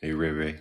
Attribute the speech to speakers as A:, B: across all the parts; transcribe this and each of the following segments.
A: Hey, Ray Ray.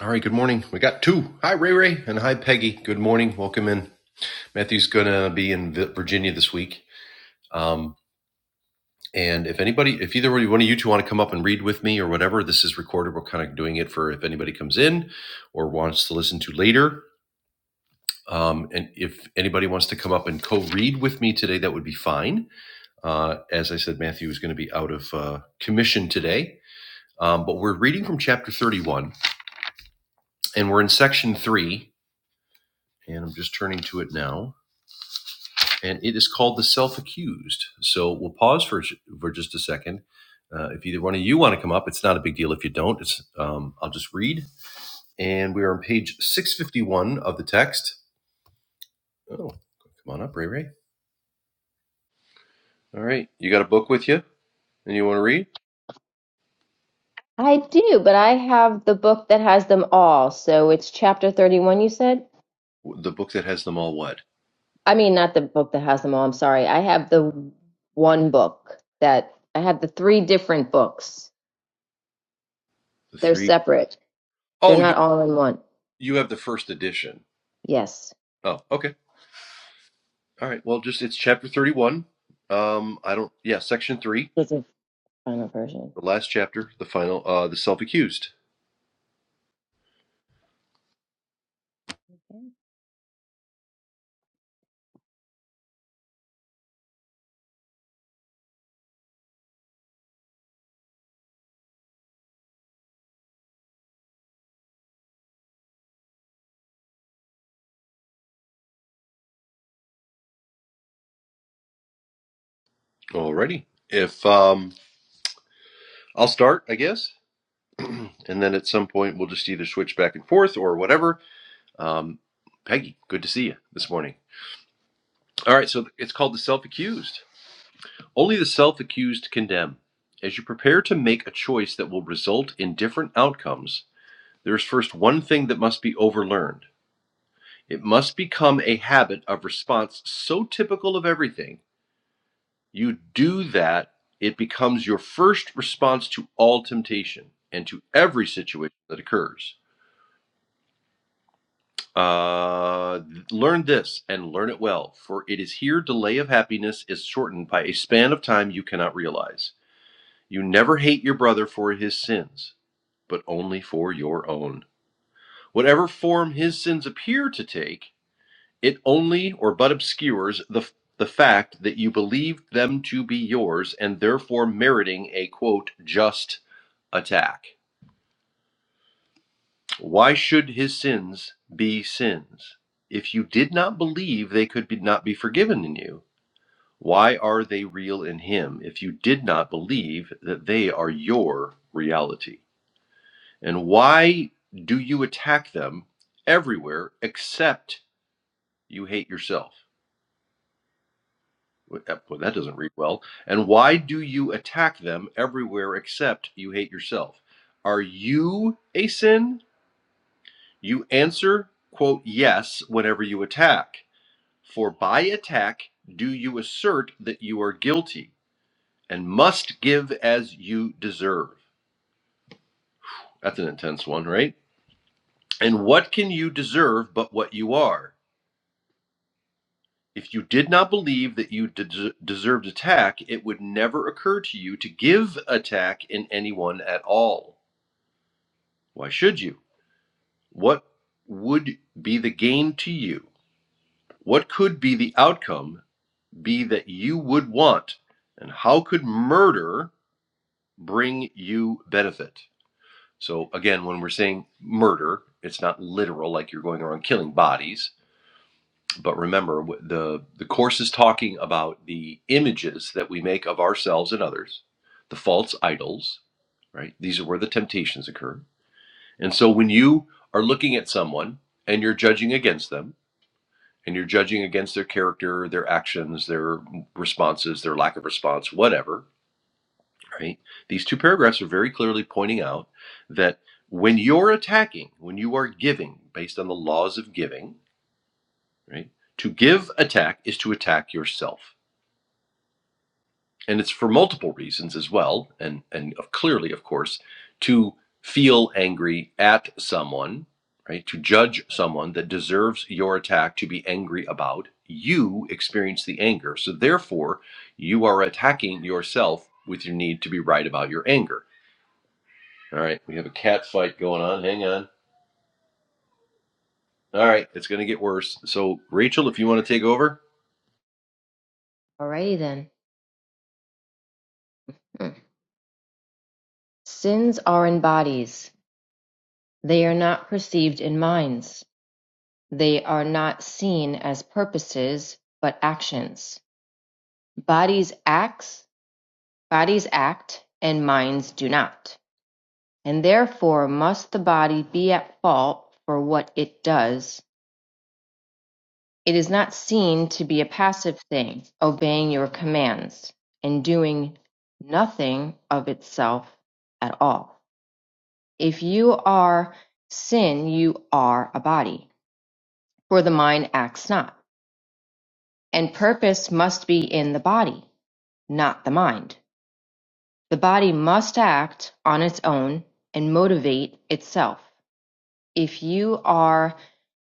A: All right, good morning. We got two. Hi, Ray Ray, and hi, Peggy. Good morning. Welcome in. Matthew's going to be in Vi- Virginia this week. Um, and if anybody, if either one of you two want to come up and read with me or whatever, this is recorded. We're kind of doing it for if anybody comes in or wants to listen to later. Um, and if anybody wants to come up and co read with me today, that would be fine. Uh, as I said, Matthew is going to be out of uh, commission today. Um, but we're reading from chapter 31, and we're in section 3 and I'm just turning to it now. And it is called The Self Accused. So we'll pause for, for just a second. Uh, if either one of you want to come up, it's not a big deal if you don't. It's, um, I'll just read. And we are on page 651 of the text. Oh, come on up, Ray Ray. All right. You got a book with you and you want to read?
B: I do, but I have the book that has them all. So it's chapter 31, you said?
A: The book that has them all what?
B: I mean, not the book that has them all. I'm sorry. I have the one book that I have the three different books.
A: The
B: They're
A: three?
B: separate, they're
A: Oh, you,
B: not all in one.
A: you have the first edition.
B: Yes,
A: Oh, okay. All right. Well, just it's chapter 31. Um, I don't, yeah, section three,
B: it's a final version.
A: the last chapter, the final, uh, the self accused. Alrighty. If um, I'll start, I guess, and then at some point we'll just either switch back and forth or whatever. Um, Peggy, good to see you this morning. All right, so it's called the self-accused. Only the self-accused condemn. As you prepare to make a choice that will result in different outcomes, there is first one thing that must be overlearned. It must become a habit of response so typical of everything You do that, it becomes your first response to all temptation and to every situation that occurs. Uh, learn this and learn it well, for it is here delay of happiness is shortened by a span of time you cannot realize. You never hate your brother for his sins, but only for your own. Whatever form his sins appear to take, it only or but obscures the the fact that you believed them to be yours and therefore meriting a quote just attack. Why should his sins be sins? If you did not believe they could be not be forgiven in you, why are they real in him if you did not believe that they are your reality? And why do you attack them everywhere except you hate yourself? Well, that well, that doesn't read well. And why do you attack them everywhere except you hate yourself? Are you a sin? You answer, quote, yes, whenever you attack. For by attack do you assert that you are guilty and must give as you deserve. That's an intense one, right? And what can you deserve but what you are? If you did not believe that you des- deserved attack, it would never occur to you to give attack in anyone at all. Why should you? What would be the gain to you? What could be the outcome be that you would want? And how could murder bring you benefit? So, again, when we're saying murder, it's not literal, like you're going around killing bodies. But remember, the, the course is talking about the images that we make of ourselves and others, the false idols, right? These are where the temptations occur. And so, when you are looking at someone and you're judging against them, and you're judging against their character, their actions, their responses, their lack of response, whatever, right? These two paragraphs are very clearly pointing out that when you're attacking, when you are giving based on the laws of giving, right? To give attack is to attack yourself. And it's for multiple reasons as well, and, and of clearly, of course, to feel angry at someone, right? To judge someone that deserves your attack to be angry about, you experience the anger. So therefore, you are attacking yourself with your need to be right about your anger All right, we have a cat fight going on. Hang on. All right, it's going to get worse. So, Rachel, if you want to take over.
B: Alrighty then. Hmm. Sins are in bodies. They are not perceived in minds. They are not seen as purposes, but actions. Bodies' acts Bodies act and minds do not, and therefore must the body be at fault for what it does. It is not seen to be a passive thing, obeying your commands and doing nothing of itself at all. If you are sin, you are a body, for the mind acts not, and purpose must be in the body, not the mind. The body must act on its own and motivate itself. if you are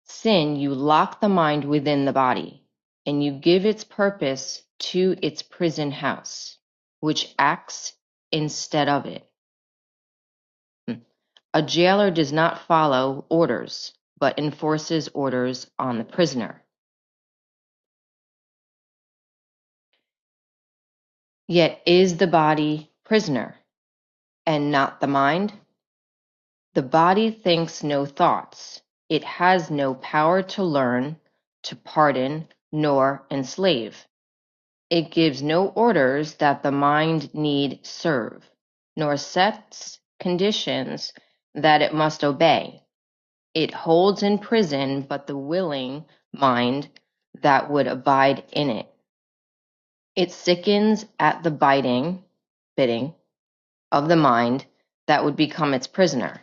B: sin, you lock the mind within the body, and you give its purpose to its prison house, which acts instead of it. A jailer does not follow orders, but enforces orders on the prisoner. Yet is the body prisoner, and not the mind? The body thinks no thoughts. It has no power to learn, to pardon, nor enslave It gives no orders that the mind need serve, nor sets conditions that it must obey. It holds in prison but the willing mind that would abide in it. It sickens at the biting, bidding of the mind that would become its prisoner,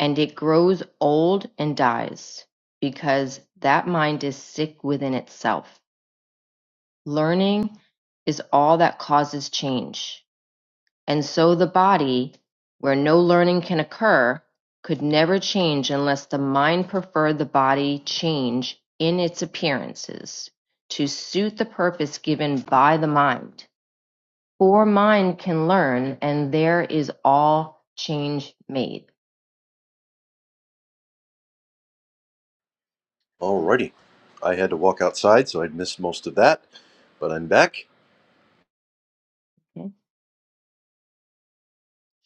B: and it grows old and dies, because that mind is sick within itself. Learning is all that causes change And so the body, where no learning can occur, could never change unless the mind preferred the body change in its appearances to suit the purpose given by the mind. For mind can learn, and there is all change made.
A: Alrighty. I had to walk outside, so I'd missed most of that, but I'm back.
B: Okay.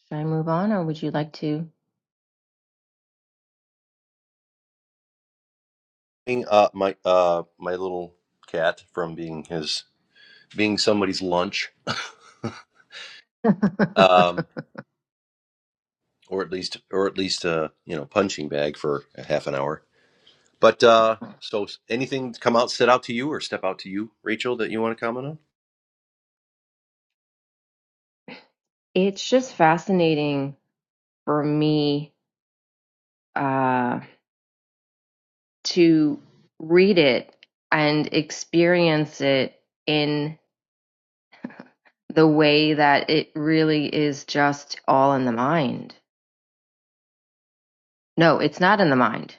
B: Should I move on, or would you like to?
A: Uh, my uh, my little cat from being his being somebody's lunch, um, or at least or at least a you know punching bag for a half an hour. But uh, so anything come out, set out to you, or step out to you, Rachel, that you want to comment on?
B: it's just fascinating for me. Um, to read it and experience it in the way that it really is just all in the mind. No, it's not in the mind.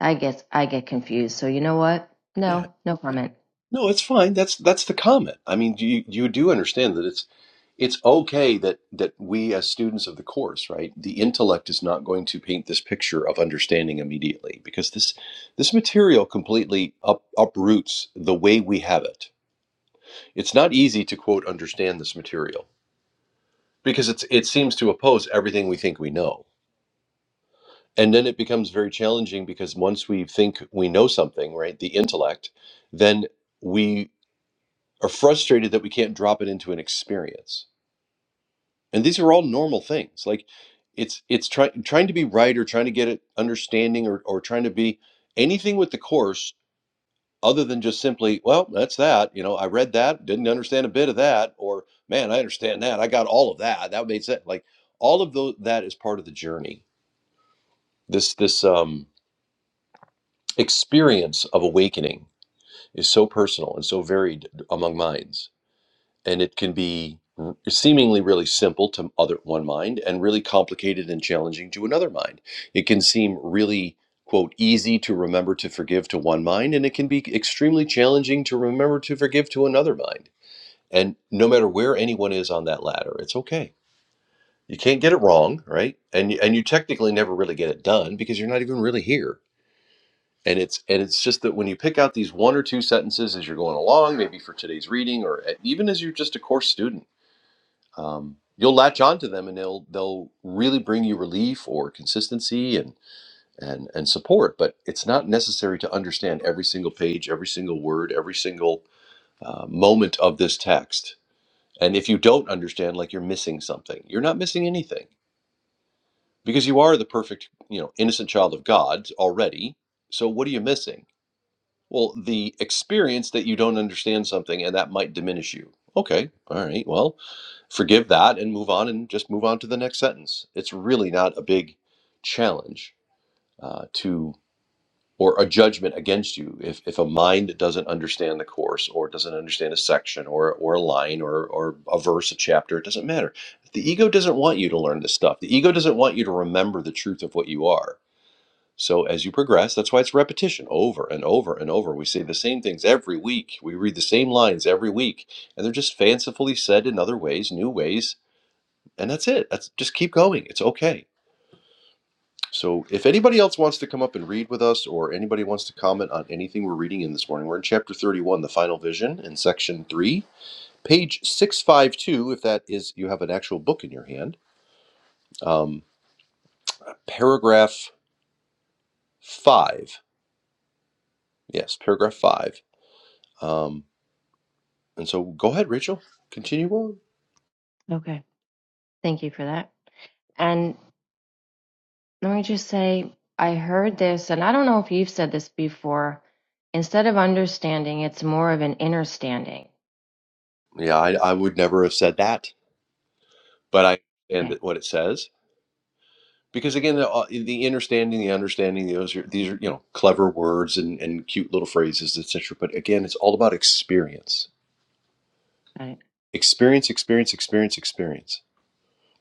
B: I guess I get confused. So you know what?
A: Yeah.
B: No, no comment.
A: No, it's fine. That's that's the comment. I mean, you you do understand that it's it's okay that that we as students of the course, right? The intellect is not going to paint this picture of understanding immediately because this this material completely up, uproots the way we have it. It's not easy to quote understand this material because it's it seems to oppose everything we think we know. And then it becomes very challenging because once we think we know something, right, the intellect, then we. are frustrated that we can't drop it into an experience. And these are all normal things. Like it's it's trying trying to be right or trying to get it understanding or or trying to be anything with the course other than just simply, well, that's that. You know, I read that, didn't understand a bit of that, or man, I understand that. I got all of that. That made sense. Like all of those that is part of the journey. This this um experience of awakening is so personal and so varied among minds and it can be seemingly really simple to other one mind and really complicated and challenging to another mind it can seem really quote easy to remember to forgive to one mind and it can be extremely challenging to remember to forgive to another mind and no matter where anyone is on that ladder it's okay you can't get it wrong right and and you technically never really get it done because you're not even really here and it's and it's just that when you pick out these one or two sentences as you're going along maybe for today's reading or eh, even as you're just a course student um, you'll latch onto them and they'll they'll really bring you relief or consistency and and and support but it's not necessary to understand every single page every single word every single uh, moment of this text and if you don't understand like you're missing something you're not missing anything because you are the perfect you know innocent child of god already so what are you missing well, the experience that you don't understand something and that might diminish you. Okay, all right. Well, forgive that and move on and just move on to the next sentence. It's really not a big challenge uh, to or a judgment against you if, if a mind doesn't understand the course or doesn't understand a section or, or a line or, or a verse, a chapter. It doesn't matter. The ego doesn't want you to learn this stuff. The ego doesn't want you to remember the truth of what you are so as you progress, that's why it's repetition over and over and over. We say the same things every week. We read the same lines every week, and they're just fancifully said in other ways, new ways, and that's it. That's just keep going. It's okay. So if anybody else wants to come up and read with us or anybody wants to comment on anything we're reading in this morning, we're in chapter 31, the final vision in section 3, page 652 if that is you have an actual book in your hand. Um, paragraph 5. Yes, paragraph 5. Um, And so go ahead, Rachel, continue on.
B: Okay. Thank you for that. And let me just say, I heard this, and I don't know if you've said this before. Instead of understanding, it's more of an inner standing.
A: Yeah, I, I would never have said that, but I understand
B: Okay,
A: that what it says. Because again, the, uh, the understanding, the understanding, those are, these are, you know, clever words and, and cute little phrases, etc. But again, it's all about experience.
B: got it.
A: Experience, experience, experience, experience.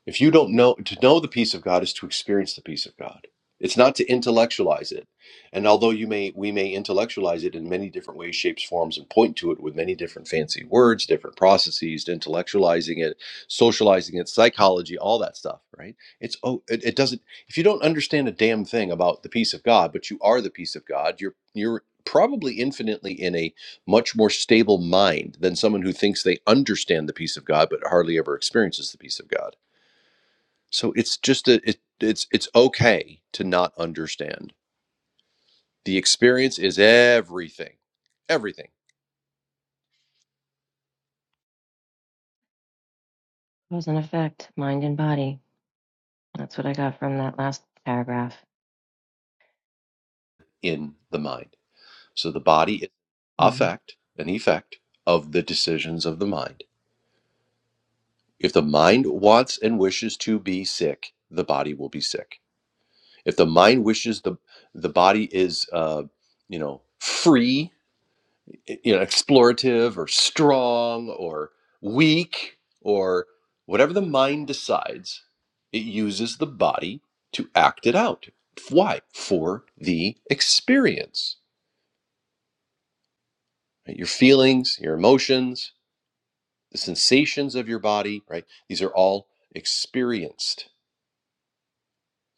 A: If you don't know, to know the peace of God is to experience the peace of God. It's not to intellectualize it. And although you may, we may intellectualize it in many different ways, shapes, forms, and point to it with many different fancy words, different processes, intellectualizing it, socializing it, psychology, all that stuff, right? It's, oh, it, it doesn't, if you don't understand a damn thing about the peace of God, but you are the peace of God, you're, you're, probably infinitely in a much more stable mind than someone who thinks they understand the peace of god but hardly ever experiences the peace of god so it's just a, it, it's it's okay to not understand. The experience is everything, everything
B: Cause and effect, mind and body. That's what I got from that last paragraph.
A: in the mind. So the body is
B: hmm
A: affect, an effect of the decisions of the mind. If the mind wants and wishes to be sick, the body will be sick. If the mind wishes the the body is, uh, you know, free eh, you know explorative or strong or weak or whatever the mind decides it uses the body to act it out why for the experience right? your feelings your emotions the sensations of your body right these are all experienced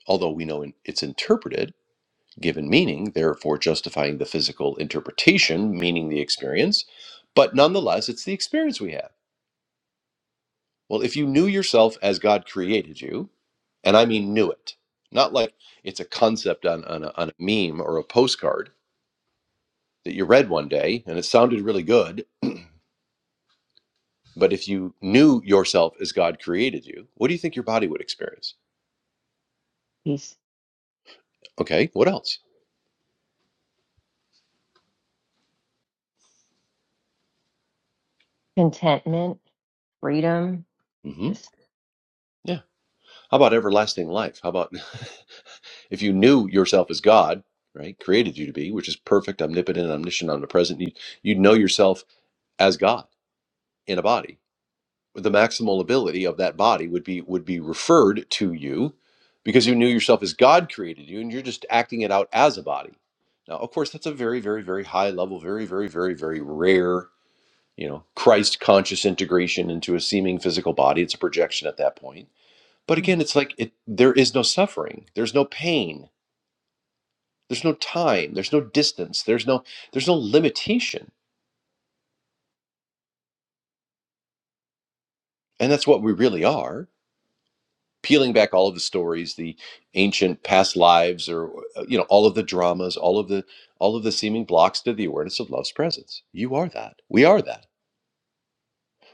A: although we know it's interpreted given meaning therefore justifying the physical interpretation meaning the experience but nonetheless it's the experience we have Well, if you knew yourself as God created you, and I mean knew it, not like it's a concept on, on, a, on a meme or a postcard that you read one day and it sounded really good, but if you knew yourself as God created you, what do you think your body would experience?
B: Peace,
A: Okay, what else?
B: contentment, freedom.
A: hmm
B: Just
A: Yeah. How about everlasting life? How about if you knew yourself as God, right, created you to be, which is perfect, omnipotent, omniscient, omnipresent, you'd, you'd know yourself as God in a body the maximal ability of that body would be would be referred to you because you knew yourself as God created you and you're just acting it out as a body. Now, of course, that's a very, very, very high level, very, very, very, very rare, you know, Christ conscious integration into a seeming physical body. It's a projection at that point. But again, it's like it there is no suffering, there's no pain, there's no time, there's no distance, there's no there's no limitation. And that's what we really are peeling back all of the stories the ancient past lives or uh, uh, you know all of the dramas all of the all of the seeming blocks to the awareness of love's presence you are that we are that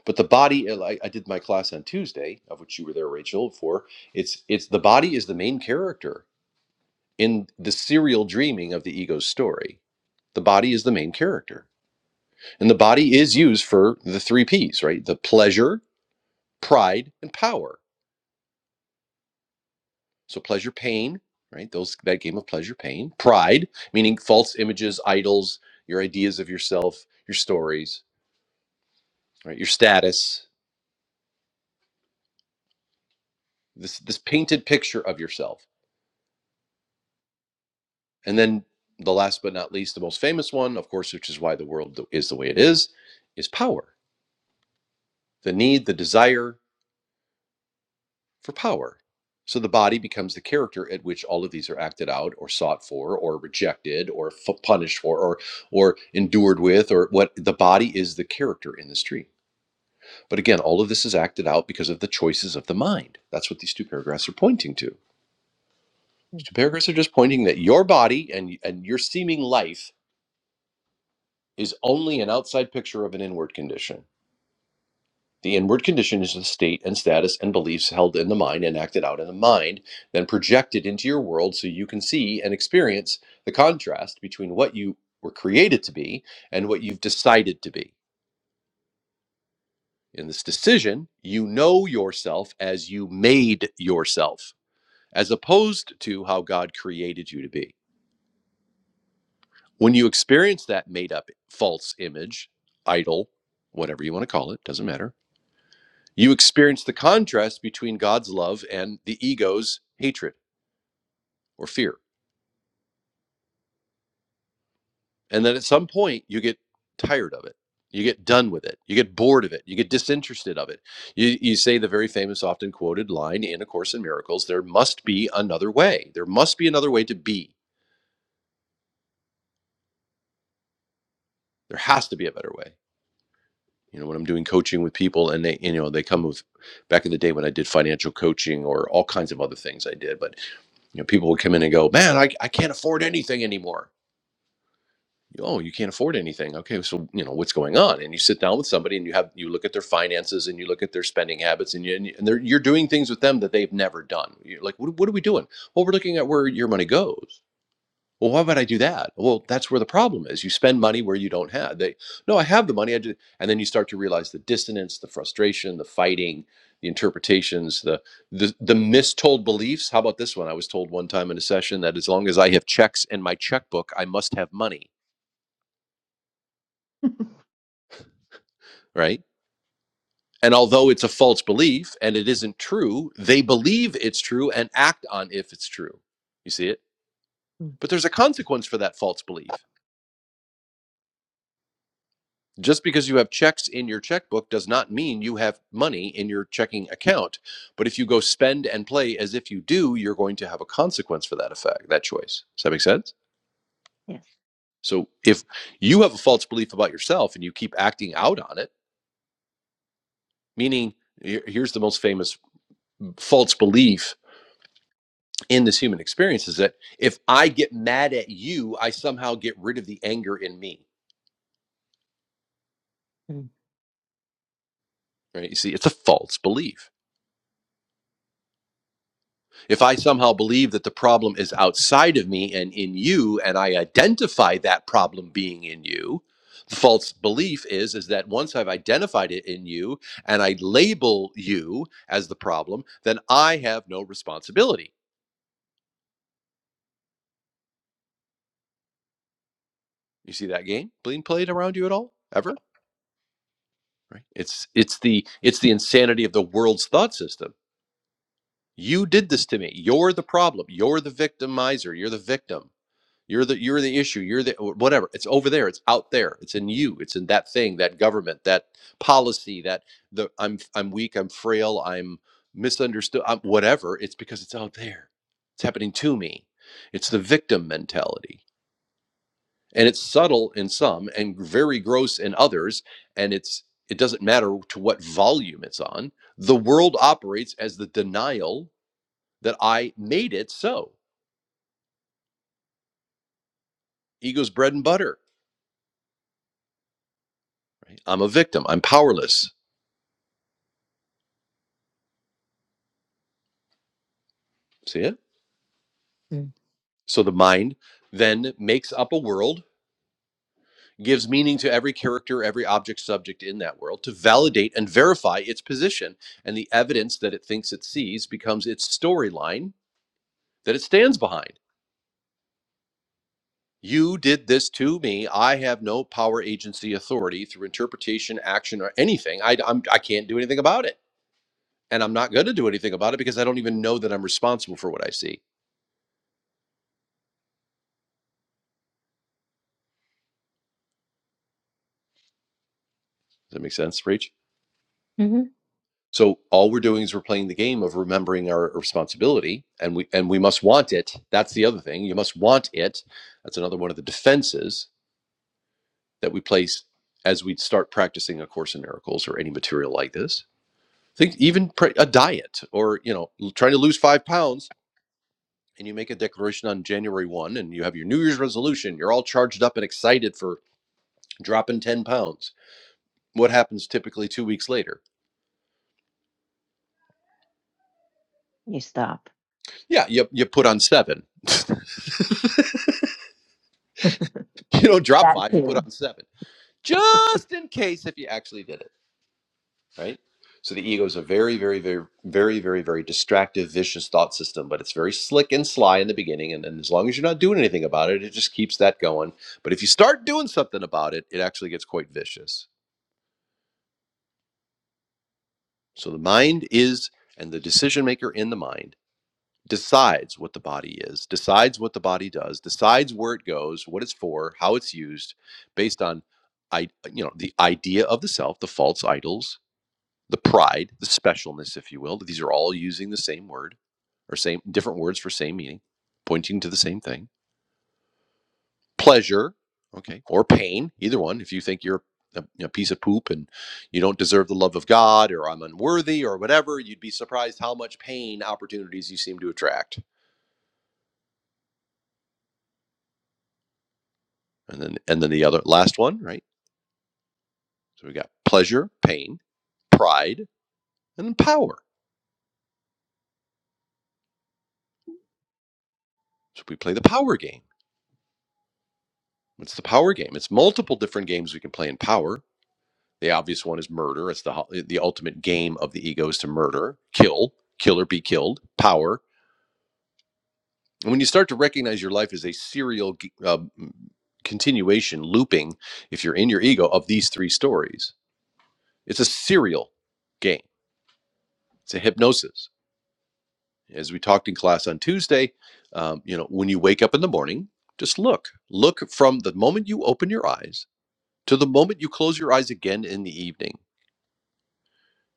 A: but the body uh, I, I did my class on tuesday of which you were there rachel for it's it's the body is the main character in the serial dreaming of the ego's story the body is the main character and the body is used for the three p's right the pleasure pride and power So pleasure, pain, right? Those that game of pleasure, pain, pride, meaning false images, idols, your ideas of yourself, your stories, right? Your status, this this painted picture of yourself, and then the last but not least, the most famous one, of course, which is why the world is the way it is, is power. The need, the desire for power. So the body becomes the character at which all of these are acted out, or sought for, or rejected, or f- punished for, or or endured with, or what the body is the character in this tree But again, all of this is acted out because of the choices of the mind. That's what these two paragraphs are pointing to. These two paragraphs are just pointing that your body and, and your seeming life is only an outside picture of an inward condition. The inward condition is the state and status and beliefs held in the mind and acted out in the mind, then projected into your world so you can see and experience the contrast between what you were created to be and what you've decided to be. In this decision, you know yourself as you made yourself. as opposed to how God created you to be. When you experience that made up false image, idol, whatever you want to call it, doesn't matter, you experience the contrast between God's love and the ego's hatred or fear. And then at some point, you get tired of it. You get done with it. You get bored of it. You get disinterested of it. You, you say the very famous, often quoted line in A Course in Miracles there must be another way. There must be another way to be. There has to be a better way. you know when i'm doing coaching with people and they you know they come with back in the day when i did financial coaching or all kinds of other things i did but you know people would come in and go man i, I can't afford anything anymore oh you can't afford anything okay so you know what's going on and you sit down with somebody and you have you look at their finances and you look at their spending habits and, you, and they're, you're doing things with them that they've never done you're like what, what are we doing well we're looking at where your money goes well, why would I do that? Well, that's where the problem is. You spend money where you don't have. They, no, I have the money. I just, and then you start to realize the dissonance, the frustration, the fighting, the interpretations, the, the the mistold beliefs. How about this one? I was told one time in a session that as long as I have checks in my checkbook, I must have money, right? And although it's a false belief and it isn't true, they believe it's true and act on if it's true. You see it?
B: Mhm.
A: But there's a consequence for that false belief Just because you have checks in your checkbook does not mean you have money in your checking account. But if you go spend and play as if you do, you're going to have a consequence for that effect, that choice. Does that make sense?
B: yes.
A: So if you have a false belief about yourself and you keep acting out on it, meaning here- here's the most famous false belief in this human experience is that if I get mad at you, I somehow get rid of the anger in me. Right? You see, it's a false belief If I somehow believe that the problem is outside of me and in you, and I identify that problem being in you, the false belief is is that once I've identified it in you and I label you as the problem, then I have no responsibility. You see that game being played around you at all ever? Right? It's it's the it's the insanity of the world's thought system. You did this to me. You're the problem. You're the victimizer. You're the victim You're the you're the issue. You're the whatever. It's over there. It's out there. It's in you. It's in that thing, that government, that policy, that the I'm I'm weak, I'm frail, I'm misunderstood, I'm whatever. It's because it's out there. It's happening to me. It's the victim mentality. And it's subtle in some and very gross in others, and it's it doesn't matter to what volume it's on. The world operates as the denial that I made it so. Ego's bread and butter. right? I'm a victim. I'm powerless. See it?
B: Mm-hmm.
A: So the mind then makes up a world, gives meaning to every character, every object, subject in that world to validate and verify its position. And the evidence that it thinks it sees becomes its storyline that it stands behind. You did this to me. I have no power, agency, authority through interpretation, action, or anything. I, I'm, I can't do anything about it. And I'm not going to do anything about it because I don't even know that I'm responsible for what I see. Does that make sense, Rach?
B: hmm
A: So all we're doing is we're playing the game of remembering our responsibility, and we and we must want it. That's the other thing. You must want it. That's another one of the defenses that we place as we start practicing a course in miracles or any material like this. Think even pr- a diet or you know trying to lose five pounds, and you make a declaration on January one, and you have your New Year's resolution. You're all charged up and excited for dropping ten pounds. What happens typically two weeks later?
B: You stop
A: Yeah, you you put on seven. You don't drop
B: that
A: five. You put
B: too.
A: on seven just in case if you actually did it, right? So the ego is a very, very, very, very, very, very distractive, vicious thought system, but it's very slick and sly in the beginning. And then as long as you're not doing anything about it, it just keeps that going. But if you start doing something about it, it actually gets quite vicious. So the mind is, and the decision maker in the mind decides what the body is, decides what the body does, decides where it goes, what it's for, how it's used, based on I, you know, the idea of the self, the false idols, the pride, the specialness, if you will. These are all using the same word or same different words for same meaning, pointing to the same thing. Pleasure, okay, or pain, either one. If you think you're a you know, piece of poop and you don't deserve the love of God or I'm unworthy or whatever, you'd be surprised how much pain opportunities you seem to attract. And then and then the other last one, right? So we got pleasure, pain, pride, and then power. So we play the power game. What's the power game? It's multiple different games we can play in power The obvious one is murder. It's the the ultimate game of the ego is to murder, kill, kill or be killed, power. And when you start to recognize your life as a serial uh, continuation, looping, if you're in your ego of these three stories, it's a serial game. It's a hypnosis. As we talked in class on Tuesday, um, you know, when you wake up in the morning, just look, look from the moment you open your eyes to the moment you close your eyes again in the evening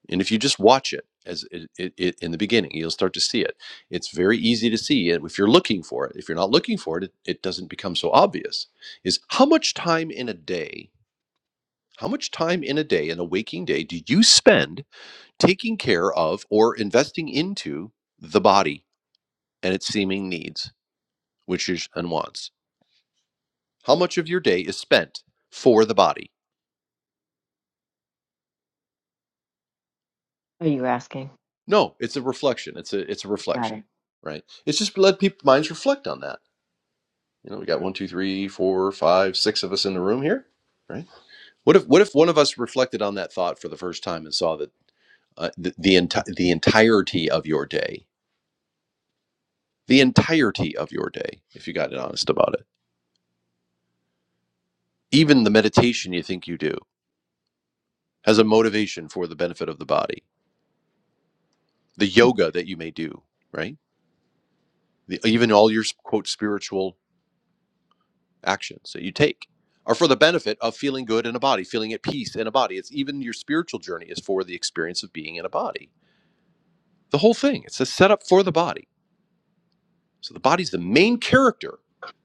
A: And if you just watch it as it, it, it in the beginning, you'll start to see it. It's very easy to see it if you're looking for it. If you're not looking for it, it, it doesn't become so obvious. Is how much time in a day, how much time in a day, in a waking day, do you spend taking care of or investing into the body and its seeming needs, wishes, and wants? How much of your day is spent for the body?
B: Are you asking?
A: No, it's a reflection. It's a it's a
B: Got it.
A: reflection, right? It's just let people minds reflect on that You know, we got one, two, three, four, five, six of us in the room here, right? What if what if one of us reflected on that thought for the first time and saw that uh, the the, enti- the entirety of your day, the entirety of your day, if you got honest about it, even the meditation you think you do has a motivation for the benefit of the body, the yoga that you may do, right? The, even all your quote spiritual actions that you take are for the benefit of feeling good in a body, feeling at peace in a body. It's even your spiritual journey is for the experience of being in a body The whole thing. It's a setup for the body. So the body's the main character,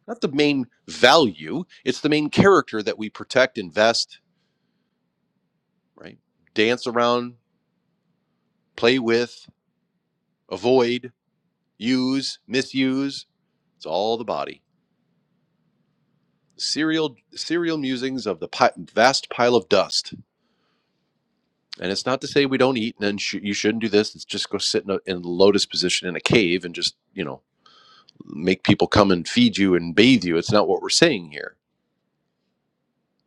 A: not the main value. It's the main character that we protect, invest, right? Dance around, play with, avoid, use, misuse. It's all the body. Serial serial musings of the pi- vast pile of dust. And it's not to say we don't eat and then sh- you shouldn't do this. It's just go sit in a, in a lotus position in a cave and just, you know, make people come and feed you and bathe you. It's not what we're saying here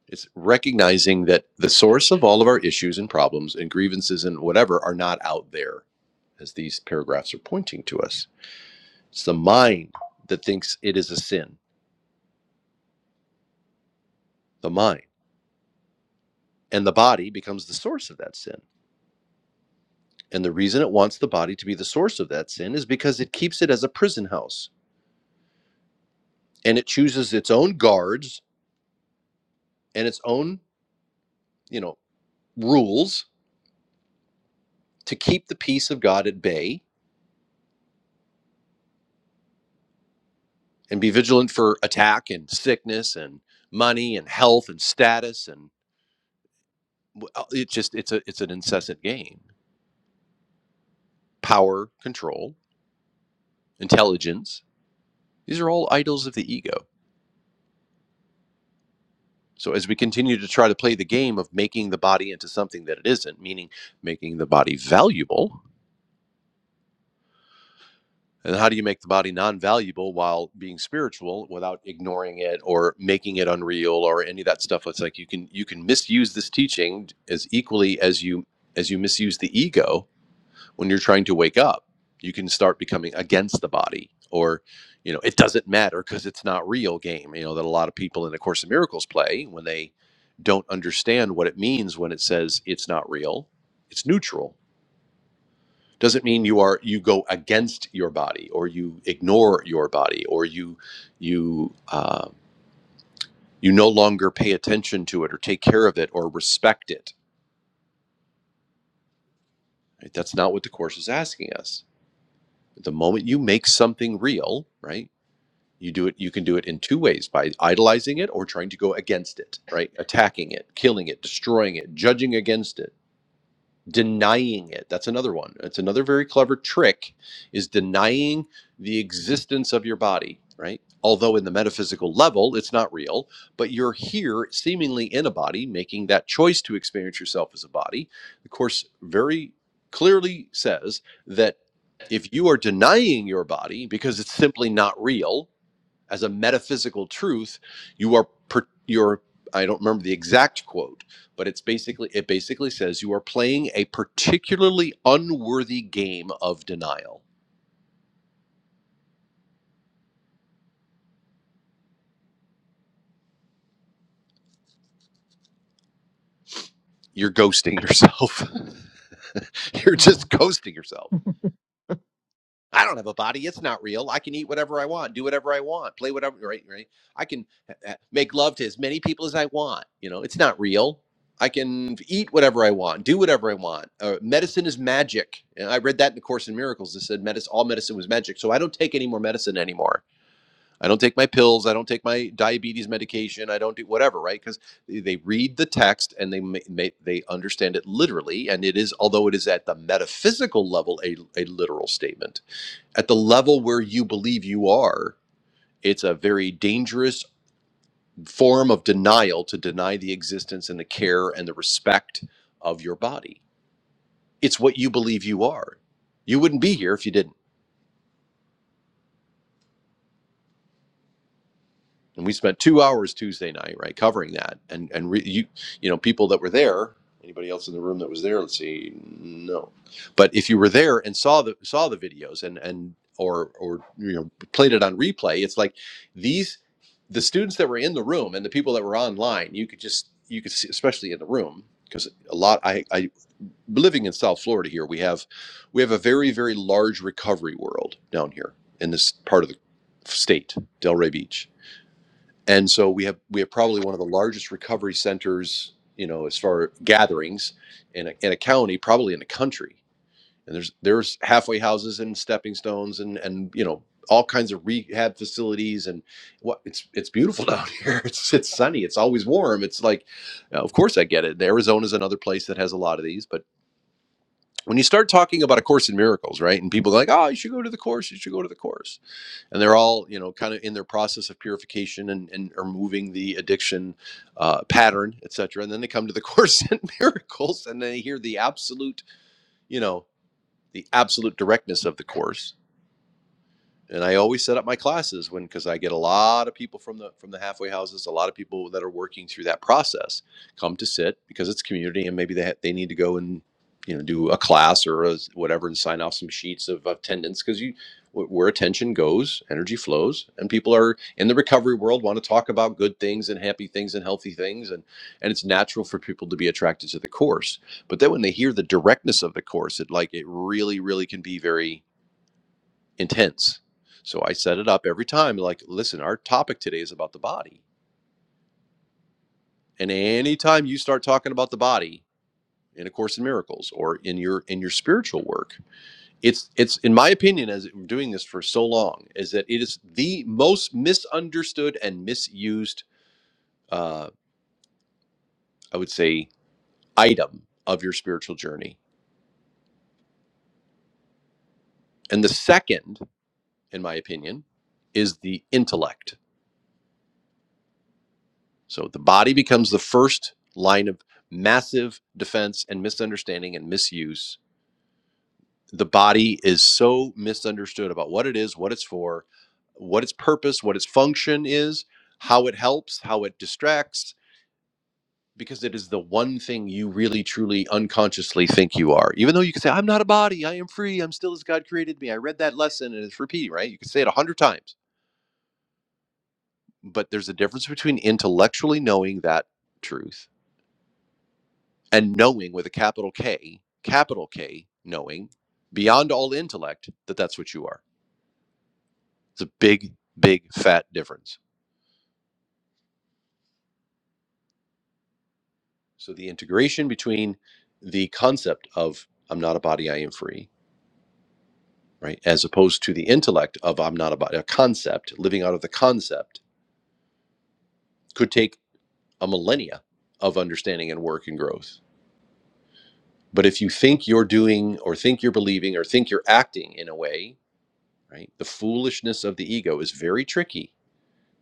A: It's recognizing that the source of all of our issues and problems and grievances and whatever are not out there, as these paragraphs are pointing to us. It's the mind that thinks it is a sin, the mind. And the body becomes the source of that sin. And the reason it wants the body to be the source of that sin is because it keeps it as a prison house and it chooses its own guards and its own, you know, rules to keep the peace of God at bay and be vigilant for attack and sickness and money and health and status and w- uh, it's just it's a it's an incessant game power control intelligence these are all idols of the ego so as we continue to try to play the game of making the body into something that it isn't meaning making the body valuable and how do you make the body non-valuable while being spiritual without ignoring it or making it unreal or any of that stuff it's like you can you can misuse this teaching as equally as you as you misuse the ego when you're trying to wake up you can start becoming against the body or you know it doesn't matter because it's not real game you know that a lot of people in a course of miracles play when they don't understand what it means when it says it's not real it's neutral doesn't mean you are you go against your body or you ignore your body or you you uh, you no longer pay attention to it or take care of it or respect it right? that's not what the course is asking us the moment you make something real right You do it. You can do it in two ways: by idolizing it or trying to go against it, right? Attacking it, killing it, destroying it, judging against it, denying it. That's another one. It's another very clever trick: is denying the existence of your body, right? Although in the metaphysical level, it's not real, but you're here, seemingly in a body, making that choice to experience yourself as a body. The course very clearly says that if you are denying your body because it's simply not real as a metaphysical truth you are per, you're i don't remember the exact quote but it's basically it basically says you are playing a particularly unworthy game of denial you're ghosting yourself you're
B: Mm.
A: just ghosting yourself I don't have a body. It's not real. I can eat whatever I want, do whatever I want, play whatever, right? Right. I can uh, uh, make love to as many people as I want. You know, it's not real. I can eat whatever I want, do whatever I want. Uh, medicine is magic. And I read that in the Course in Miracles. It said medicine, all medicine was magic. So I don't take any more medicine anymore. I don't take my pills. I don't take my diabetes medication. I don't do whatever, right? Because they they read the text and they ma- ma- they understand it literally. And it is, although it is at the metaphysical level, a, a literal statement at the level where you believe you are, it's a very dangerous form of denial to deny the existence and the care and the respect of your body. It's what you believe you are. You wouldn't be here if you didn't. and we spent two hours Tuesday night, right, covering that, and and re, you you know people that were there. Anybody else in the room that was there? Let's see, no. But if you were there and saw the saw the videos and and or or you know played it on replay, it's like these the students that were in the room and the people that were online. You could just you could see, especially in the room because a lot I I living in South Florida here we have we have a very very large recovery world down here in this part of the state Delray Beach and so we have we have probably one of the largest recovery centers you know as far gatherings in a, in a county probably in the country and there's there's halfway houses and stepping stones and and you know all kinds of rehab facilities and what it's it's beautiful down here it's it's sunny it's always warm it's like uh, of course i get it arizona's another place that has a lot of these but when you start talking about a course in miracles right and people are like oh you should go to the course you should go to the course and they're all you know kind of in their process of purification and, and removing the addiction uh, pattern et cetera. and then they come to the course in miracles and they hear the absolute you know the absolute directness of the course and I always set up my classes when because I get a lot of people from the from the halfway houses, a lot of people that are working through that process come to sit because it's community, and maybe they ha- they need to go and you know do a class or a, whatever and sign off some sheets of attendance because you wh- where attention goes, energy flows, and people are in the recovery world want to talk about good things and happy things and healthy things, and and it's natural for people to be attracted to the course, but then when they hear the directness of the course, it like it really really can be very intense. So I set it up every time like, listen, our topic today is about the body. And anytime you start talking about the body in a course in miracles or in your in your spiritual work, it's it's in my opinion as we're doing this for so long is that it is the most misunderstood and misused uh I would say item of your spiritual journey. And the second in my opinion is the intellect So the body becomes the first line of massive defense and misunderstanding and misuse. The body is so misunderstood about what it is, what it's for, what its purpose, what its function is, how it helps, how it distracts, because it is the one thing you really, truly, unconsciously think you are. Even though you can say, I'm not a body, I am free, I'm still as God created me. I read that lesson and it's repeat, right? You can say it a hundred times. But there's a difference between intellectually knowing that truth and knowing with a capital K, capital K, knowing beyond all intellect that that's what you are. It's a big, big, fat difference. So the integration between the concept of I'm not a body, I am free, right, as opposed to the intellect of I'm not a body, a concept, living out of the concept could take a millennia of understanding and work and growth. But if you think you're doing or think you're believing or think you're acting in a way, right, the foolishness of the ego is very tricky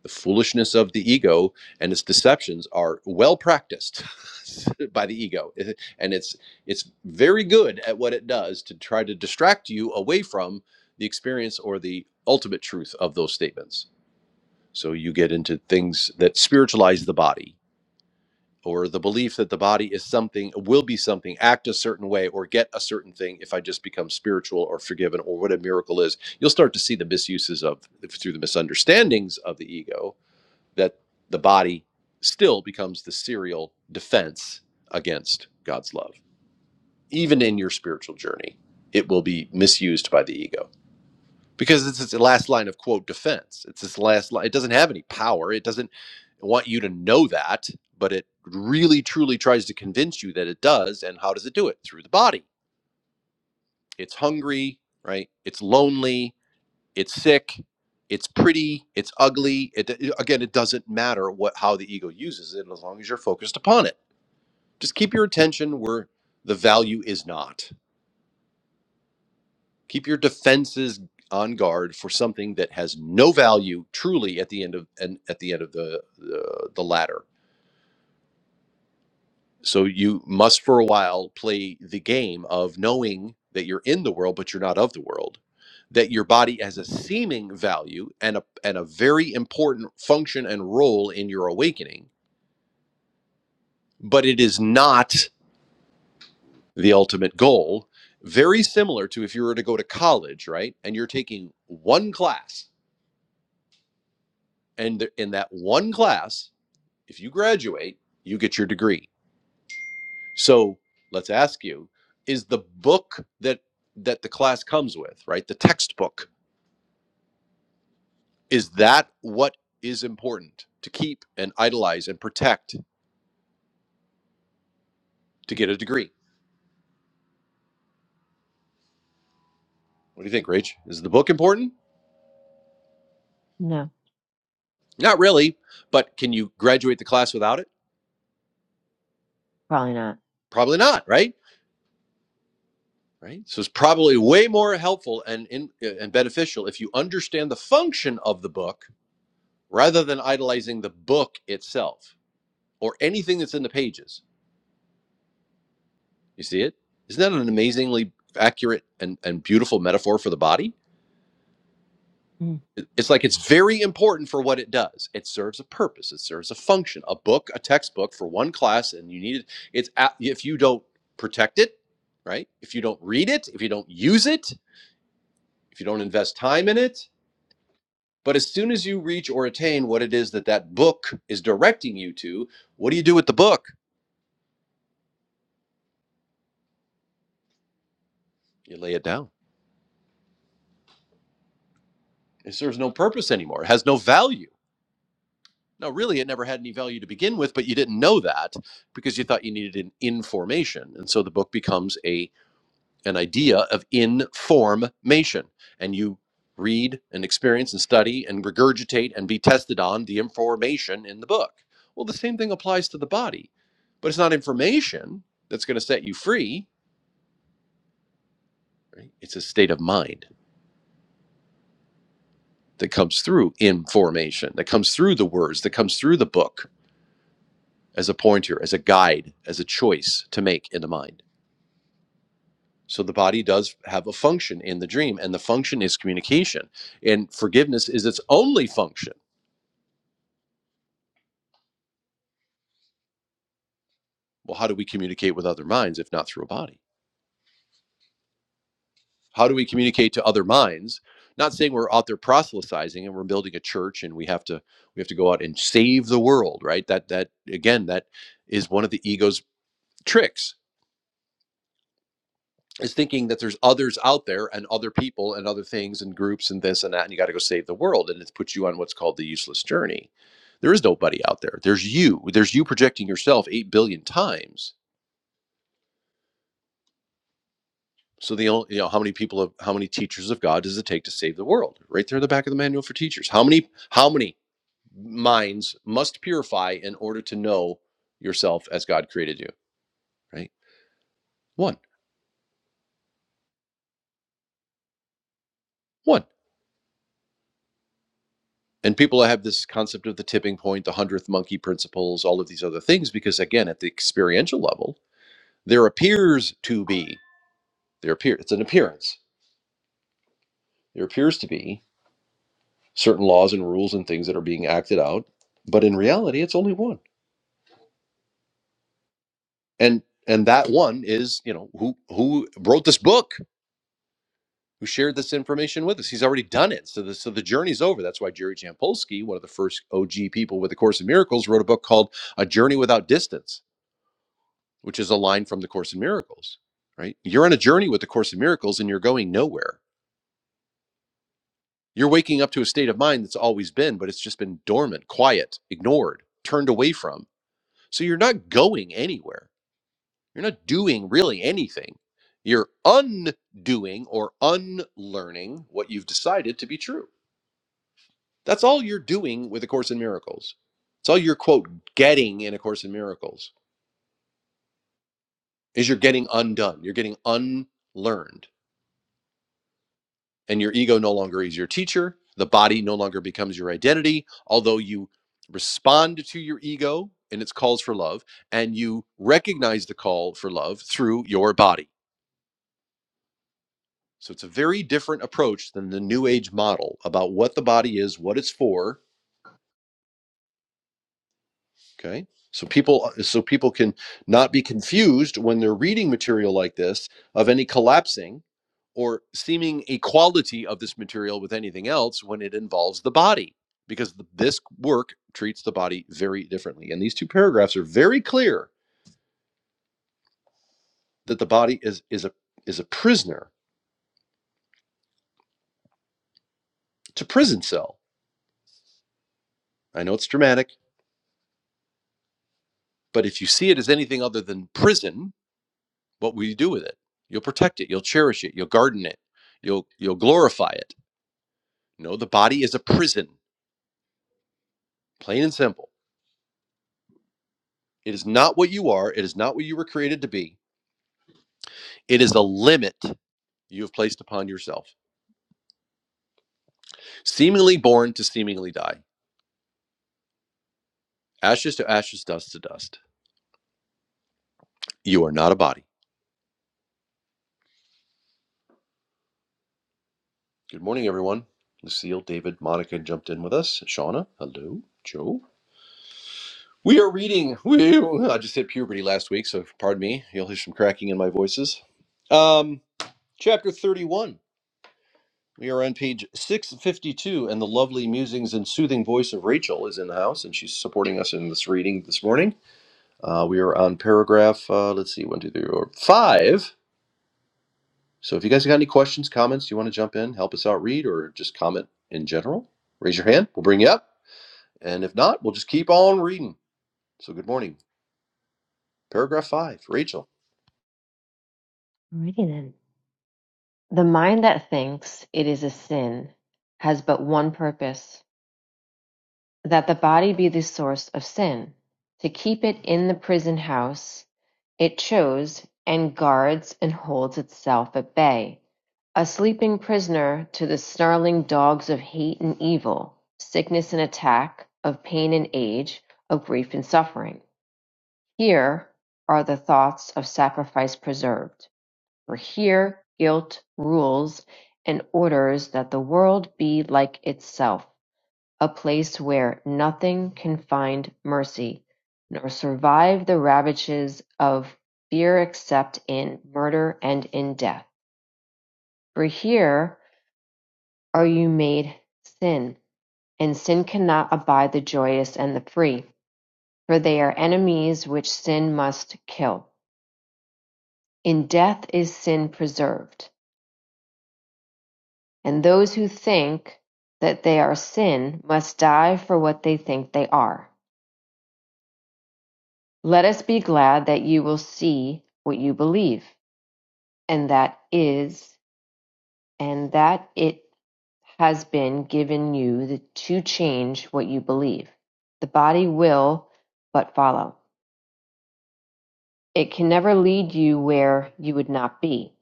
A: The foolishness of the ego and its deceptions are well practiced by the ego, and it's it's very good at what it does to try to distract you away from the experience or the ultimate truth of those statements. So you get into things that spiritualize the body or the belief that the body is something will be something act a certain way or get a certain thing if i just become spiritual or forgiven or what a miracle is you'll start to see the misuses of through the misunderstandings of the ego that the body still becomes the serial defense against God's love. Even in your spiritual journey, it will be misused by the ego because it's its last line of quote defense. It's this last line. It doesn't have any power. It doesn't want you to know that, but it really truly tries to convince you that it does. And how does it do it? Through the body. It's hungry, right? It's lonely it's sick it's pretty it's ugly it, it- again it doesn't matter what how the ego uses it as long as you're focused upon it just keep your attention where the value is not keep your defenses on guard for something that has no value truly at the end of and at the end of the the, the ladder So you must, for a while, play the game of knowing that you're in the world, but you're not of the world. That your body has a seeming value and a and a very important function and role in your awakening, but it is not the ultimate goal. Very similar to if you were to go to college, right? And you're taking one class, and th- in that one class, if you graduate, you get your degree So let's ask you: Is the book that that the class comes with, right? The textbook is that what is important to keep and idolize and protect to get a degree? What do you think, Rach? Is the book important?
B: No,
A: Not really, but can you graduate the class without it?
B: probably not.
A: Probably not, right? Right. So it's probably way more helpful and in, and beneficial if you understand the function of the book rather than idolizing the book itself or anything that's in the pages You see it? Isn't that an amazingly accurate and, and beautiful metaphor for the body?
B: Mm.
A: It's like it's very important for what it does. It serves a purpose. It serves a function. A book, a textbook for one class, and you need it. It's if you don't protect it, right? If you don't read it, if you don't use it, if you don't invest time in it. But as soon as you reach or attain what it is that that book is directing you to, what do you do with the book? You lay it down. It serves no purpose anymore. It has no value No, really, it never had any value to begin with, but you didn't know that because you thought you needed an information. And so the book becomes a an idea of information. And you read and experience and study and regurgitate and be tested on the information in the book. Well, the same thing applies to the body, but it's not information that's going to set you free. Right? It's a state of mind that comes through information, that comes through the words, that comes through the book as a pointer, as a guide, as a choice to make in the mind. So the body does have a function in the dream, and the function is communication. And forgiveness is its only function. Well, how do we communicate with other minds if not through a body? How do we communicate to other minds? Not saying we're out there proselytizing and we're building a church and we have to we have to go out and save the world, right? That that again, that is one of the ego's tricks is thinking that there's others out there and other people and other things and groups and this and that and you got to go save the world and it puts you on what's called the useless journey there is nobody out there there's you there's you projecting yourself 8 billion times so the only you know how many people of how many teachers of god does it take to save the world right there in the back of the manual for teachers how many how many minds must purify in order to know yourself as god created you right one one and people have this concept of the tipping point, the hundredth monkey principles, all of these other things, because again, at the experiential level, there appears to be there appear it's an appearance. There appears to be certain laws and rules and things that are being acted out, but in reality, it's only one, and and that one is you know who who wrote this book, who shared this information with us. He's already done it, so the so the journey's over. That's why Jerry Jampolsky, one of the first OG people with the Course in Miracles, wrote a book called A Journey Without Distance which is a line from the Course in Miracles, right? You're on a journey with the Course in Miracles and you're going nowhere. You're waking up to a state of mind that's always been, but it's just been dormant, quiet, ignored, turned away from. So you're not going anywhere. You're not doing really anything. You're undoing or unlearning what you've decided to be true. That's all you're doing with A Course in Miracles. It's all you're, quote, getting in A Course in Miracles is you're getting undone. You're getting unlearned and your ego no longer is your teacher. The body no longer becomes your identity, although you respond to your ego and its calls for love, and you recognize the call for love through your body. So it's a very different approach than the New Age model about what the body is, what it's for, Okay. So people so people can not be confused when they're reading material like this of any collapsing or seeming equality of this material with anything else when it involves the body because th- this work treats the body very differently. And these two paragraphs are very clear that the body is is a is a prisoner to prison cell. I know it's dramatic, but if you see it as anything other than prison, what will you do with it? You'll protect it, you'll cherish it, you'll garden it, you'll you'll glorify it No, the body is a prison, plain and simple. It is not what you are. It is not what you were created to be. It is a limit you have placed upon yourself. Seemingly born to seemingly die. Ashes to ashes, dust to dust. You are not a body. Good morning, everyone. Lucille, David, Monica jumped in with us. Shauna, hello. Joe. We are reading. We, I just hit puberty last week, so pardon me. You'll hear some cracking in my voices. Um, chapter 31 We are on page 652, and the lovely musings and soothing voice of Rachel is in the house, and she's supporting us in this reading this morning. Uh, we are on paragraph, uh, let's see, one, two, three, four, five. So if you guys got any questions, comments, you want to jump in, help us out read, or just comment in general, raise your hand. We'll bring you up. And if not, we'll just keep on reading. So good morning. Paragraph five, Rachel.
B: Alrighty then. The mind that thinks it is a sin has but one purpose: that the body be the source of sin. To keep it in the prison house, it chose and guards and holds itself at bay A sleeping prisoner to the snarling dogs of hate and evil, sickness and attack, of pain and age, of grief and suffering. Here are the thoughts of sacrifice preserved, for here guilt rules and orders that the world be like itself, a place where nothing can find mercy, nor survive the ravages of fear except in murder and in death. For here are you made sin, and sin cannot abide the joyous and the free, for they are enemies which sin must kill. In death is sin preserved, and those who think that they are sin must die for what they think they are. Let us be glad that you will see what you believe, and that is, and that it has been given you the, to change what you believe. The body will but follow. It can never lead you where you would not be.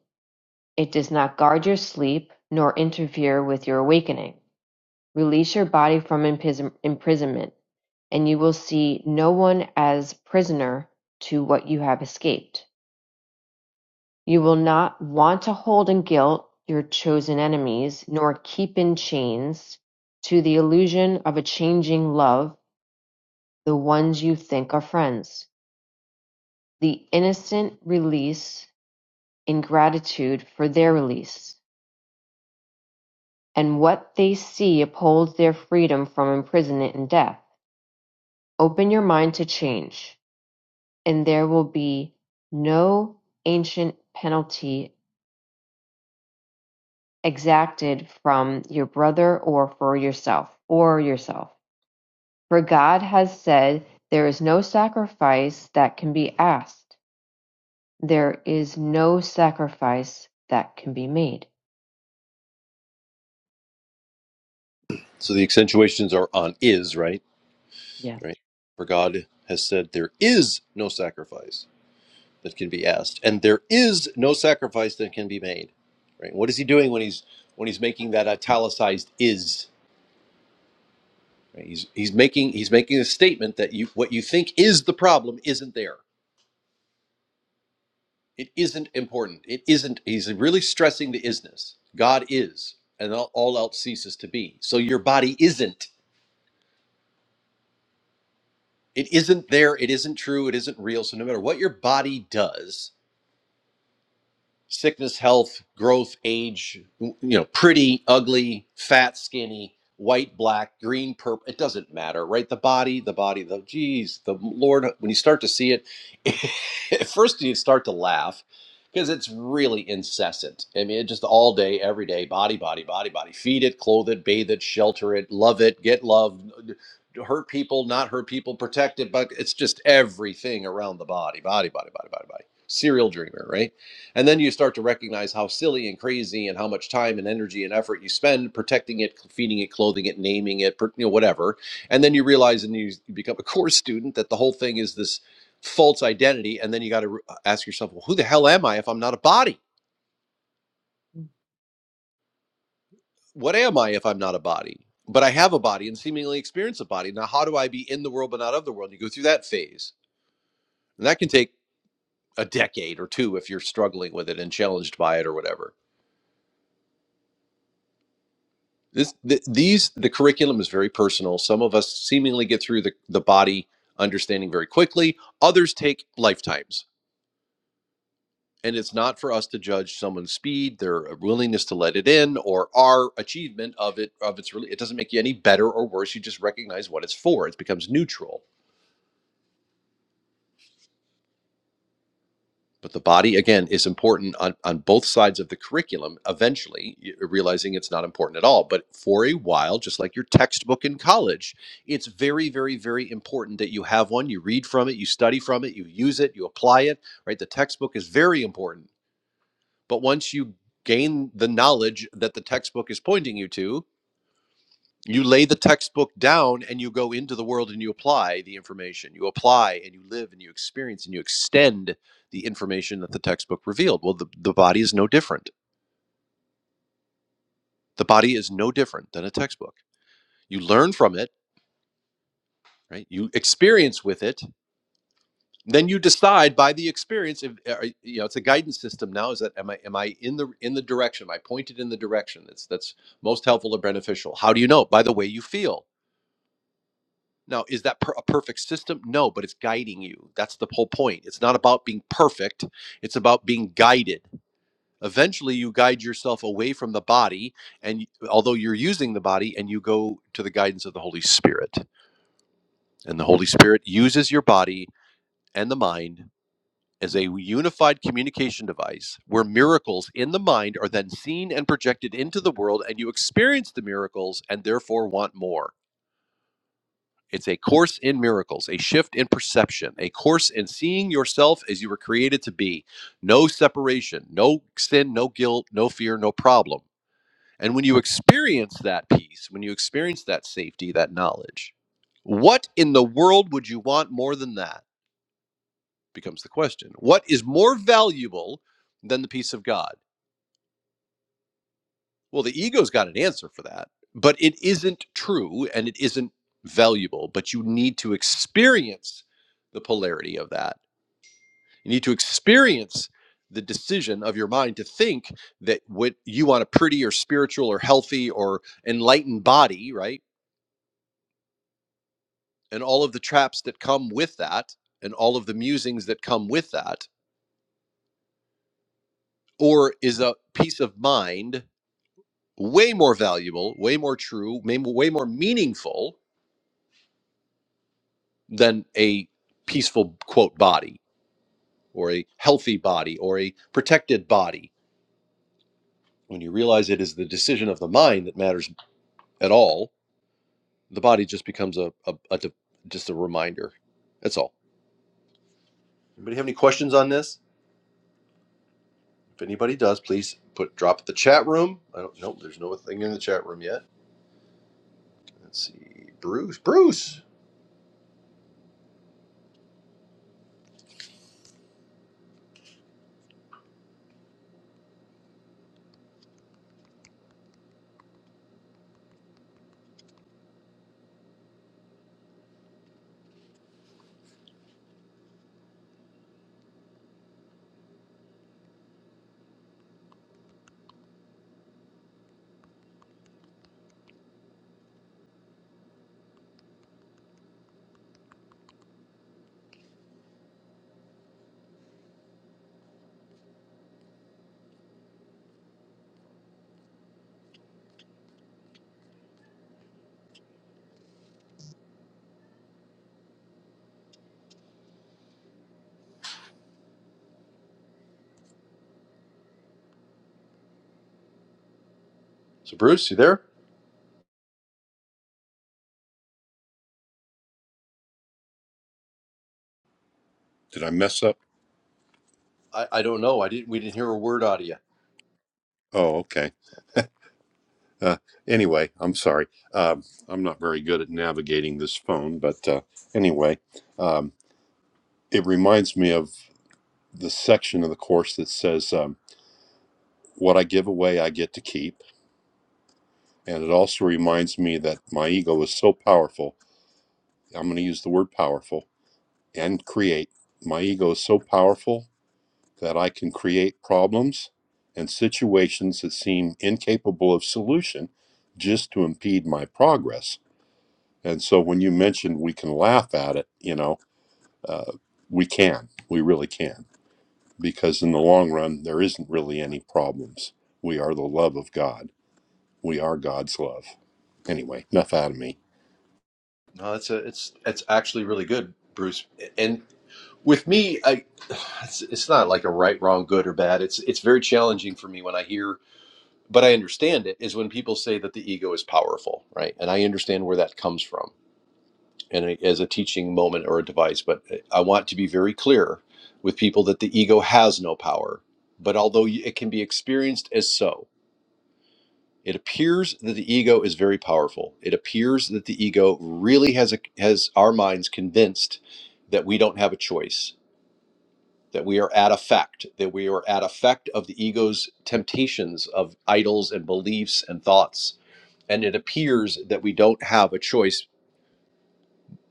B: It does not guard your sleep nor interfere with your awakening. Release your body from impris- imprisonment, and you will see no one as prisoner to what you have escaped. You will not want to hold in guilt your chosen enemies, nor keep in chains to the illusion of a changing love the ones you think are friends. The innocent release in gratitude for their release And what they see upholds their freedom from imprisonment and death. Open your mind to change, and there will be no ancient penalty exacted from your brother or for yourself or yourself. For God has said there is no sacrifice that can be asked. There is no sacrifice that can be made.
A: So the accentuations are on is, right?
B: Yes.
A: Right. For God has said, There is no sacrifice. that can be asked and there is no sacrifice that can be made right what is he doing when he's when he's making that italicized is right? he's he's making he's making a statement that you what you think is the problem isn't there it isn't important it isn't he's really stressing the isness god is and all, all else ceases to be so your body isn't it isn't there it isn't true it isn't real so no matter what your body does sickness, health, growth, age, you know, pretty, ugly, fat, skinny, white, black, green, purple. It doesn't matter, right? The body, the body, the geez, the Lord, when you start to see it, at first you start to laugh because it's really incessant. I mean, it just all day, every day, body, body, body, body. Feed it, clothe it, bathe it, shelter it, love it, get love, hurt people, not hurt people, protect it, but it's just everything around the body, body, body, body, body, body. Serial dreamer, right? And then you start to recognize how silly and crazy and how much time and energy and effort you spend protecting it, feeding it, clothing it, naming it, you know, whatever. And then you realize and you become a core student that the whole thing is this false identity. And then you got to ask yourself, well, who the hell am I if I'm not a body? What am I if I'm not a body? But I have a body and seemingly experience a body. Now, how do I be in the world but not of the world? You go through that phase. And that can take a decade or two if you're struggling with it and challenged by it or whatever This, th- these, the curriculum is very personal. Some of us seemingly get through the, the body understanding very quickly. Others take lifetimes. And it's not for us to judge someone's speed, their uh, willingness to let it in, or our achievement of it. Of its, really, it doesn't make you any better or worse. You just recognize what it's for. It becomes neutral But the body, again, is important on, on both sides of the curriculum, eventually realizing it's not important at all. But for a while, just like your textbook in college, it's very, very, very important that you have one. You read from it, you study from it, you use it, you apply it, right? The textbook is very important. But once you gain the knowledge that the textbook is pointing you to, you lay the textbook down and you go into the world and you apply the information you apply and you live and you experience and you extend the information that the textbook revealed well the, the body is no different the body is no different than a textbook you learn from it right you experience with it then you decide by the experience if uh, you know it's a guidance system now is that am i am i in the in the direction am i pointed in the direction that's that's most helpful or beneficial how do you know by the way you feel Now, is that per- a perfect system? No, but it's guiding you. That's the whole point. It's not about being perfect, it's about being guided. Eventually, you guide yourself away from the body, and y- although you're using the body, and you go to the guidance of the Holy Spirit. And the Holy Spirit uses your body and the mind as a unified communication device where miracles in the mind are then seen and projected into the world, and you experience the miracles and therefore want more. It's a course in miracles, a shift in perception, a course in seeing yourself as you were created to be. No separation, no sin, no guilt, no fear, no problem. And when you experience that peace, when you experience that safety, that knowledge, what in the world would you want more than that? Becomes the question. What is more valuable than the peace of God? Well, the ego's got an answer for that, but it isn't true and it isn't valuable. But you need to experience the polarity of that. You need to experience the decision of your mind to think that what you want a pretty or spiritual or healthy or enlightened body, right? And all of the traps that come with that and all of the musings that come with that, or is a peace of mind way more valuable, way more true, way more meaningful than a peaceful quote body or a healthy body or a protected body when you realize it is the decision of the mind that matters at all the body just becomes a, a, a just a reminder that's all anybody have any questions on this if anybody does please put drop it the chat room i don't know. nope there's no thing in the chat room yet let's see bruce bruce so bruce you there
C: Did I mess up?
A: i, I don't know i didn't we didn't hear a word out of you
C: Oh, okay. Uh, anyway, I'm sorry. Um, I'm not very good at navigating this phone, but uh, anyway, um, it reminds me of the section of the course that says, um, What I give away, I get to keep. And it also reminds me that my ego is so powerful. I'm going to use the word powerful and create. My ego is so powerful that I can create problems and situations that seem incapable of solution just to impede my progress And so when you mentioned we can laugh at it, you know, uh, we can, we really can, because in the long run, there isn't really any problems. We are the love of God. We are God's love. Anyway, enough out of me.
A: no it's a, it's it's actually really good bruce and With me, I it's, it's not like a right, wrong, good or bad. It's it's very challenging for me when I hear, but I understand it is when people say that the ego is powerful, right? And I understand where that comes from, and I, as a teaching moment or a device. But I want to be very clear with people that the ego has no power. But although it can be experienced as so, it appears that the ego is very powerful. It appears that the ego really has a, has our minds convinced that we don't have a choice that we are at effect, that we are at effect of the ego's temptations of idols and beliefs and thoughts. And it appears that we don't have a choice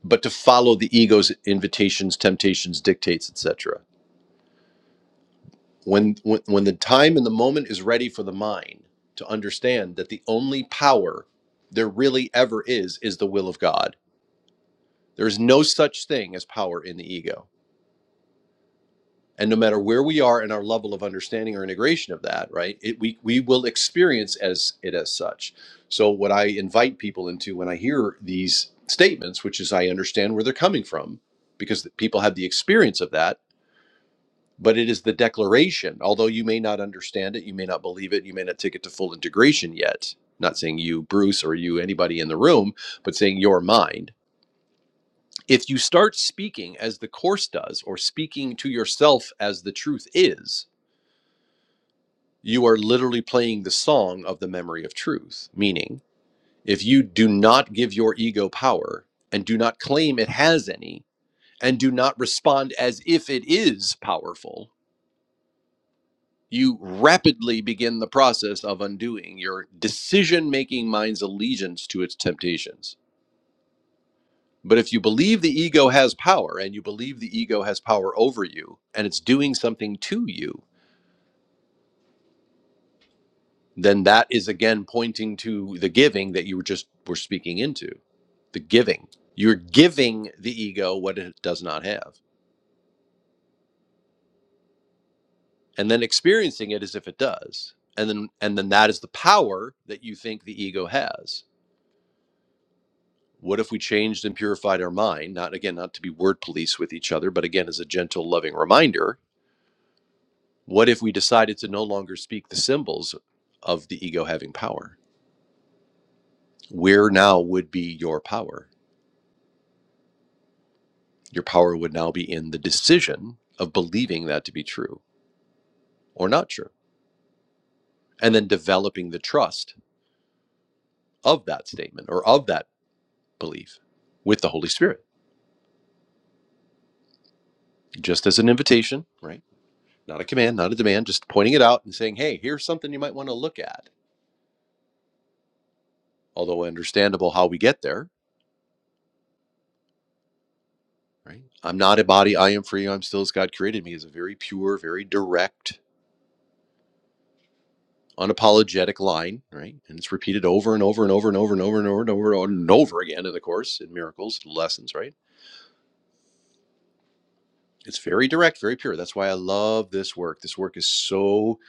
A: but to follow the ego's invitations, temptations, dictates, etc. When, when when the time and the moment is ready for the mind to understand that the only power there really ever is is the will of God. There is no such thing as power in the ego and no matter where we are in our level of understanding or integration of that right it, we, we will experience as it as such so what i invite people into when i hear these statements which is i understand where they're coming from because people have the experience of that but it is the declaration although you may not understand it you may not believe it you may not take it to full integration yet not saying you bruce or you anybody in the room but saying your mind if you start speaking as the course does or speaking to yourself as the truth is you are literally playing the song of the memory of truth. Meaning, if you do not give your ego power and do not claim it has any and do not respond as if it is powerful, you rapidly begin the process of undoing your decision making mind's allegiance to its temptations. But if you believe the ego has power and you believe the ego has power over you and it's doing something to you, then that is again pointing to the giving that you were just were speaking into the giving you're giving the ego what it does not have and then experiencing it as if it does and then and then that is the power that you think the ego has what if we changed and purified our mind not again not to be word police with each other but again as a gentle loving reminder what if we decided to no longer speak the symbols of the ego having power where now would be your power Your power would now be in the decision of believing that to be true or not true, and then developing the trust of that statement or of that belief with the Holy Spirit, just as an invitation, right? Not a command, not a demand, just pointing it out and saying, hey, here's something you might want to look at. Although understandable how we get there, right? I'm not a body, I am free, I'm still as God created me is a very pure, very direct unapologetic line, right? And it's repeated over and over and over and over and over and over and over and over, and over again in the course in miracles lessons, right? It's very direct, very pure. That's why I love this work. This work is so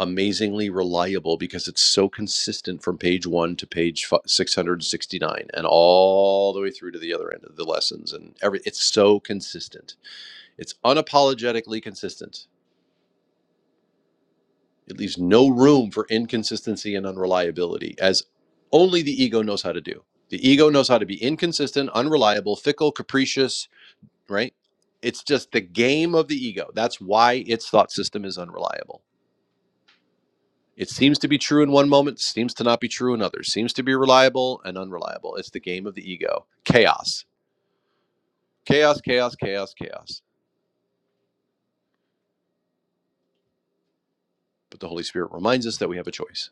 A: amazingly reliable because it's so consistent from page 1 to page 669 and all the way through to the other end of the lessons and every it's so consistent. It's unapologetically consistent It leaves no room for inconsistency and unreliability, as only the ego knows how to do. The ego knows how to be inconsistent, unreliable, fickle, capricious, right? It's just the game of the ego. That's why its thought system is unreliable. It seems to be true in one moment, seems to not be true in others, seems to be reliable and unreliable. It's the game of the ego. Chaos, chaos, chaos, chaos, chaos. But the Holy Spirit reminds us that we have a choice.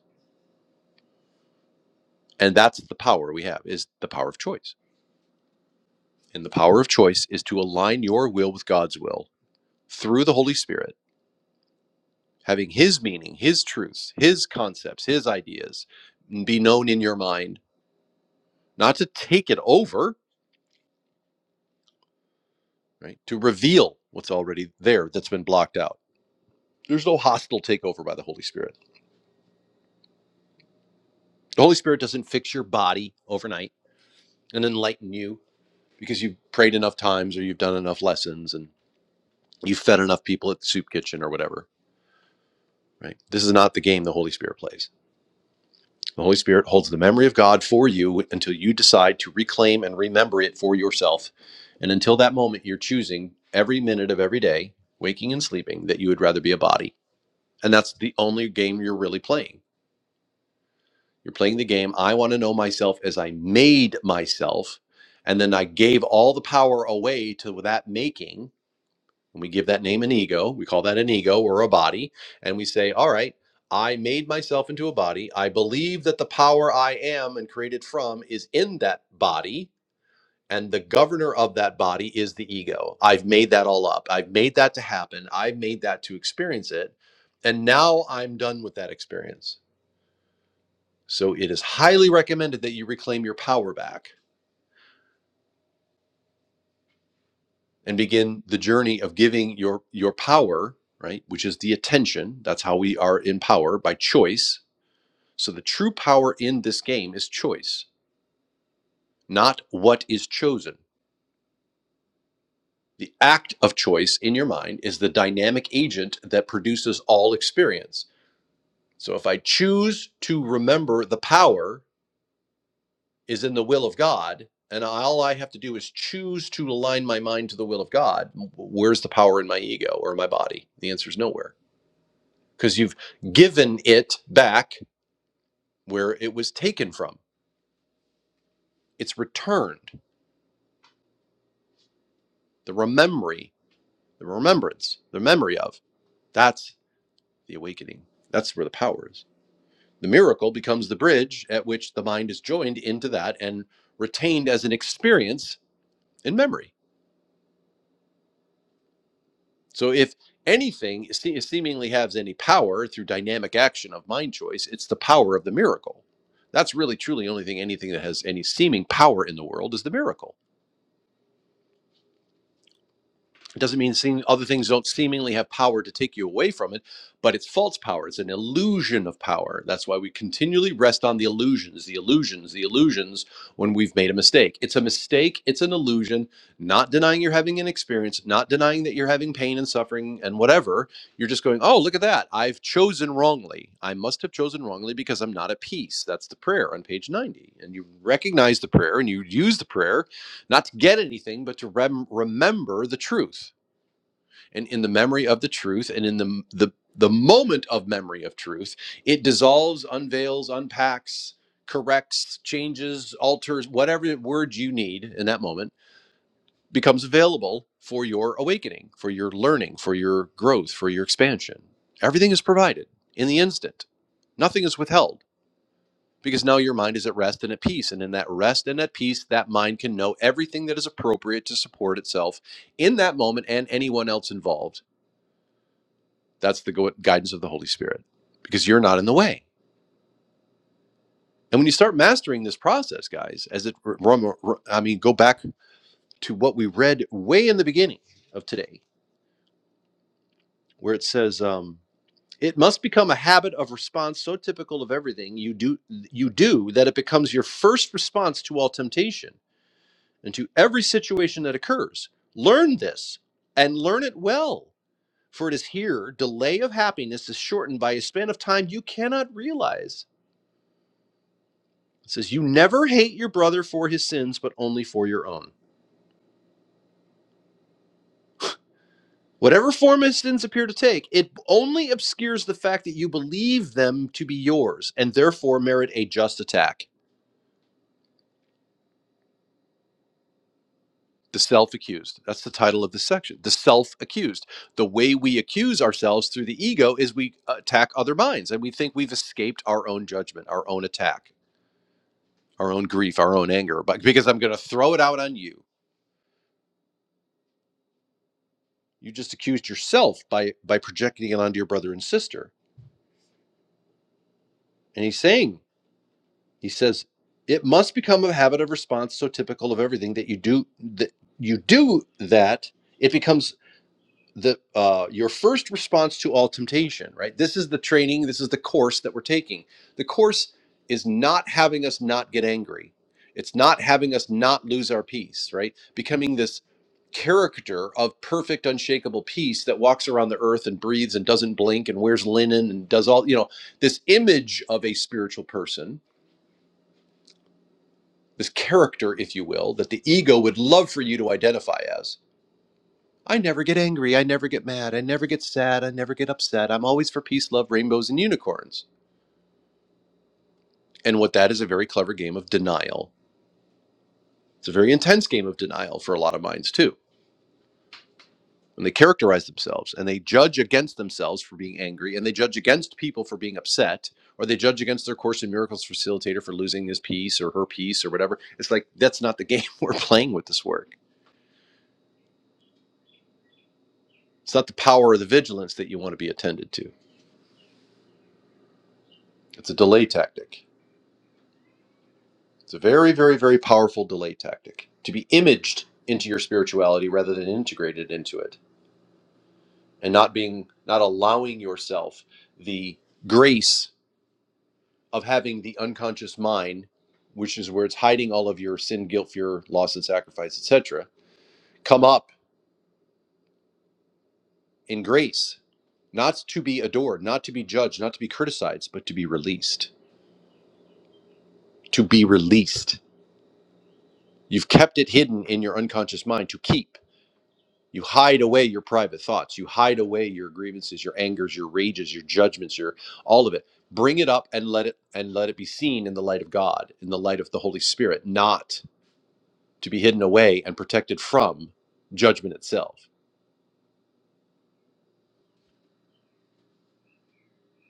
A: And that's the power we have is the power of choice And the power of choice is to align your will with God's will through the Holy Spirit, having His meaning, His truths, His concepts, His ideas be known in your mind, not to take it over, right? To reveal what's already there that's been blocked out. There's no hostile takeover by the Holy Spirit. The Holy Spirit doesn't fix your body overnight and enlighten you because you've prayed enough times or you've done enough lessons and you've fed enough people at the soup kitchen or whatever, right? This is not the game the Holy Spirit plays The Holy Spirit holds the memory of God for you until you decide to reclaim and remember it for yourself. And until that moment, you're choosing every minute of every day, waking and sleeping, that you would rather be a body. And that's the only game you're really playing. You're playing the game, I want to know myself as I made myself. And then I gave all the power away to that making and we give that name an ego. We call that an ego or a body. And we say, all right, I made myself into a body. I believe that the power I am and created from is in that body. And the governor of that body is the ego. I've made that all up. I've made that to happen. I've made that to experience it. And now I'm done with that experience. So it is highly recommended that you reclaim your power back and begin the journey of giving your your power right which is the attention that's how we are in power by choice so the true power in this game is choice not what is chosen the act of choice in your mind is the dynamic agent that produces all experience so if i choose to remember the power is in the will of god and all i have to do is choose to align my mind to the will of god where's the power in my ego or my body the answer is nowhere because you've given it back where it was taken from. It's returned. The rememory, the remembrance, the memory of. That's the awakening. That's where the power is. The miracle becomes the bridge at which the mind is joined into that and retained as an experience in memory. So if anything se- seemingly has any power through dynamic action of mind choice, it's the power of the miracle. That's really truly only thing anything that has any seeming power in the world is the miracle It doesn't mean seem, other things don't seemingly have power to take you away from it, but it's false power. It's an illusion of power. That's why we continually rest on the illusions, the illusions, the illusions when we've made a mistake. It's a mistake, it's an illusion, not denying you're having an experience, not denying that you're having pain and suffering and whatever. You're just going, oh, look at that. I've chosen wrongly. I must have chosen wrongly because I'm not at peace. That's the prayer on page 90. And you recognize the prayer and you use the prayer not to get anything, but to rem- remember the truth and in the memory of the truth and in the the the moment of memory of truth it dissolves unveils unpacks corrects changes alters whatever word you need in that moment becomes available for your awakening for your learning for your growth for your expansion everything is provided in the instant nothing is withheld because now your mind is at rest and at peace and in that rest and at peace that mind can know everything that is appropriate to support itself in that moment and anyone else involved that's the guidance of the Holy Spirit because you're not in the way. And when you start mastering this process, guys, as it, I mean, go back to what we read way in the beginning of today, where it says, um, it must become a habit of response so typical of everything you do you do that it becomes your first response to all temptation and to every situation that occurs. Learn this and learn it well, for it is here delay of happiness is shortened by a span of time you cannot realize It says, You never hate your brother for his sins, but only for your own. Whatever form his sins appear to take, it only obscures the fact that you believe them to be yours and therefore merit a just attack. The self accused. That's the title of this section. The self accused. The way we accuse ourselves through the ego is we attack other minds and we think we've escaped our own judgment, our own attack, our own grief, our own anger, but because I'm going to throw it out on you. You just accused yourself by by projecting it onto your brother and sister. And he's saying He says, "It must become a habit of response so typical of everything that you do that you do that it becomes the uh, your first response to all temptation." Right. This is the training. This is the course that we're taking. The course is not having us not get angry. It's not having us not lose our peace. Right. Becoming this character of perfect unshakable peace that walks around the earth and breathes and doesn't blink and wears linen and does all you know this image of a spiritual person this character, if you will, that the ego would love for you to identify as. I never get angry. I never get mad. I never get sad. I never get upset. I'm always for peace, love, rainbows, and unicorns. And what that is a very clever game of denial. It's a very intense game of denial for a lot of minds, too. And they characterize themselves and they judge against themselves for being angry and they judge against people for being upset or they judge against their Course in Miracles facilitator for losing his piece or her piece or whatever. It's like, that's not the game we're playing with this work. It's not the power or the vigilance that you want to be attended to. It's a delay tactic. It's a very, very, very powerful delay tactic to be imaged into your spirituality rather than integrated into it, and not being, not allowing yourself the grace of having the unconscious mind, which is where it's hiding all of your sin, guilt, fear, loss, and sacrifice, etc., come up in grace, not to be adored, not to be judged, not to be criticized, but to be released. To be released. You've kept it hidden in your unconscious mind to keep You hide away your private thoughts. You hide away your grievances, your angers, your rages, your judgments, your all of it. Bring it up and let it and let it be seen in the light of God, in the light of the Holy Spirit, not to be hidden away and protected from judgment itself.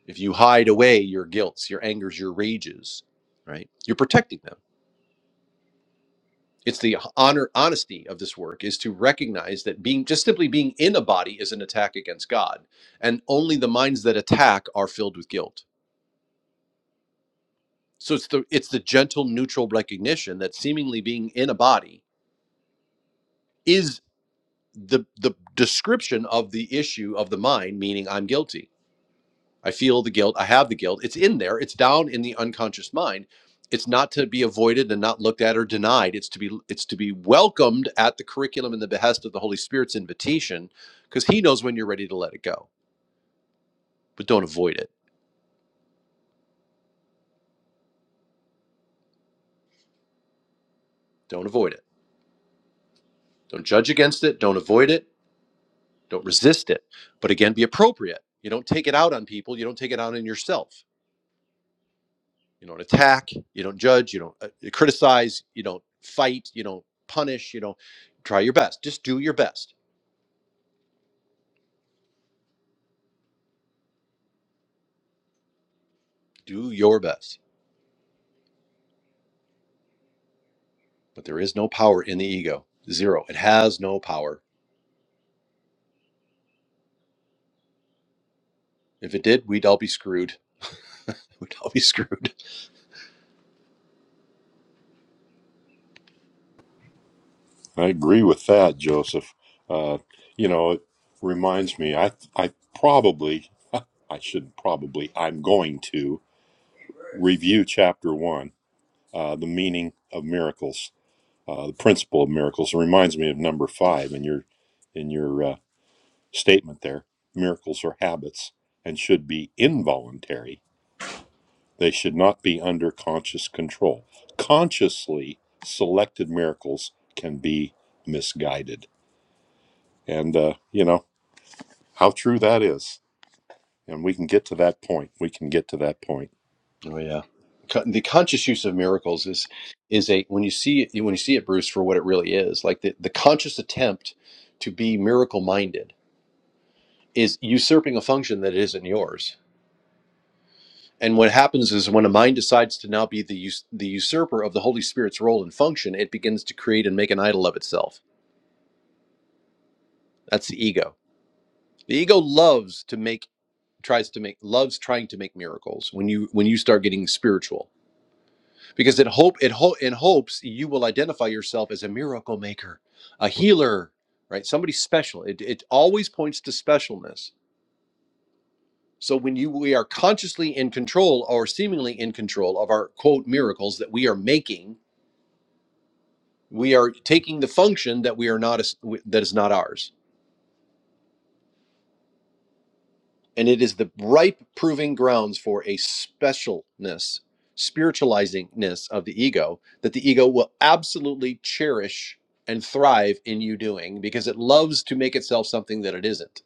A: If you hide away your guilts, your angers, your rages, right? You're protecting them. It's the honor honesty of this work is to recognize that being just simply being in a body is an attack against God, and only the minds that attack are filled with guilt So it's the it's the gentle neutral recognition that seemingly being in a body is the the description of the issue of the mind, meaning I'm guilty. I feel the guilt, I have the guilt. It's in there, it's down in the unconscious mind. It's not to be avoided and not looked at or denied. It's to be it's to be welcomed at the curriculum and the behest of the Holy Spirit's invitation because he knows when you're ready to let it go. But don't avoid it. Don't avoid it. Don't judge against it. Don't avoid it Don't resist it, but again, be appropriate. You don't take it out on people. You don't take it out on yourself. You don't attack. You don't judge. You don't uh, criticize. You don't fight. You don't punish. You don't try your best. Just do your best. Do your best. But there is no power in the ego. Zero. It has no power. If it did, we'd all be screwed. we'd all be screwed.
C: I agree with that, Joseph. Uh, you know, it reminds me, I, I probably, I should probably, I'm going to review chapter one, uh, the meaning of miracles, uh, the principle of miracles. It reminds me of number five in your, in your, uh, statement there. Miracles are habits and should be involuntary. They should not be under conscious control. Consciously selected miracles can be misguided. And, uh, you know, how true that is. And we can get to that point. We can get to that point.
A: Oh yeah. The conscious use of miracles is is a when you see it, when you see it, Bruce, for what it really is, like the, the conscious attempt to be miracle minded is usurping a function that isn't yours. And what happens is when a mind decides to now be the us- the usurper of the Holy Spirit's role and function, it begins to create and make an idol of itself. That's the ego. The ego loves to make tries to make loves trying to make miracles when you when you start getting spiritual because it hope it ho- in hopes you will identify yourself as a miracle maker, a healer, right? Somebody special. It it always points to specialness So when you we are consciously in control or seemingly in control of our quote miracles that we are making, we are taking the function that we are not that is not ours. And it is the ripe proving grounds for a specialness, spiritualizingness of the ego that the ego will absolutely cherish and thrive in you doing because it loves to make itself something that it isn't.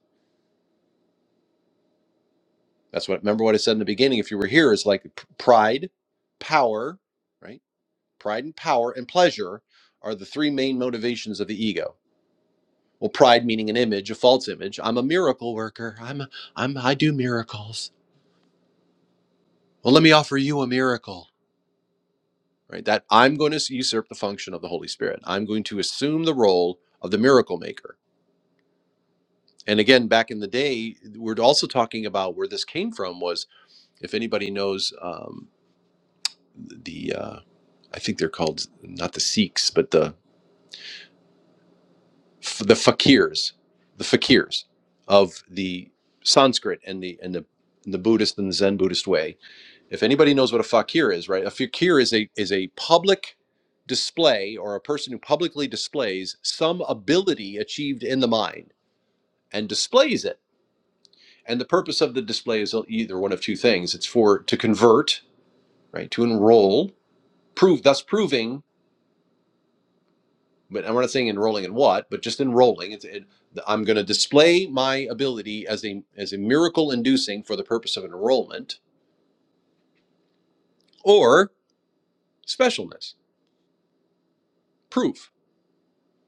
A: That's what remember what I said in the beginning if you were here it's like pr- pride, power, right? Pride and power and pleasure are the three main motivations of the ego. Well, pride meaning an image, a false image. I'm a miracle worker. I'm I'm I do miracles. Well, let me offer you a miracle. Right? That I'm going to usurp the function of the Holy Spirit. I'm going to assume the role of the miracle maker. And again, back in the day, we're also talking about where this came from was if anybody knows um, the uh, I think they're called not the Sikhs, but the f- the fakirs, the fakirs of the Sanskrit and the and the and the Buddhist and the Zen Buddhist way. If anybody knows what a fakir is, right? A fakir is a is a public display or a person who publicly displays some ability achieved in the mind and displays it. And the purpose of the display is either one of two things. It's for to convert, right? To enroll, prove thus proving but I'm not saying enrolling in what, but just enrolling. It's, it, I'm going to display my ability as a as a miracle inducing for the purpose of enrollment or specialness proof.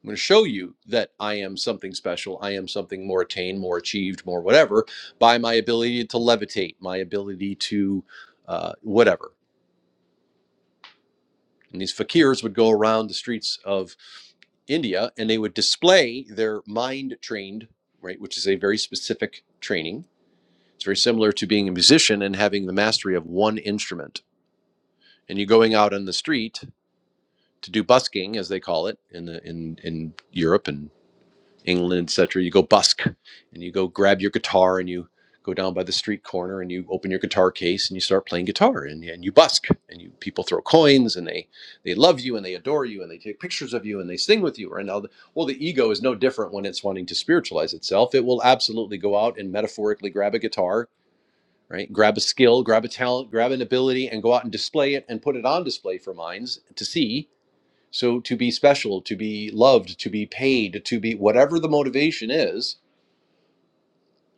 A: I'm going to show you that I am something special. I am something more attained, more achieved, more whatever by my ability to levitate, my ability to uh, whatever. And these fakirs would go around the streets of India and they would display their mind trained, right, which is a very specific training It's very similar to being a musician and having the mastery of one instrument. And you are going out on the street to do busking, as they call it in the, in in Europe and England, etc. You go busk, and you go grab your guitar and you go down by the street corner and you open your guitar case and you start playing guitar and, and you busk and you people throw coins and they they love you and they adore you and they take pictures of you and they sing with you and all the, well the ego is no different when it's wanting to spiritualize itself it will absolutely go out and metaphorically grab a guitar right? Grab a skill, grab a talent, grab an ability, and go out and display it and put it on display for minds to see. So to be special, to be loved, to be paid, to be whatever the motivation is.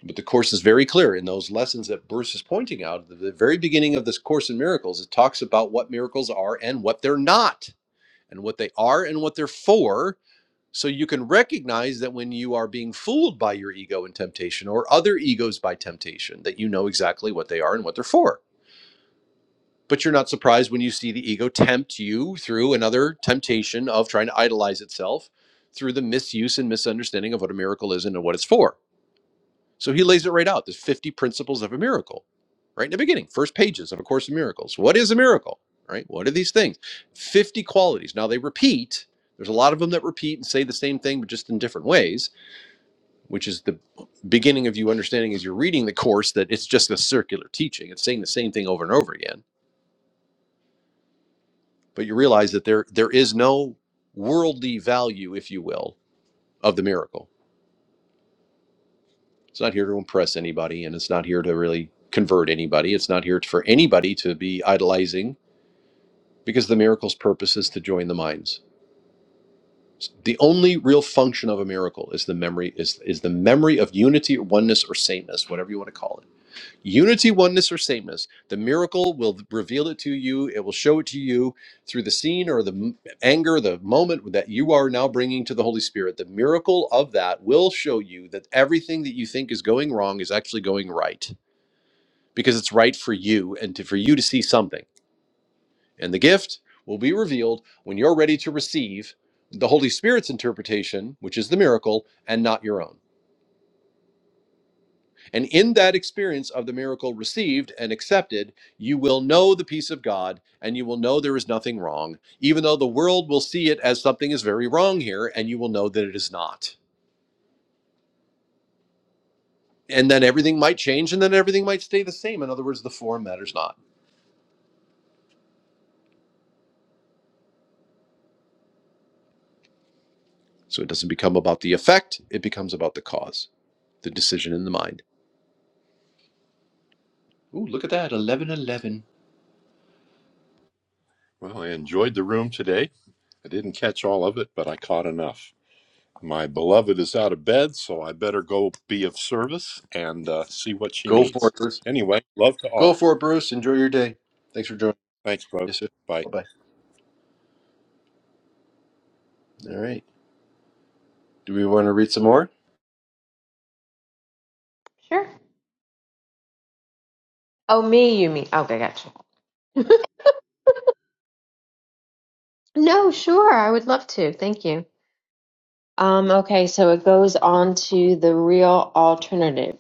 A: But the course is very clear in those lessons that Bruce is pointing out. At the very beginning of this course in miracles, it talks about what miracles are and what they're not, and what they are and what they're for. So you can recognize that when you are being fooled by your ego and temptation or other egos by temptation, that you know exactly what they are and what they're for but you're not surprised when you see the ego tempt you through another temptation of trying to idolize itself through the misuse and misunderstanding of what a miracle is and what it's for. So he lays it right out There's 50 principles of a miracle, right in the beginning, first pages of A Course in Miracles. What is a miracle, right? What are these things? 50 qualities. Now they repeat. There's a lot of them that repeat and say the same thing, but just in different ways, which is the beginning of you understanding as you're reading the course that it's just a circular teaching. It's saying the same thing over and over again but you realize that there there is no worldly value if you will of the miracle it's not here to impress anybody and it's not here to really convert anybody it's not here for anybody to be idolizing because the miracle's purpose is to join the minds the only real function of a miracle is the memory is is the memory of unity oneness or saintness whatever you want to call it Unity, oneness, or sameness. The miracle will reveal it to you. It will show it to you through the scene or the m- anger, the moment that you are now bringing to the Holy Spirit. The miracle of that will show you that everything that you think is going wrong is actually going right because it's right for you and to, for you to see something. And the gift will be revealed when you're ready to receive the Holy Spirit's interpretation, which is the miracle, and not your own. And in that experience of the miracle received and accepted, you will know the peace of God and you will know there is nothing wrong, even though the world will see it as something is very wrong here and you will know that it is not. And then everything might change and then everything might stay the same. In other words, the form matters not. So it doesn't become about the effect, it becomes about the cause, the decision in the mind.
C: Well, I enjoyed the room today. I didn't catch all of it, but I caught enough. My beloved is out of bed, so I better go be of service and uh, see what she
A: Go for
C: needs.
A: it, Bruce.
C: Anyway, love to
A: Go
C: all.
A: for it, Bruce. Enjoy your day. Thanks for joining.
C: Thanks, folks.
A: Yes, sir.
C: Bye.
A: Bye bye. All right. Do we want to read some more?
B: Sure. Oh, me, you mean. Okay, gotcha. No, sure. I would love to. Thank you. Um, okay, so it goes on to the real alternative.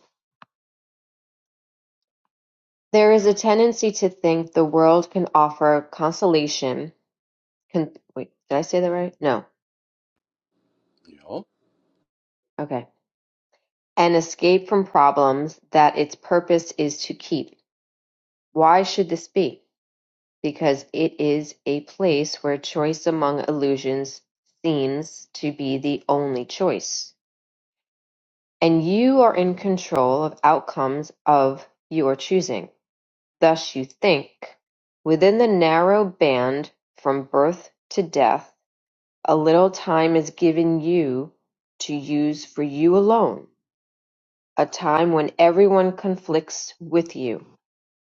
B: There is a tendency to think the world can offer consolation. Con- wait, did I say that right? No.
A: Yeah.
B: Okay. An escape from problems that its purpose is to keep. Why should this be? Because it is a place where choice among illusions seems to be the only choice. And you are in control of outcomes of your choosing. Thus you think, within the narrow band from birth to death, a little time is given you to use for you alone, a time when everyone conflicts with you,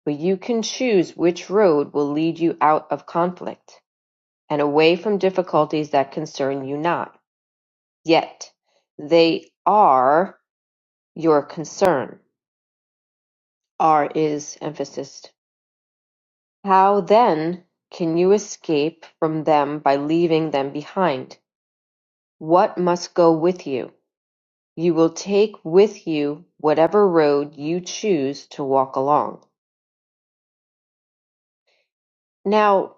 B: but you can choose which road will lead you out of conflict and away from difficulties that concern you not. Yet they are your concern. Are is emphasis How, then, can you escape from them by leaving them behind? What must go with you? You will take with you whatever road you choose to walk along. Now,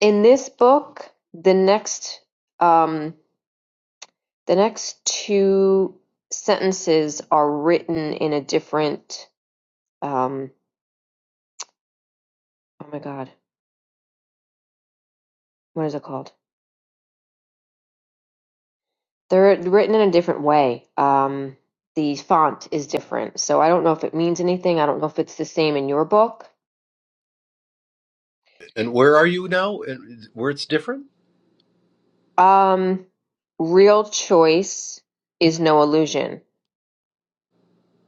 B: in this book, the next um, the next two sentences are written in a different um, oh my god, what is it called? They're written in a different way. Um, the font is different. So I don't know if it means anything. I don't know if it's the same in your book.
A: And where are you now? And where it's different?
B: Um, real choice is no illusion,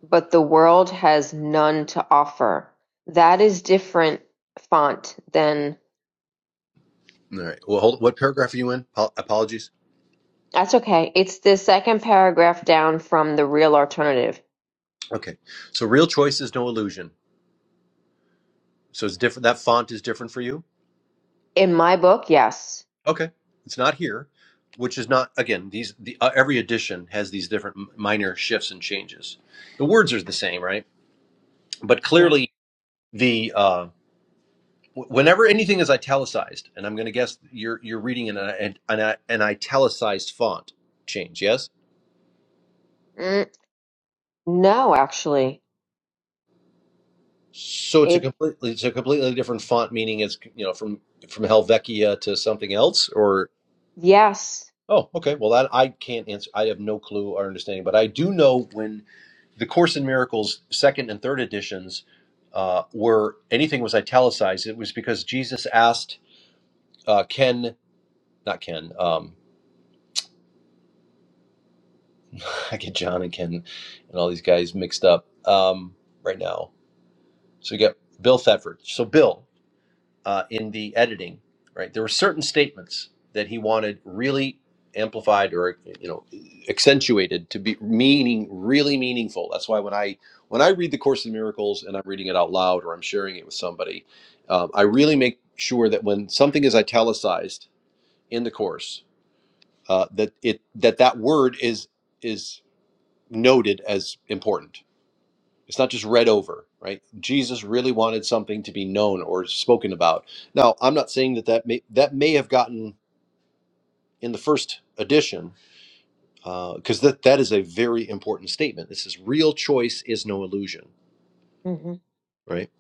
B: but the world has none to offer. That is different font than.
A: All right. Well, hold, what paragraph are you in? Apo- Apologies.
B: That's okay. It's the second paragraph down from the real alternative.
A: Okay. So real choice is no illusion. So it's different. That font is different for you.
B: In my book, yes.
A: Okay. It's not here, which is not again. These the uh, every edition has these different m- minor shifts and changes. The words are the same, right? But
B: Yeah.
A: clearly the uh, wh- whenever anything is italicized, and I'm going to guess you're you're reading in an an, an italicized font change. Yes.
B: Mm, no, actually.
A: So it's a
B: It,
A: completely it's a completely different font, meaning it's you know from from Helvetia to something else, or
B: yes.
A: oh, okay. Well, that I can't answer. I have no clue or understanding, but I do know when the Course in Miracles second and third editions uh, were anything was italicized. It was because Jesus asked uh, Ken, not Ken. Um, I get John and Ken and all these guys mixed up um, right now. So you get Bill Thetford. So Bill. uh, in the editing, right? There were certain statements that he wanted really amplified or you know accentuated to be meaning really meaningful. That's why when I when I read the Course in Miracles and I'm reading it out loud or I'm sharing it with somebody, um, I really make sure that when something is italicized in the course, uh, that it that that word is is noted as important it's not just read over, right? Jesus really wanted something to be known or spoken about. Now, I'm not saying that that may, that may have gotten in the first edition, because that that is a very important statement. This is real choice is no illusion,
B: hmm
A: right?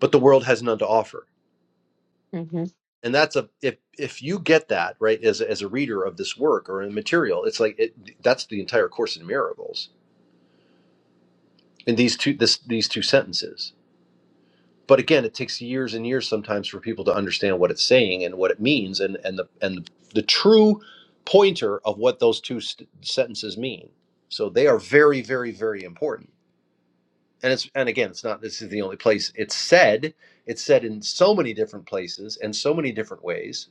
A: But the world has none to offer,
B: hmm
A: and that's a if if you get that right as a- as a reader of this work or in material, it's like it, that's the entire course in miracles in these two this these two sentences but again it takes years and years sometimes for people to understand what it's saying and what it means and and the and the true pointer of what those two st- sentences mean so they are very very very important and it's and again it's not this is the only place it's said it's said in so many different places and so many different ways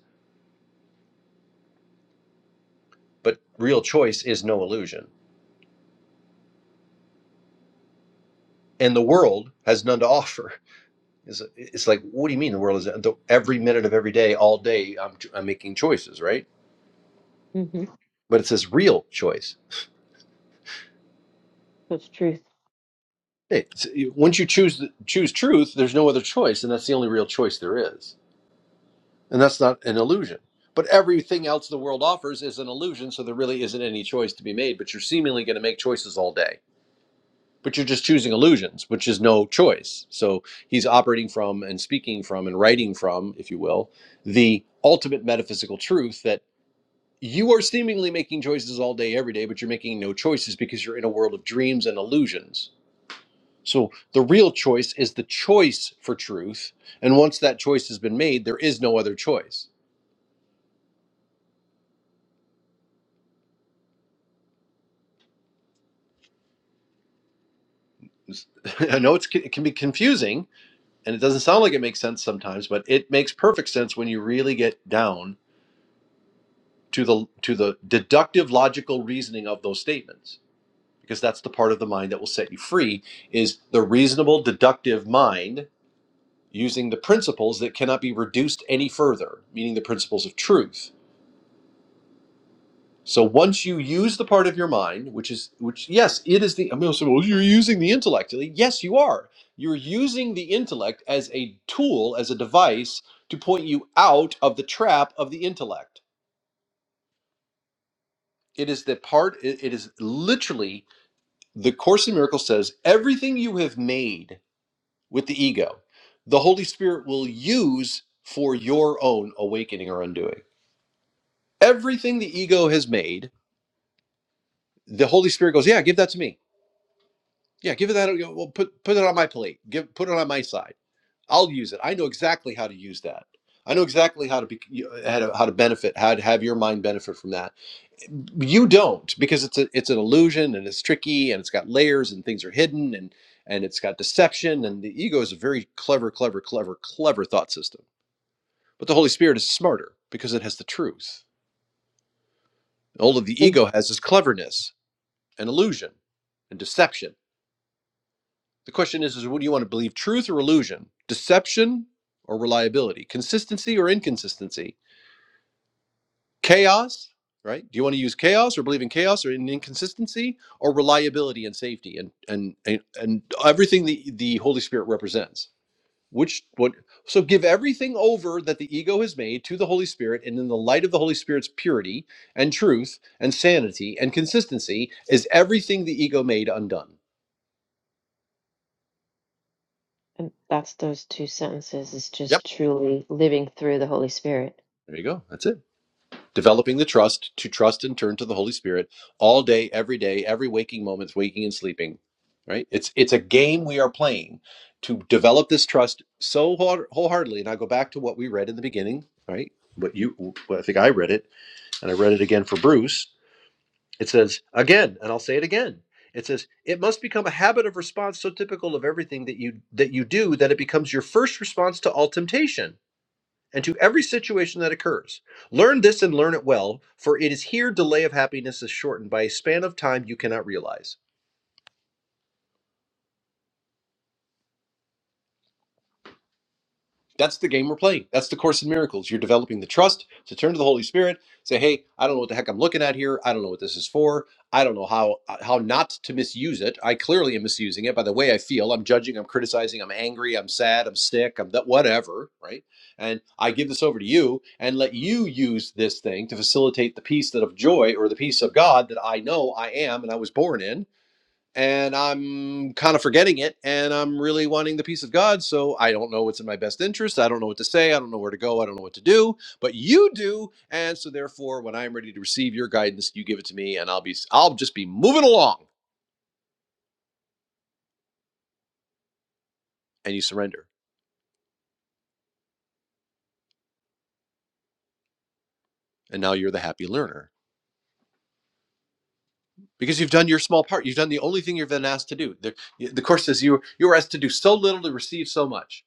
A: but real choice is no illusion and the world has none to offer it's, it's like what do you mean the world is the, every minute of every day all day I'm, I'm making choices right
B: hmm
A: but it says real choice
B: That's truth.
A: Hey, once you choose choose truth, there's no other choice, and that's the only real choice there is, and that's not an illusion. But everything else the world offers is an illusion, so there really isn't any choice to be made. But you're seemingly going to make choices all day, but you're just choosing illusions, which is no choice. So he's operating from and speaking from and writing from, if you will, the ultimate metaphysical truth that you are seemingly making choices all day, every day, but you're making no choices because you're in a world of dreams and illusions so the real choice is the choice for truth. And once that choice has been made, there is no other choice. I know it's, it can be confusing and it doesn't sound like it makes sense sometimes, but it makes perfect sense when you really get down to the to the deductive logical reasoning of those statements because that's the part of the mind that will set you free is the reasonable deductive mind using the principles that cannot be reduced any further, meaning the principles of truth So once you use the part of your mind, which is which, yes, it is the. I mean, so you're using the intellect. Yes, you are. You're using the intellect as a tool, as a device to point you out of the trap of the intellect. It is the part. It it is literally the Course in Miracles says everything you have made with the ego, the Holy Spirit will use for your own awakening or undoing. Everything the ego has made, the Holy Spirit goes, yeah, give that to me Yeah, give it that. Well, put put it on my plate. Give put it on my side. I'll use it. I know exactly how to use that. I know exactly how to be how to, how to benefit, how to have your mind benefit from that. You don't because it's a it's an illusion and it's tricky and it's got layers and things are hidden and and it's got deception and the ego is a very clever, clever, clever, clever thought system. But the Holy Spirit is smarter because it has the truth. All of the
B: And
A: ego has is cleverness and illusion and deception The question is, is what do you want to believe, truth or illusion? Deception or reliability? Consistency or inconsistency? Chaos, right? Do you want to use chaos or believe in chaos or in inconsistency or reliability and safety and and and, and everything the, the Holy Spirit represents? Which what so give everything over that the ego has made to the Holy Spirit, and in the light of the Holy Spirit's purity and truth and sanity and consistency, is everything the ego made undone?
B: and that's those two sentences is
A: Yep.
B: just truly living through the Holy Spirit.
A: There you go. That's it. developing the trust to trust and turn to the holy spirit all day every day every waking moment waking and sleeping right it's it's a game we are playing to develop this trust so whole- wholeheartedly and i go back to what we read in the beginning right what you what i think i read it and i read it again for bruce it says again and i'll say it again it says it must become a habit of response so typical of everything that you that you do that it becomes your first response to all temptation and to every situation that occurs. Learn this and learn it well, for it is here delay of happiness is shortened by a span of time you cannot realize. That's the game we're playing. That's the Course in Miracles. You're developing the trust to turn to the Holy Spirit, say, hey, I don't know what the heck I'm looking at here. I don't know what this is for. I don't know how how not to misuse it. I clearly am misusing it by the way I feel. I'm judging, I'm criticizing, I'm angry, I'm sad, I'm sick, I'm that whatever, right? And I give this over to you and let you use this thing to facilitate the peace that of joy or the peace of God that I know I am and I was born in and I'm kind of forgetting it, and I'm really wanting the peace of God. So I don't know what's in my best interest. I don't know what to say. I don't know where to go. I don't know what to do. But you do, and so therefore, when I'm ready to receive your guidance, you give it to me, and I'll be I'll just be moving along, and you surrender, and now you're the happy learner because you've done your small part. You've done the only thing you've been asked to do. The, the course says you you were asked to do so little to receive so much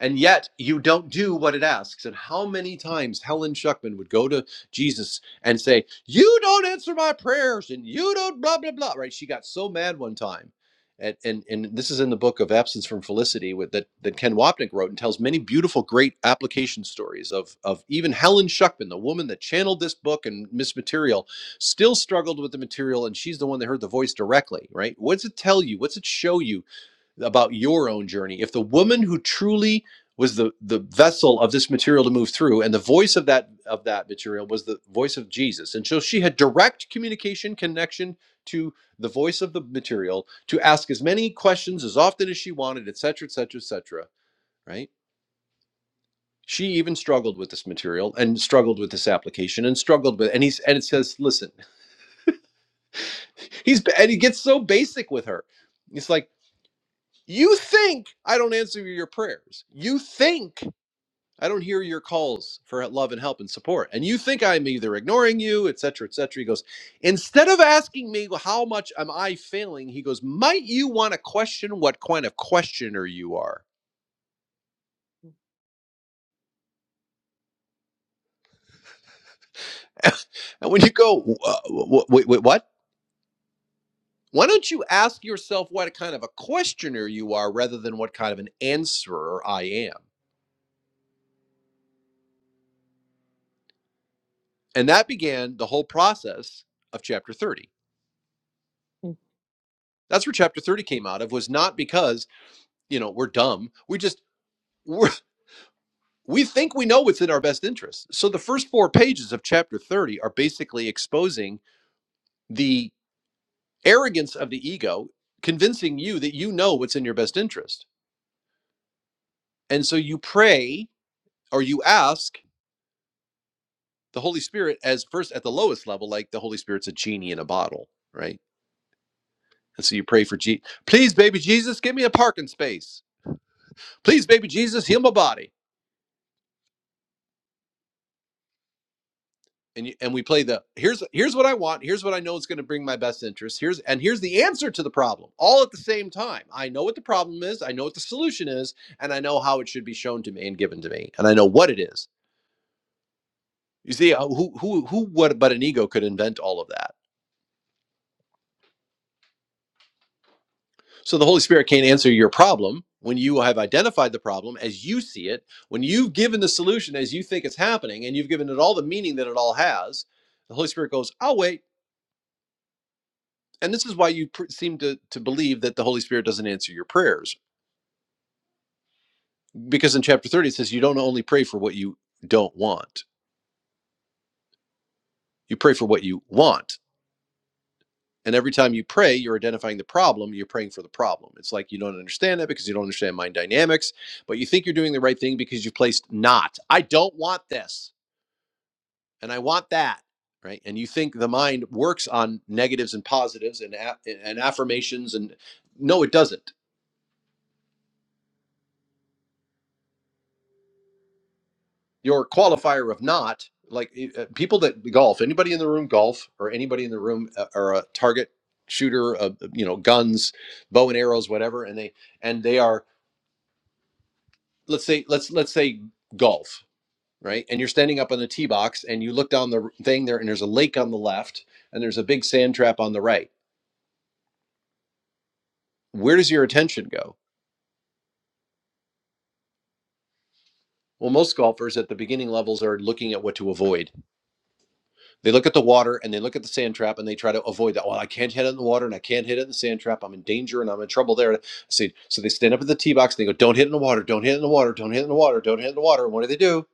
A: and yet you don't do what it asks. And how many times Helen Schuckman would go to Jesus and say, You don't answer my prayers and you don't blah, blah, blah, right? She got so mad one time. And, and, and this is in the book of Absence from Felicity with, that, that Ken Wapnick wrote and tells many beautiful, great application stories of, of even Helen Schuckman, the woman that channeled this book and Miss Material, still struggled with the material. And she's the one that heard the voice directly, right? What's it tell you? What's it show you? about your own journey. If the woman who truly was the the vessel of this material to move through, and the voice of that of that material was the voice of Jesus, and so she had direct communication connection to the voice of the material to ask as many questions as often as she wanted, etc., etc., etc. Right? She even struggled with this material and struggled with this application and struggled with and he's and it says, listen, he's and he gets so basic with her. It's like you think I don't answer your prayers. You think I don't hear your calls for love and help and support. And you think I'm either ignoring you, et cetera, et cetera. He goes, instead of asking me "Well, how much am I failing, he goes, might you want to question what kind of questioner you are? and when you go, wait, wait, wait, what? Why don't you ask yourself what kind of a questioner you are rather than what kind of an answerer I am? And that began the whole process of chapter 30.
B: Mm.
A: That's where chapter 30 came out of was not because, you know, we're dumb. We just we're, we think we know what's in our best interest. So the first four pages of chapter 30 are basically exposing the arrogance of the ego, convincing you that you know what's in your best interest. And so you pray or you ask the Holy Spirit as first at the lowest level, like the Holy Spirit's a genie in a bottle, right? And so you pray for, Je- please, baby Jesus, give me a parking space. Please, baby Jesus, heal my body and you, and we play the here's here's what I want, here's what I know is going to bring my best interest, here's and here's the answer to the problem, all at the same time. I know what the problem is, I know what the solution is, and I know how it should be shown to me and given to me, and I know what it is. You see, uh, who who who what but an ego could invent all of that? So the Holy Spirit can't answer your problem when you have identified the problem as you see it, when you've given the solution as you think it's happening, and you've given it all the meaning that it all has. The Holy Spirit goes, "I'll wait." and this is why you pr- seem to, to believe that the holy spirit doesn't answer your prayers because in chapter 30 it says you don't only pray for what you don't want you pray for what you want and every time you pray you're identifying the problem you're praying for the problem it's like you don't understand that because you don't understand mind dynamics but you think you're doing the right thing because you've placed not i don't want this and i want that right and you think the mind works on negatives and positives and, a- and affirmations and no it doesn't your qualifier of not like e, uh, people that golf anybody in the room golf or anybody in the room uh, are a target shooter uh, you know guns bow and arrows whatever and they and they are let's say let's let's say golf right and you're standing up on the tee box and you look down the thing there and there's a lake on the left and there's a big sand trap on the right where does your attention go well most golfers at the beginning levels are looking at what to avoid They look at the water and they look at the sand trap and they try to avoid that. Well, I can't hit it in the water and I can't hit it in the sand trap. I'm in danger and I'm in trouble there. So, so they stand up at the tee box and they go, "Don't hit it in the water! Don't hit it in the water! Don't hit it in the water! Don't hit it in the water!" And what do they do?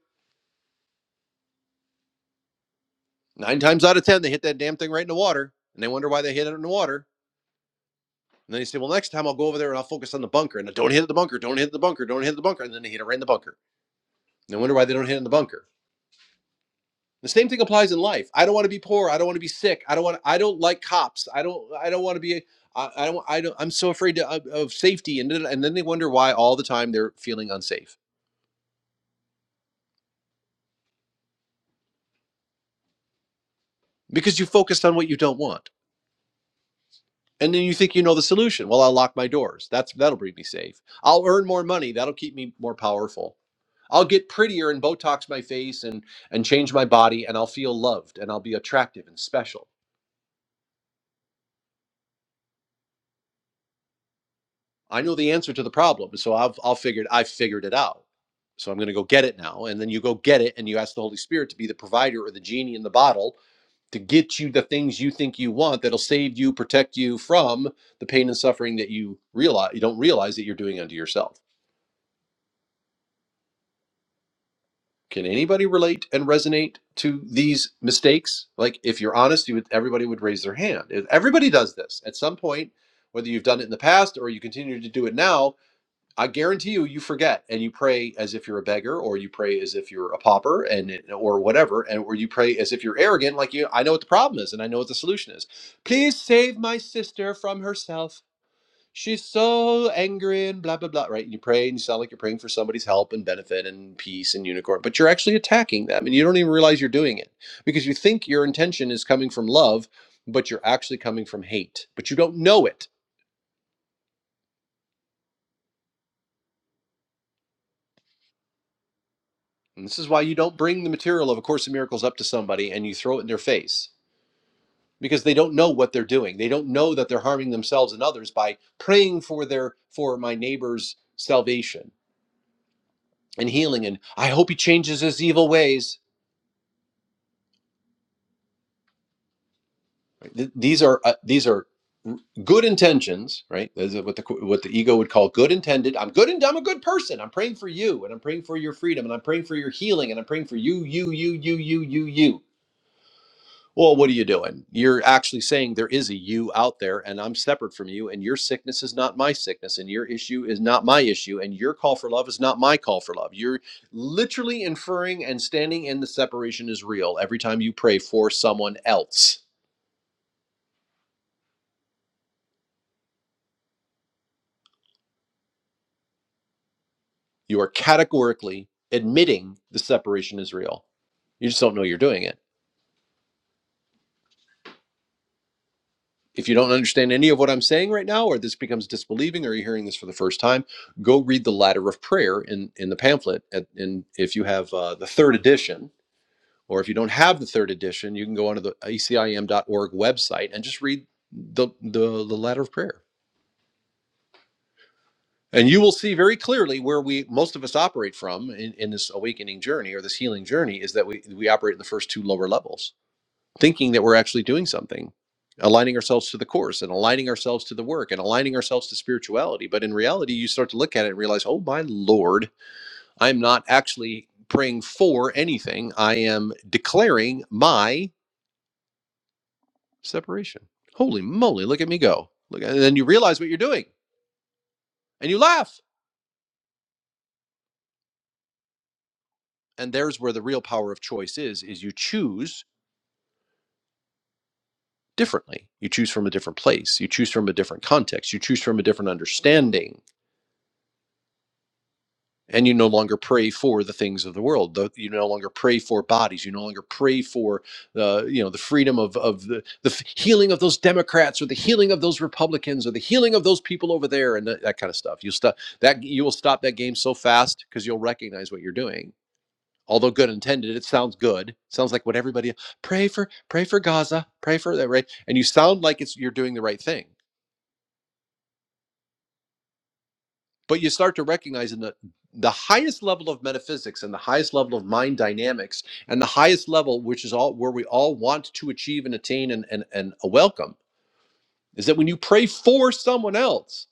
A: Nine times out of ten, they hit that damn thing right in the water, and they wonder why they hit it in the water. And then they say, "Well, next time I'll go over there and I'll focus on the bunker and I, don't hit the bunker! Don't hit the bunker! Don't hit the bunker!" And then they hit it right in the bunker. And they wonder why they don't hit it in the bunker. The same thing applies in life. I don't want to be poor. I don't want to be sick. I don't want. I don't like cops. I don't. I don't want to be. I, I don't. I don't. I'm so afraid to, of, of safety, and and then they wonder why all the time they're feeling unsafe because you focused on what you don't want, and then you think you know the solution. Well, I'll lock my doors. That's that'll bring me safe. I'll earn more money. That'll keep me more powerful. I'll get prettier and Botox my face and and change my body, and I'll feel loved, and I'll be attractive and special I know the answer to the problem, so I've I'll figured I have figured it out. So I'm going to go get it now, and then you go get it, and you ask the Holy Spirit to be the provider or the genie in the bottle to get you the things you think you want that'll save you, protect you from the pain and suffering that you realize you don't realize that you're doing unto yourself. Can anybody relate and resonate to these mistakes? Like if you're honest, you would everybody would raise their hand. Everybody does this at some point, whether you've done it in the past or you continue to do it now I guarantee you, you forget and you pray as if you're a beggar, or you pray as if you're a pauper, and it- or whatever, and or you pray as if you're arrogant, like you. I know what the problem is, and I know what the solution is. Please save my sister from herself. She's so angry and blah blah blah. Right? And you pray, and you sound like you're praying for somebody's help and benefit and peace and unicorn, but you're actually attacking them, and you don't even realize you're doing it because you think your intention is coming from love, but you're actually coming from hate, but you don't know it And this is why you don't bring the material of A Course in Miracles up to somebody and you throw it in their face because they don't know what they're doing. They don't know that they're harming themselves and others by praying for their for my neighbor's salvation and healing. And I hope he changes his evil ways. Right? These are uh, these are good intentions, right? Those are what the what the ego would call good intended. I'm good and I'm a good person. I'm praying for you and I'm praying for your freedom and I'm praying for your healing and I'm praying for you, you, you, you, you, you, you. Well, what are you doing? You're actually saying there is a you out there, and I'm separate from you, and your sickness is not my sickness, and your issue is not my issue, and your call for love is not my call for love. You're literally inferring and standing in the separation is real every time you pray for someone else. You are categorically admitting the separation is real. You just don't know you're doing it. If you don't understand any of what I'm saying right now, or this becomes disbelieving, or you're hearing this for the first time, go read the Ladder of Prayer in in the pamphlet. At, and if you have uh, the third edition, or if you don't have the third edition, you can go onto the acim.org website and just read the the, the Ladder of Prayer, and you will see very clearly where we most of us operate from in, in this awakening journey or this healing journey is that we we operate in the first two lower levels thinking that we're actually doing something, aligning ourselves to the course and aligning ourselves to the work and aligning ourselves to spirituality. But in reality, you start to look at it and realize, oh my Lord, I'm not actually praying for anything. I am declaring my separation. Holy moly, look at me go. Look, and then you realize what you're doing and you laugh. And there's where the real power of choice is, is you choose differently. You choose from a different place. You choose from a different context. You choose from a different understanding and you no longer pray for the things of the world Tho- you no longer pray for bodies you no longer pray for the you know the freedom of of the, the healing of those democrats or the healing of those republicans or the healing of those people over there and that, that kind of stuff you stop that you will stop that game so fast because you'll recognize what you're doing although good intended it sounds good It sounds like what everybody pray for pray for gaza pray for that right and you sound like it's you're doing the right thing but you start to recognize in the the highest level of metaphysics and the highest level of mind dynamics and the highest level which is all where we all want to achieve and attain and and, and a welcome is that when you pray for someone else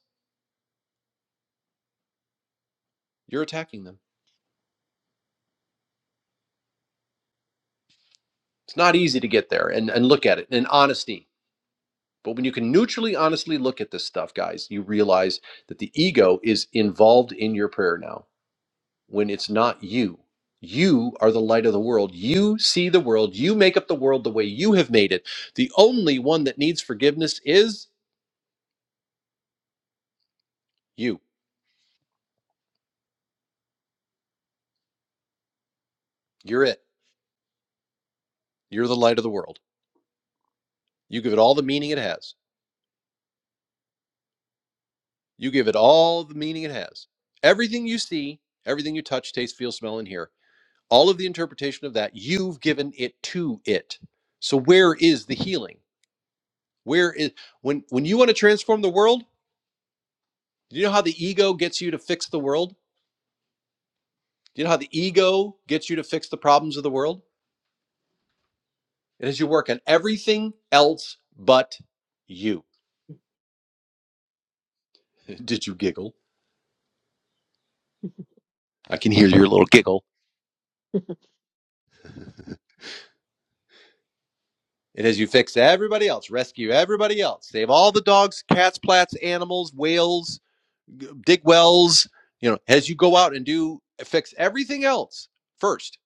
A: you're attacking them it's not easy to get there and and look at it in honesty but when you can neutrally honestly look at this stuff guys you realize that the ego is involved in your prayer now when it's not you. You are the light of the world. You see the world. You make up the world the way you have made it. The only one that needs forgiveness is you. You're it. You're the light of the world. You give it all the meaning it has. You give it all the meaning it has. Everything you see, everything you touch, taste, feel, smell, and hear, all of the interpretation of that, you've given it to it. So where is the healing? Where is when when you want to transform the world? Do you know how the ego gets you to fix the world? Do you know how the ego gets you to fix the problems of the world? It is you work on everything else but you. Did you giggle? I can hear your little giggle. It is you fix everybody else, rescue everybody else, save all the dogs, cats, plats, animals, whales, dig wells. You know, as you go out and do fix everything else first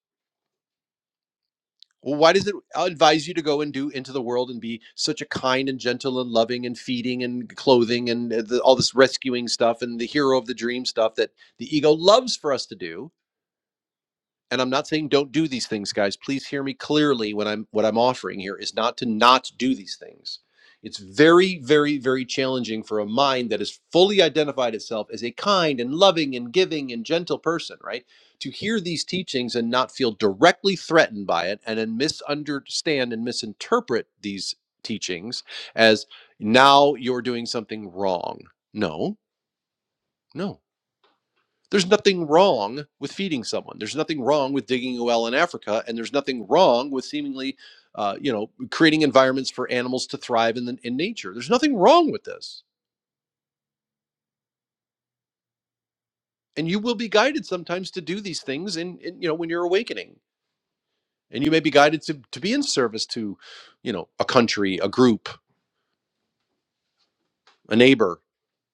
A: Well, why does it advise you to go and do into the world and be such a kind and gentle and loving and feeding and clothing and uh, the, all this rescuing stuff and the hero of the dream stuff that the ego loves for us to do? and I'm not saying don't do these things, guys. Please hear me clearly when I'm what I'm offering here is not to not do these things. It's very, very, very challenging for a mind that has fully identified itself as a kind and loving and giving and gentle person, right? To hear these teachings and not feel directly threatened by it and then misunderstand and misinterpret these teachings as now you're doing something wrong. No, no, there's nothing wrong with feeding someone. There's nothing wrong with digging a well in Africa, and there's nothing wrong with seemingly, uh, you know, creating environments for animals to thrive in the, in nature. There's nothing wrong with this, and you will be guided sometimes to do these things in, in you know when you're awakening, and you may be guided to to be in service to, you know, a country, a group, a neighbor,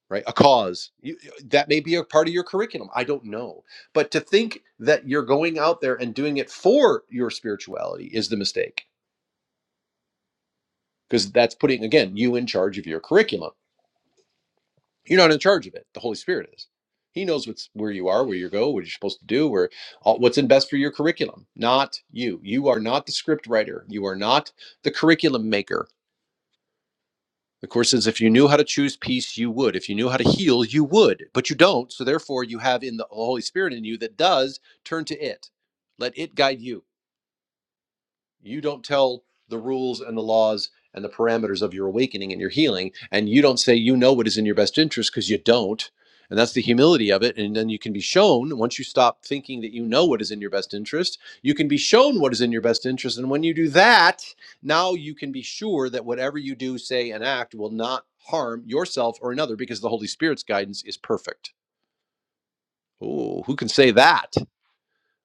A: right, a cause. You, that may be a part of your curriculum. I don't know, but to think that you're going out there and doing it for your spirituality is the mistake because that's putting again you in charge of your curriculum you're not in charge of it the holy spirit is he knows what's where you are where you go what you're supposed to do where all, what's in best for your curriculum not you you are not the script writer you are not the curriculum maker the course says if you knew how to choose peace you would if you knew how to heal you would but you don't so therefore you have in the holy spirit in you that does turn to it let it guide you You don't tell the rules and the laws and the parameters of your awakening and your healing, and you don't say you know what is in your best interest because you don't. And that's the humility of it. And then you can be shown, once you stop thinking that you know what is in your best interest, you can be shown what is in your best interest. And when you do that, now you can be sure that whatever you do, say, and act will not harm yourself or another because the Holy Spirit's guidance is perfect. Oh, who can say that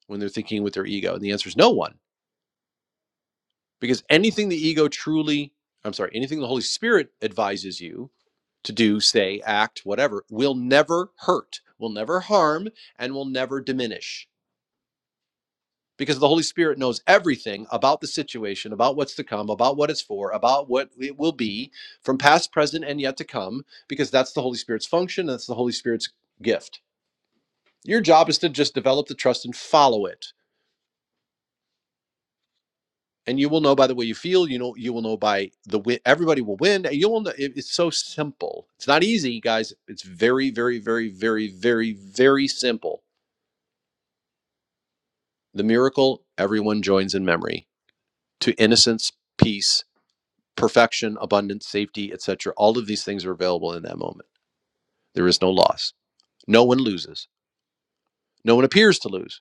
A: when they're thinking with their ego? And the answer is no one Because anything the ego truly, I'm sorry, anything the Holy Spirit advises you to do, say, act, whatever, will never hurt, will never harm, and will never diminish. Because the Holy Spirit knows everything about the situation, about what's to come, about what it's for, about what it will be from past, present, and yet to come, because that's the Holy Spirit's function, that's the Holy Spirit's gift. Your job is to just develop the trust and follow it and you will know by the way you feel you know you will know by the win everybody will win you will know it- it's so simple it's not easy guys it's very very very very very very simple the miracle everyone joins in memory to innocence peace perfection abundance safety etc all of these things are available in that moment there is no loss no one loses no one appears to lose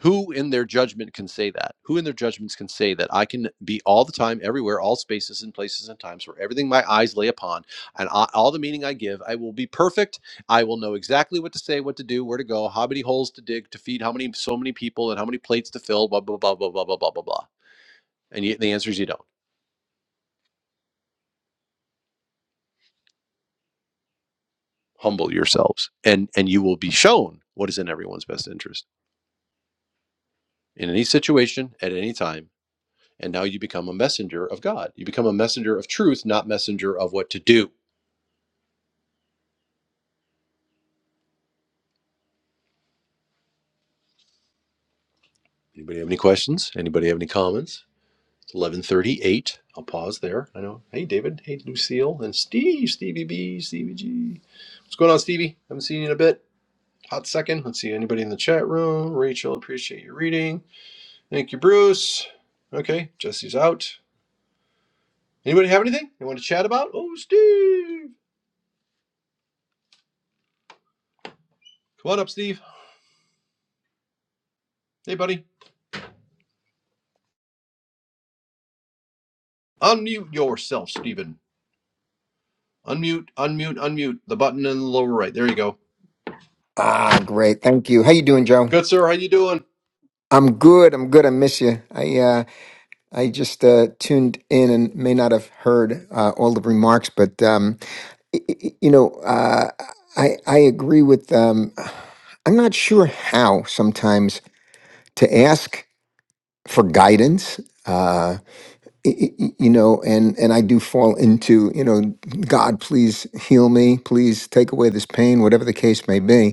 A: Who in their judgment can say that? Who in their judgments can say that I can be all the time, everywhere, all spaces and places and times where everything my eyes lay upon and I, all the meaning I give, I will be perfect. I will know exactly what to say, what to do, where to go, how many holes to dig, to feed how many, so many people and how many plates to fill, blah, blah, blah, blah, blah, blah, blah, blah, blah. And yet the answer is you don't. Humble yourselves and, and you will be shown what is in everyone's best interest in any situation at any time. And now you become a messenger of God. You become a messenger of truth, not messenger of what to do Anybody have any questions? Anybody have any comments? It's 11:38. I'll pause there. I know. Hey, David. Hey, Lucille and Steve. Stevie B. Stevie G. What's going on, Stevie? Haven't seen you in a bit. Hot second. Let's see anybody in the chat room. Rachel, appreciate your reading. Thank you, Bruce. Okay, Jesse's out. Anybody have anything they want to chat about? Oh, Steve. Come on up, Steve. Hey, buddy. Unmute yourself, Steven. Unmute, unmute, unmute. The button in the lower right. There you go.
D: Ah, great. Thank you. How you doing, Joe?
A: Good, sir. How you doing?
D: I'm good. I'm good. I miss you. I uh, I just uh, tuned in and may not have heard uh, all the remarks, but um, y- y- you know, uh, I I agree with. Um, I'm not sure how sometimes to ask for guidance. Uh, y- y- y- you know, and and I do fall into you know, God, please heal me, please take away this pain, whatever the case may be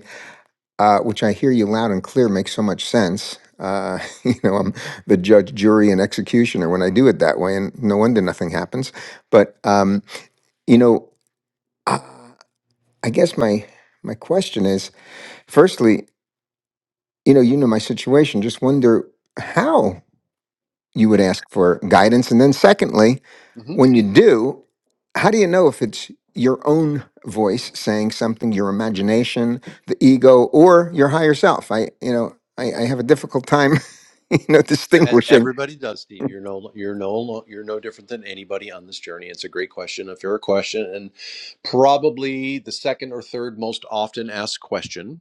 D: uh, which I hear you loud and clear makes so much sense. Uh, you know, I'm the judge, jury, and executioner when I do it that way, and no wonder nothing happens. But um, you know, uh, I guess my my question is, firstly, you know, you know my situation. Just wonder how. you would
A: Okay.
D: ask for guidance. And then, secondly, when you do, how do you know if it's your own voice saying something, your imagination, the ego, or your higher self? I, you know, I, I have a difficult time, you know,
A: as
D: distinguishing.
A: everybody does, Steve. You're no you're no you're no different than anybody on this journey. It's a great question, a fair question, and probably the second or third most often asked question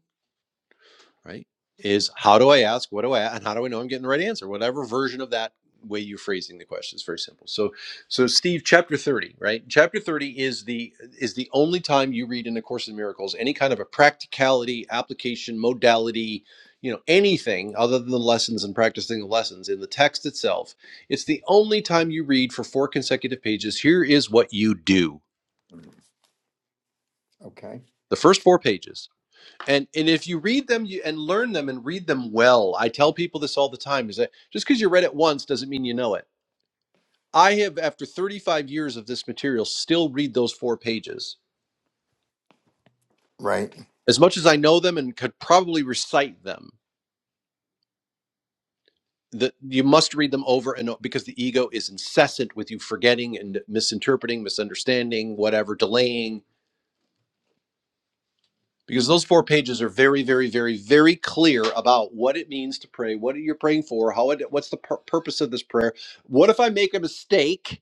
A: right? Is how do I ask? What do I and how do I know I'm getting the right answer? Whatever version of that way you are phrasing the question is very simple. So so Steve, chapter 30, right? Chapter 30 is the is the only time you read in the Course in Miracles any kind of a practicality, application, modality, you know, anything other than the lessons and practicing the lessons in the text itself. It's the only time you read for four consecutive pages. Here is what you do.
D: Okay.
A: The first four pages. and and if you read them you, and learn them and read them well i tell people this all the time is that just because you read it once doesn't mean you know it i have after 35 years of this material still read those four pages
D: Right.
A: as much as i know them and could probably recite them that you must read them over and over because the ego is incessant with you forgetting and misinterpreting misunderstanding whatever delaying because those four pages are very very very very clear about what it means to pray what you're praying for how it what's the pur- purpose of this prayer what if i make a mistake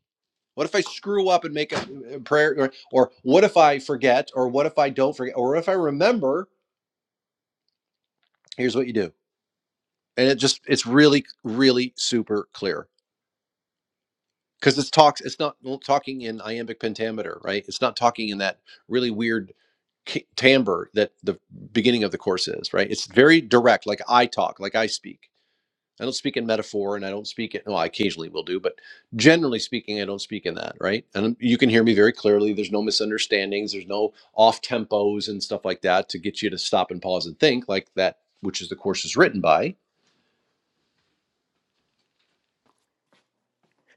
A: what if i screw up and make a, a prayer or, or what if i forget or what if i don't forget or if i remember here's what you do and it just it's really really super clear because it's talks it's not well, talking in iambic pentameter right it's not talking in that really weird ki- timbre that the beginning of the course is right it's very direct like i talk like i speak i don't speak in metaphor and i don't speak it well i occasionally will do but generally speaking i don't speak in that right and you can hear me very clearly there's no misunderstandings there's no off tempos and stuff like that to get you to stop and pause and think like that which is the course is written by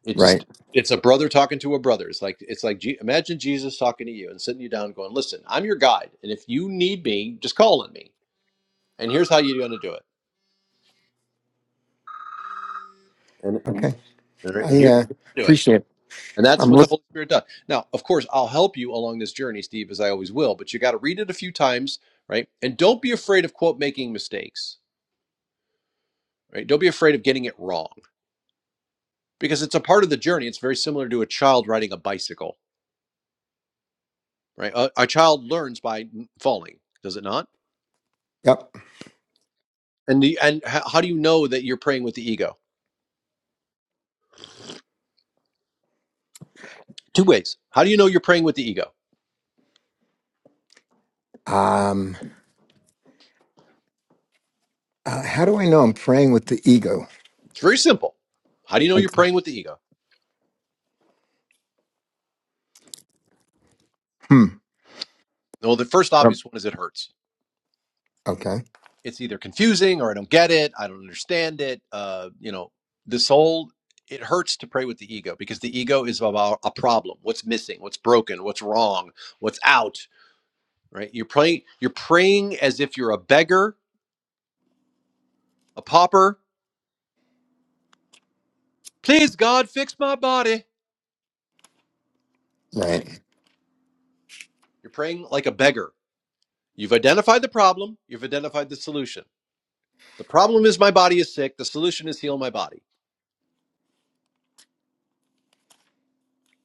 A: It
D: Right.
A: just it's a brother talking to a brother. It's like it's like Je- imagine Jesus talking to you and sitting you down, going, "Listen, I'm your guide, and if you need me, just call on me. And here's how you're going to do it. And
D: Okay.
A: and
D: I
A: here's
D: uh,
A: how you do it.
D: appreciate. It.
A: And that's
D: I'm
A: what the
D: looking.
A: Holy Spirit does. Now, of course, I'll help you along this journey, Steve, as I always will. But you got to read it a few times, right? And don't be afraid of quote making mistakes, right? Don't be afraid of getting it wrong because it's a part of the journey. It's very similar to a child riding a bicycle, right? A, a child learns by falling, does it not?
D: Yep.
A: And the, and how do you know that you're praying with the ego? Two ways. How do you know you're praying with the ego?
D: Um, Uh, how do I know I'm praying with the ego?
A: It's very simple. How do you know you're praying with the ego?
D: Hmm.
A: Well, the first obvious one is it hurts.
D: Okay.
A: It's either confusing or I don't get it. I don't understand it. Uh, you know, this whole it hurts to pray with the ego because the ego is about a problem. What's missing? What's broken? What's wrong? What's out? Right? You're praying. You're praying as if you're a beggar, a pauper. Please, God, fix my body. Right?
D: Right.
A: You're praying like a beggar You've identified the problem, you've identified the solution. The problem is my body is sick, the solution is heal my body.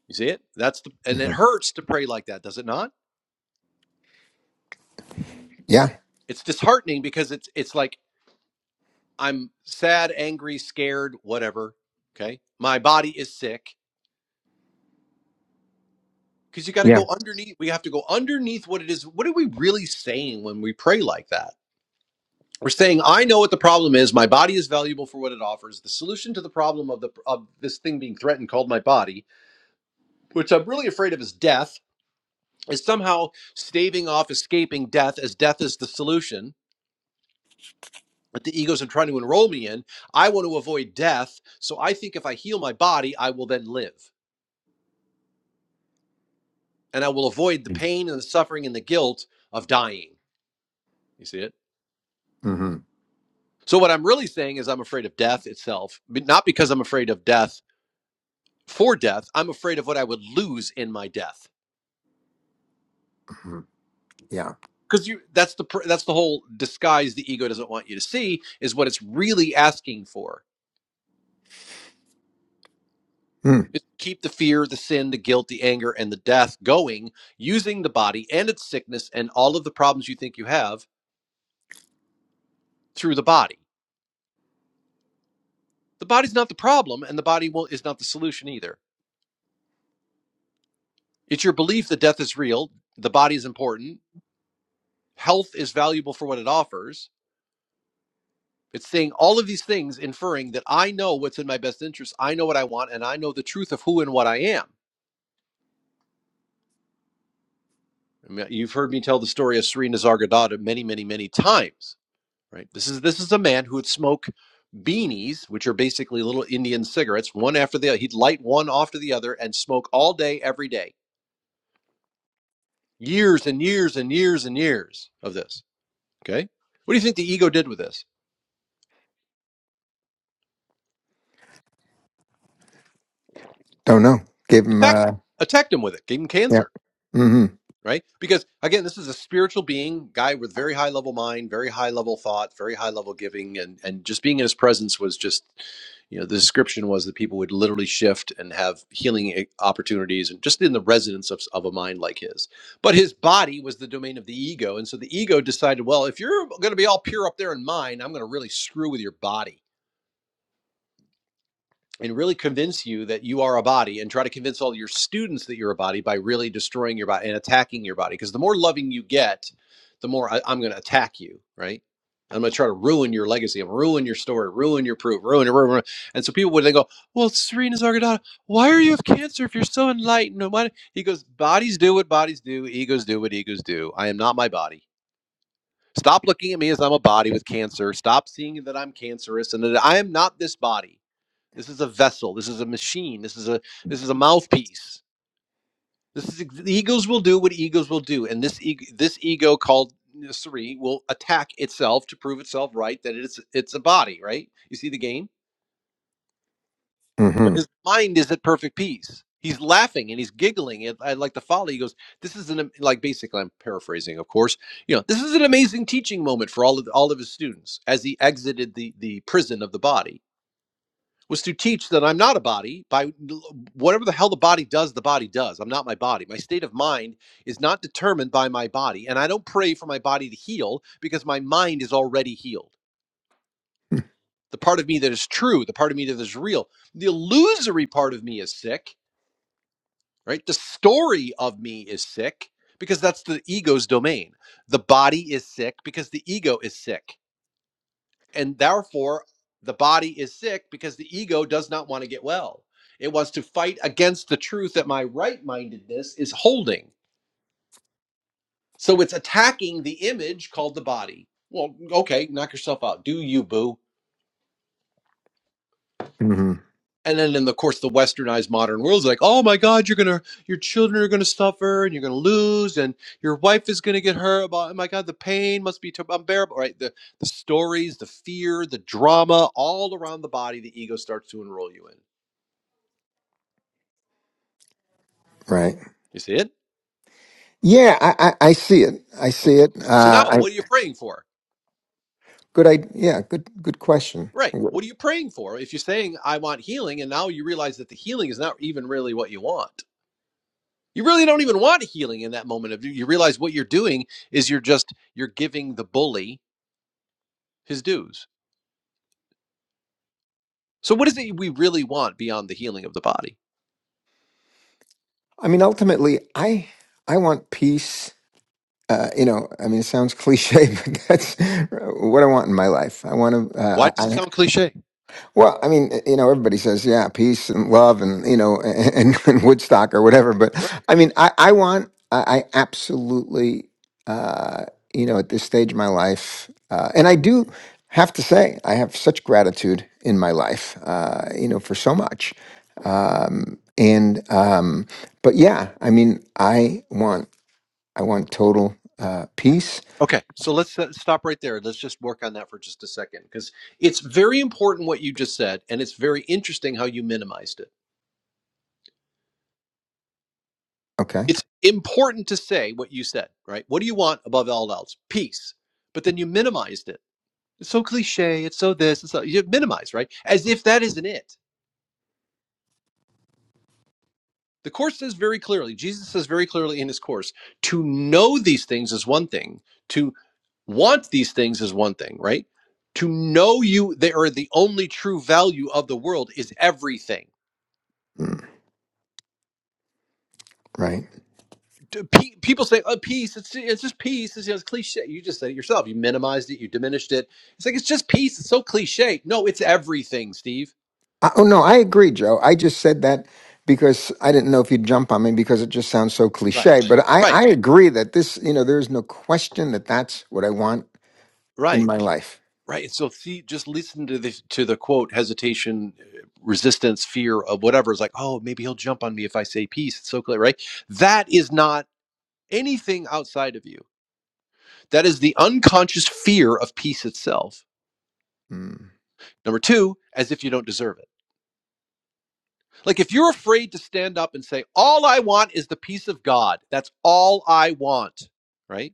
A: You see it? That's the and
D: hmm
A: it hurts to pray like that, does it not?
D: Yeah.
A: It's disheartening because it's it's like I'm sad, angry, scared, whatever, okay? My body is sick because you got to
D: Yeah.
A: go underneath we have to go underneath what it is. What are we really saying when we pray like that? We're saying I know what the problem is, my body is valuable for what it offers. The solution to the problem of the of this thing being threatened called my body, which I'm really afraid of is death is somehow staving off escaping death as death is the solution that the egos are trying to enroll me in. I want to avoid death. So I think if I heal my body, I will then live and I will avoid the pain and the suffering and the guilt of dying. You see it?
D: Mm-hmm.
A: So what I'm really saying is I'm afraid of death itself, but not because I'm afraid of death for death. I'm afraid of what I would lose in my death.
D: hmm Yeah.
A: Because you, that's the that's the whole disguise the ego doesn't want you to see is what it's really asking for
D: Hmm.
A: is to keep the fear, the sin, the guilt, the anger, and the death going using the body and its sickness and all of the problems you think you have through the body. The body's not the problem, and the body will, is not the solution either. It's your belief that death is real, the body is important, health is valuable for what it offers. It's saying all of these things, inferring that I know what's in my best interest, I know what I want, and I know the truth of who and what I am. I mean, You've heard me tell the story of Serena Zargadada many, many, many times, right? This is this is a man who would smoke beanies, which are basically little Indian cigarettes, one after the other. He'd light one after the other and smoke all day, every day. Years and years and years and years of this. Okay. What do you think the ego did with this?
D: Don't know. Give him.
A: Attacked,
D: Uh,
A: attacked him with it, gave him
D: yeah.
A: cancer.
D: Mm-hmm.
A: right? Because again, this is a spiritual being, guy with very high level mind, very high level thought, very high level giving, and and just being in his presence was just, you know, the description was that people would literally shift and have healing i- opportunities, and just in the resonance of s- of a mind like his. But his body was the domain of the ego, and so the ego decided, well, if you're going to be all pure up there in mind, I'm going to really screw with your body and really convince you that you are a body and try to convince all your students that you're a body by really destroying your body and attacking your body because the more loving you get the more I, i'm going to attack you right i'm going to try to ruin your legacy and ruin your story ruin your proof ruin your ruin, ruin. and so people would then go well serena zargadada why are you of cancer if you're so enlightened and why-" he goes bodies do what bodies do egos do what egos do i am not my body Stop looking at me as I'm a body with cancer. Stop seeing that I'm cancerous and that I am not this body this is a vessel. This is a machine. This is a this is a mouthpiece. This is the egos will do what egos will do, and this ego, this ego called Sari will attack itself to prove itself right that it's it's a body, right? You see the game, but
D: Mm-hmm.
A: his mind is at perfect peace. He's laughing and he's giggling at, at like the folly. He goes, "This is an am- like basically I'm paraphrasing, of course. You know, this is an amazing teaching moment for all of all of his students as he exited the the prison of the body." was to teach that I'm not a body by whatever the hell the body does, the body does. I'm not my body. My state of mind is not determined by my body. And I don't pray for my body to heal because my mind is already healed. The part of me that is true, the part of me that is real, the illusory part of me is sick, right? The story of me is sick because that's the ego's domain. The body is sick because the ego is sick. and therefore the body is sick because the ego does not want to get well. It wants to fight against the truth that my right mindedness is holding. So it's attacking the image called the body. Well, okay, knock yourself out. Do you, boo?
D: Mm-hmm.
A: And then, in the course, the westernized modern world is like, oh my God, you're gonna, your children are gonna suffer, and you're gonna lose, and your wife is gonna get hurt. About, oh my God, the pain must be t- unbearable. Right? The the stories, the fear, the drama, all around the body, the ego starts to enroll you in.
D: Right.
A: You see it?
D: Yeah. I, I, I see it. I see
A: Okay.
D: it.
A: So
D: Uh,
A: now
D: I
A: what are you praying for?
D: good. I yeah. Good. Good question.
A: Right. What are you praying for? If you're saying, I want healing, and now you realize that the healing is not even really what you want. You really don't even want healing in that moment of you realize what you're doing is you're just you're giving the bully his dues. So what is it we really want beyond the healing of the body?
D: I mean, ultimately, I I want peace. Uh, you know, I mean, it sounds cliche, but that's what I want in my life. I want to. Uh,
A: Why does
D: I,
A: it sound cliche?
D: Well, I mean, you know, everybody says, yeah, peace and love and, you know, and, and Woodstock or whatever. But
A: Right.
D: I mean, I, I want, I, I absolutely, uh, you know, at this stage of my life, uh, and I do have to say, I have such gratitude in my life, uh, you know, for so much. Um, and, um, but yeah, I mean, I want, I want total, uh, peace.
A: Okay. So let's uh, stop right there. Let's just work on that for just a second because it's very important what you just said, and it's very interesting how you minimized it.
D: Okay.
A: it's important to say what you said, right? What do you want above all else? Peace. But then you minimized it. It's so cliche. It's so this. It's so you minimize, right? As if that isn't it. The course says very clearly. Jesus says very clearly in his course, to know these things is one thing. To want these things is one thing, right? To know you they are the only true value of the world is everything.
D: Mm, right.
A: d- people say oh, peace it's, it's just peace it's, you know, it's cliche you just said it yourself you minimized it you diminished it it's like it's just peace it's so cliche no it's everything steve
D: I, oh no, I agree, Joe. I just said that because I didn't know if you'd jump on me because it just sounds so
A: right
D: cliche. But I,
A: right
D: I agree that this, you know, there is no question that that's what I want in
A: right
D: my life.
A: right and so see just listen to the to the quote hesitation uh, resistance fear of whatever it's like oh maybe he'll jump on me if i say peace it's so clear right that is not anything outside of you that is the unconscious fear of peace itself
D: Hmm.
A: number two as if you don't deserve it Like if you're afraid to stand up and say, all I want is the peace of God, that's all I want, right?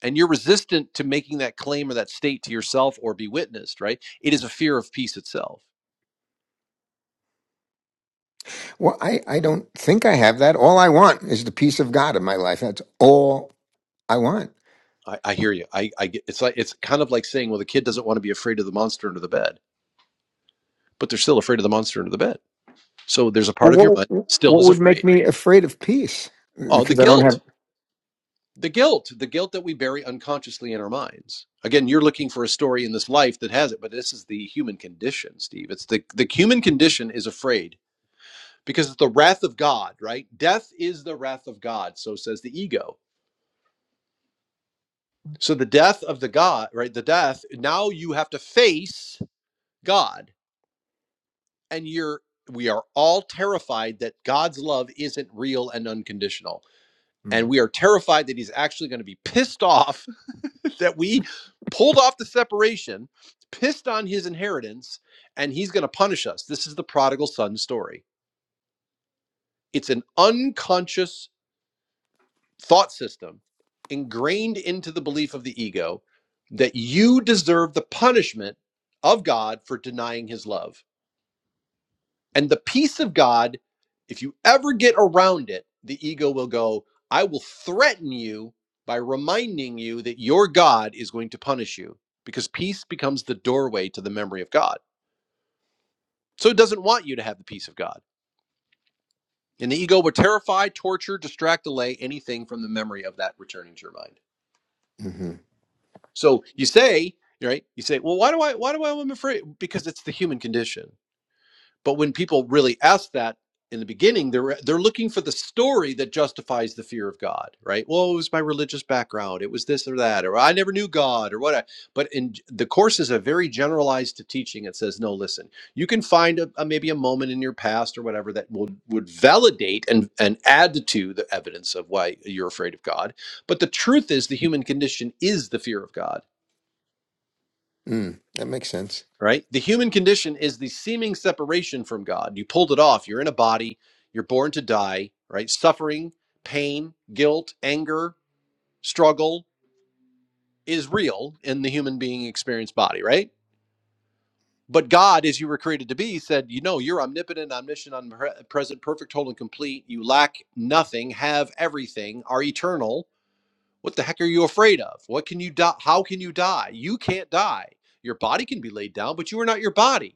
A: And you're resistant to making that claim or that state to yourself or be witnessed, right? It is a fear of peace itself.
D: Well, I, I don't think I have that. All I want is the peace of God in my life. That's all I want.
A: I, I hear you. I, I get, it's like it's kind of like saying, well, the kid doesn't want to be afraid of the monster under the bed, but they're still afraid of the monster under the bed. So there's a
D: Well,
A: part of your
D: what,
A: mind still
D: what
A: is
D: would make
A: afraid.
D: me afraid of peace?
A: Oh, the
D: Because I don't
A: guilt.
D: have.
A: the guilt the guilt that we bury unconsciously in our minds again you're looking for a story in this life that has it but this is the human condition steve it's the the human condition is afraid because it's the wrath of god right death is the wrath of god so says the ego so the death of the god right the death now you have to face god and you're we are all terrified that god's love isn't real and unconditional
D: hmm,
A: and we are terrified that he's actually going to be pissed off that we pulled off the separation, pissed on his inheritance, and he's going to punish us. This is the prodigal son story. It's an unconscious thought system ingrained into the belief of the ego that you deserve the punishment of God for denying his love And the peace of God, if you ever get around it, the ego will go, I will threaten you by reminding you that your God is going to punish you because peace becomes the doorway to the memory of God. So it doesn't want you to have the peace of God. And the ego would terrify, torture, distract, delay anything from the memory of that returning to your mind.
D: Mm-hmm.
A: So you say, right? You say, well, why do I, why do I, I'm afraid? Because it's the human condition But when people really ask that in the beginning, they're they're looking for the story that justifies the fear of God, right? Well, it was my religious background, it was this or that, or I never knew God, or what. I, but in the course is a very generalized teaching. It says, no, listen, you can find a, a- maybe a moment in your past or whatever that would would validate and and add to the evidence of why you're afraid of God. But the truth is, the human condition is the fear of God
D: Mm, that makes sense.
A: right? The human condition is the seeming separation from God. You pulled it off. You're in a body, you're born to die, right? Suffering, pain, guilt, anger, struggle is real in the human being experience body, right? But God, as you were created to be, said, You know, you're omnipotent, omniscient, omnipresent, perfect, whole, and complete. You lack nothing, have everything, are eternal. What the heck are you afraid of? What can you die? How can you die? You can't die. Your body can be laid down, but you are not your body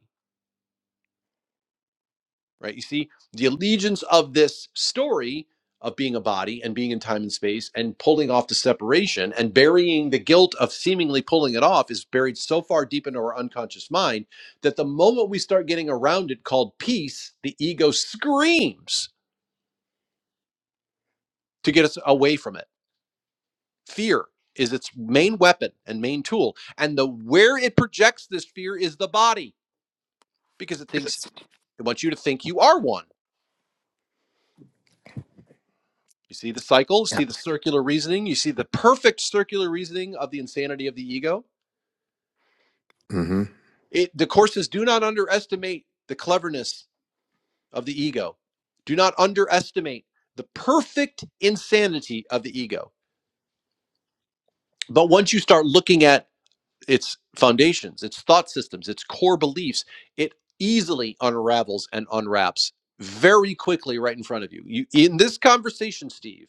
A: right? You see the allegiance of this story of being a body and being in time and space and pulling off the separation and burying the guilt of seemingly pulling it off is buried so far deep into our unconscious mind that the moment we start getting around it called peace, the ego screams to get us away from it. Fear is its main weapon and main tool. And the where it projects this fear is the body because it thinks it wants you to think you are one You see the cycle, You
D: Yeah.
A: see the circular reasoning, you see the perfect circular reasoning of the insanity of the ego.
D: hmm
A: It, the courses do not underestimate the cleverness of the ego. Do not underestimate the perfect insanity of the ego. But once you start looking at its foundations, its thought systems, its core beliefs, it easily unravels and unwraps very quickly right in front of you. You in this conversation, Steve,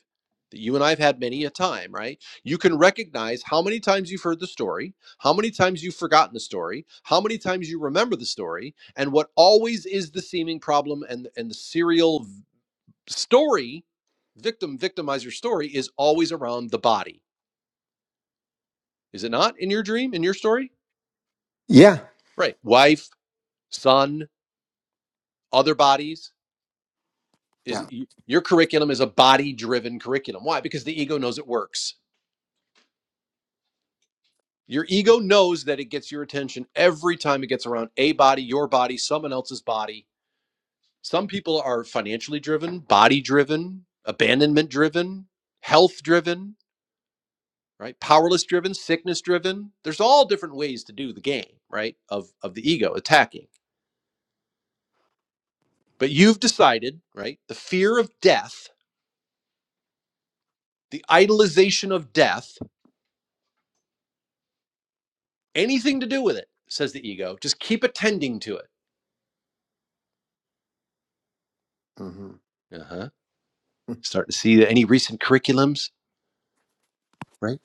A: that you and I've had many a time, right? You can recognize how many times you've heard the story, how many times you've forgotten the story, how many times you remember the story, and what always is the seeming problem and and the serial v- story, victim victimizer story is always around the body. Is it not in your dream, in your story?
D: Yeah.
A: Right. Wife sun, other bodies is
D: Yeah.
A: your curriculum is a body driven curriculum. Why? Because the ego knows it works. Your ego knows that it gets your attention every time it gets around a body, your body, someone else's body. Some people are financially driven, body driven, abandonment driven, health driven, right? Powerless driven, sickness driven. There's all different ways to do the game, right? Of of the ego attacking. But you've decided, right? The fear of death, the idolization of death anything to do with it, says the ego. Just keep attending to it.
D: hmm
A: Uh huh. Starting to see any recent curriculums, right?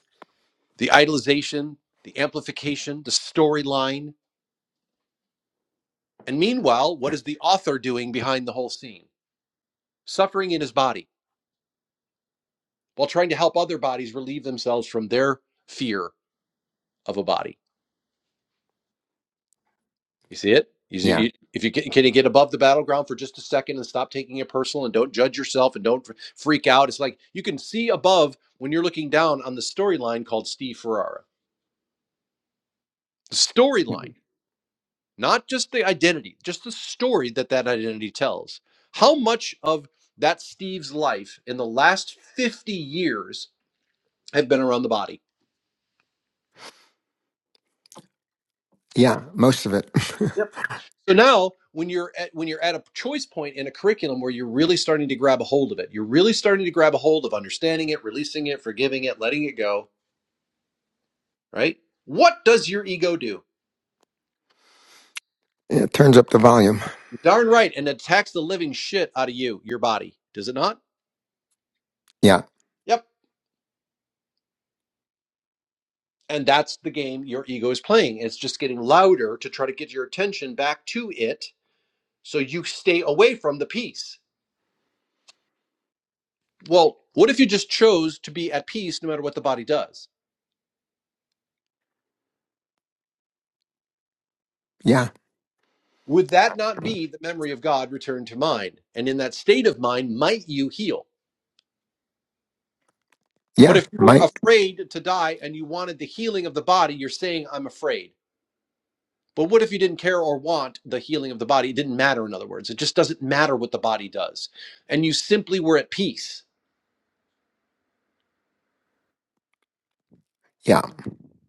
A: The idolization, the amplification, the storyline. And meanwhile, what
D: Yeah.
A: is the author doing behind the whole scene? Suffering in his body while trying to help other bodies relieve themselves from their fear of a body. You see it? You see,
D: Yeah.
A: you, if you can, can you get above the battleground for just a second and stop taking it personal and don't judge yourself and don't freak out. It's like you can see above when you're looking down on the storyline called Steve Ferrara. The storyline, not just the identity, just the story that that identity tells. How much of that Steve's life in the last 50 years have been around the body?
D: Yeah. Most of it.
A: So now, when you're at, when you're at a choice point in a curriculum where you're really starting to grab a hold of it, you're really starting to grab a hold of understanding it, releasing it, forgiving it, letting it go. Right? What does your ego do?
D: Yeah, It turns up the volume.
A: You're darn right, and attacks the living shit out of you, your body. Does it not?
D: Yeah,
A: Yep. And that's the game your ego is playing. It's just getting louder to try to get your attention back to it, so you stay away from the peace. Well, what if you just chose to be at peace no matter what the body does?
D: yeah,
A: Would that not be the memory of God returned to mind? And in that state of mind, might you heal? But
D: yeah.
A: if you were
D: Might.
A: afraid to die and you wanted the healing of the body, you're saying, I'm afraid. But what if you didn't care or want the healing of the body? It didn't matter, in other words. It just doesn't matter what the body does. And you simply were at peace.
D: Yeah,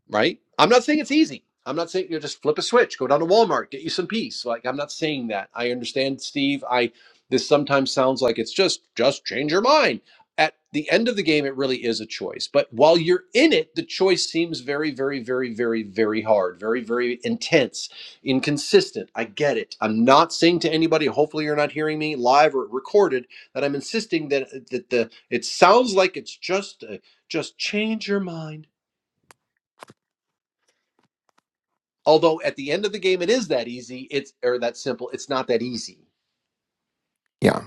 A: right? I'm not saying it's easy. I'm not saying you know just flip a switch, go down to Walmart, get you some peace. Like I'm not saying that. I understand, Steve. I this sometimes sounds like it's just just change your mind. At the end of the game, it really is a choice. But while you're in it, the choice seems very, very, very, very, very hard, very, very intense, inconsistent. I get it. I'm not saying to anybody. Hopefully, you're not hearing me live or recorded. That I'm insisting that that the it sounds like it's just a, just change your mind Although at the end of the game, it is that easy. It's or that simple. It's not that easy.
D: yeah,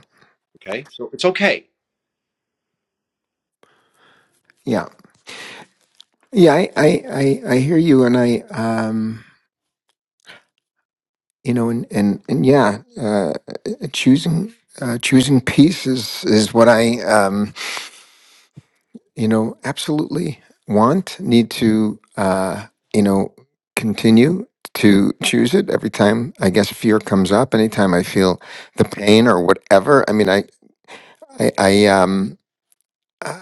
A: Okay, so it's okay.
D: yeah, yeah. I, I, I, I hear you, and I, um, you know, and and and yeah, uh, choosing, uh, choosing peace is is what I, um, you know, absolutely want. Need to, uh, you know, continue to choose it every time. I guess fear comes up. Anytime I feel the pain or whatever. I mean, I, I, I um. uh,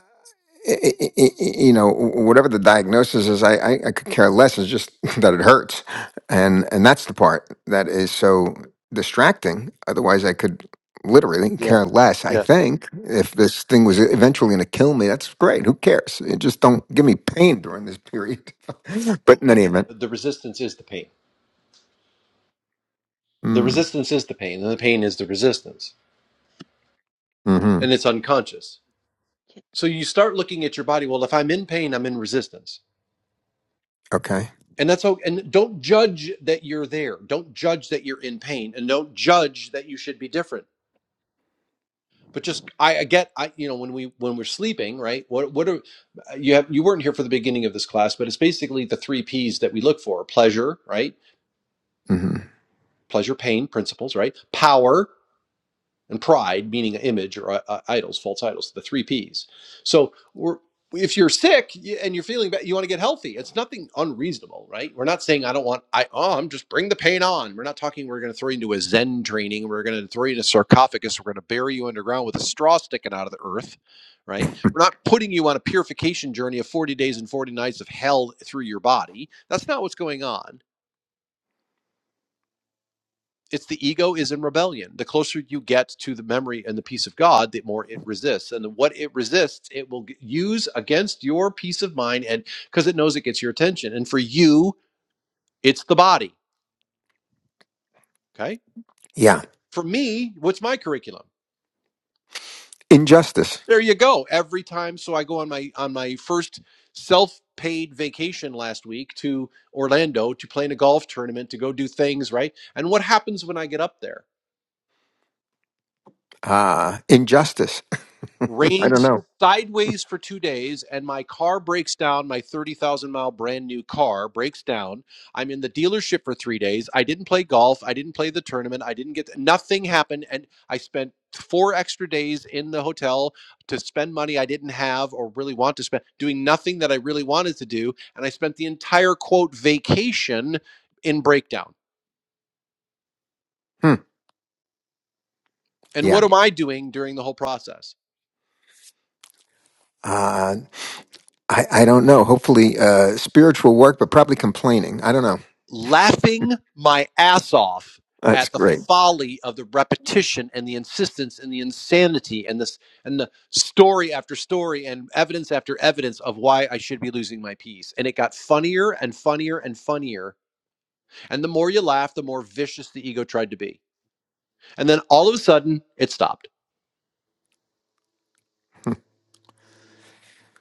D: i- i- i- i- you know whatever the diagnosis is I, I i could care less it's just that it hurts and and that's the part that is so distracting otherwise i could literally
A: Yeah,
D: care less i
A: yeah.
D: think if this thing was eventually going to kill me that's great who cares it just don't give me pain during this period but in any event
A: The resistance is the pain. The
D: mm,
A: resistance is the pain, and the pain is the resistance,
D: hmm
A: and it's unconscious. So you start looking at your body. Well, if I'm in pain, I'm in resistance,
D: okay
A: and that's okay. And don't judge that you're there. Don't judge that you're in pain, and don't judge that you should be different. but just I, I get I you know when we when we're sleeping right what what are uh, you have you weren't here for the beginning of this class but it's basically the three P's that we look for pleasure right
D: hmm
A: pleasure pain principles right power and pride, meaning an image or uh, uh, idols, false idols, the three P's. So we're, if you're sick and you're feeling bad, you want to get healthy. It's nothing unreasonable, right? We're not saying I don't want I um just bring the pain on. We're not talking we're going to throw you into a Zen training. We're going to throw you in a sarcophagus. We're going to bury you underground with a straw sticking out of the earth, right? We're not putting you on a purification journey of 40 days and 40 nights of hell through your body. That's not what's going on it's the ego is in rebellion. The closer you get to the memory and the peace of God, the more it resists. And what it resists, it will use against your peace of mind and because it knows it gets your attention. And for you, it's the body. Okay.
D: yeah
A: For me, what's my curriculum?
D: injustice
A: There you go. Every time so I go on my on my first self-paid vacation last week to Orlando to play in a golf tournament to go do things, right? And what happens when I get up there?
D: ah injustice i don't
A: rains
D: know
A: sideways for two days and my car breaks down my 30,000 mile brand new car breaks down I'm in the dealership for 3 days I didn't play golf I didn't play the tournament I didn't get nothing happened and I spent four extra days in the hotel to spend money I didn't have or really want to spend doing nothing that I really wanted to do and I spent the entire quote vacation in breakdown
D: Hmm.
A: and what
D: Yeah.
A: am I doing during the whole process
D: Uh, I, I don't know. Hopefully, uh, spiritual work, but probably complaining. I don't know.
A: laughing my ass off
D: That's
A: at the
D: great.
A: folly of the repetition and the insistence and the insanity and this and the story after story and evidence after evidence of why I should be losing my peace. And it got funnier and funnier and funnier. And the more you laugh, the more vicious the ego tried to be. And then all of a sudden, it stopped.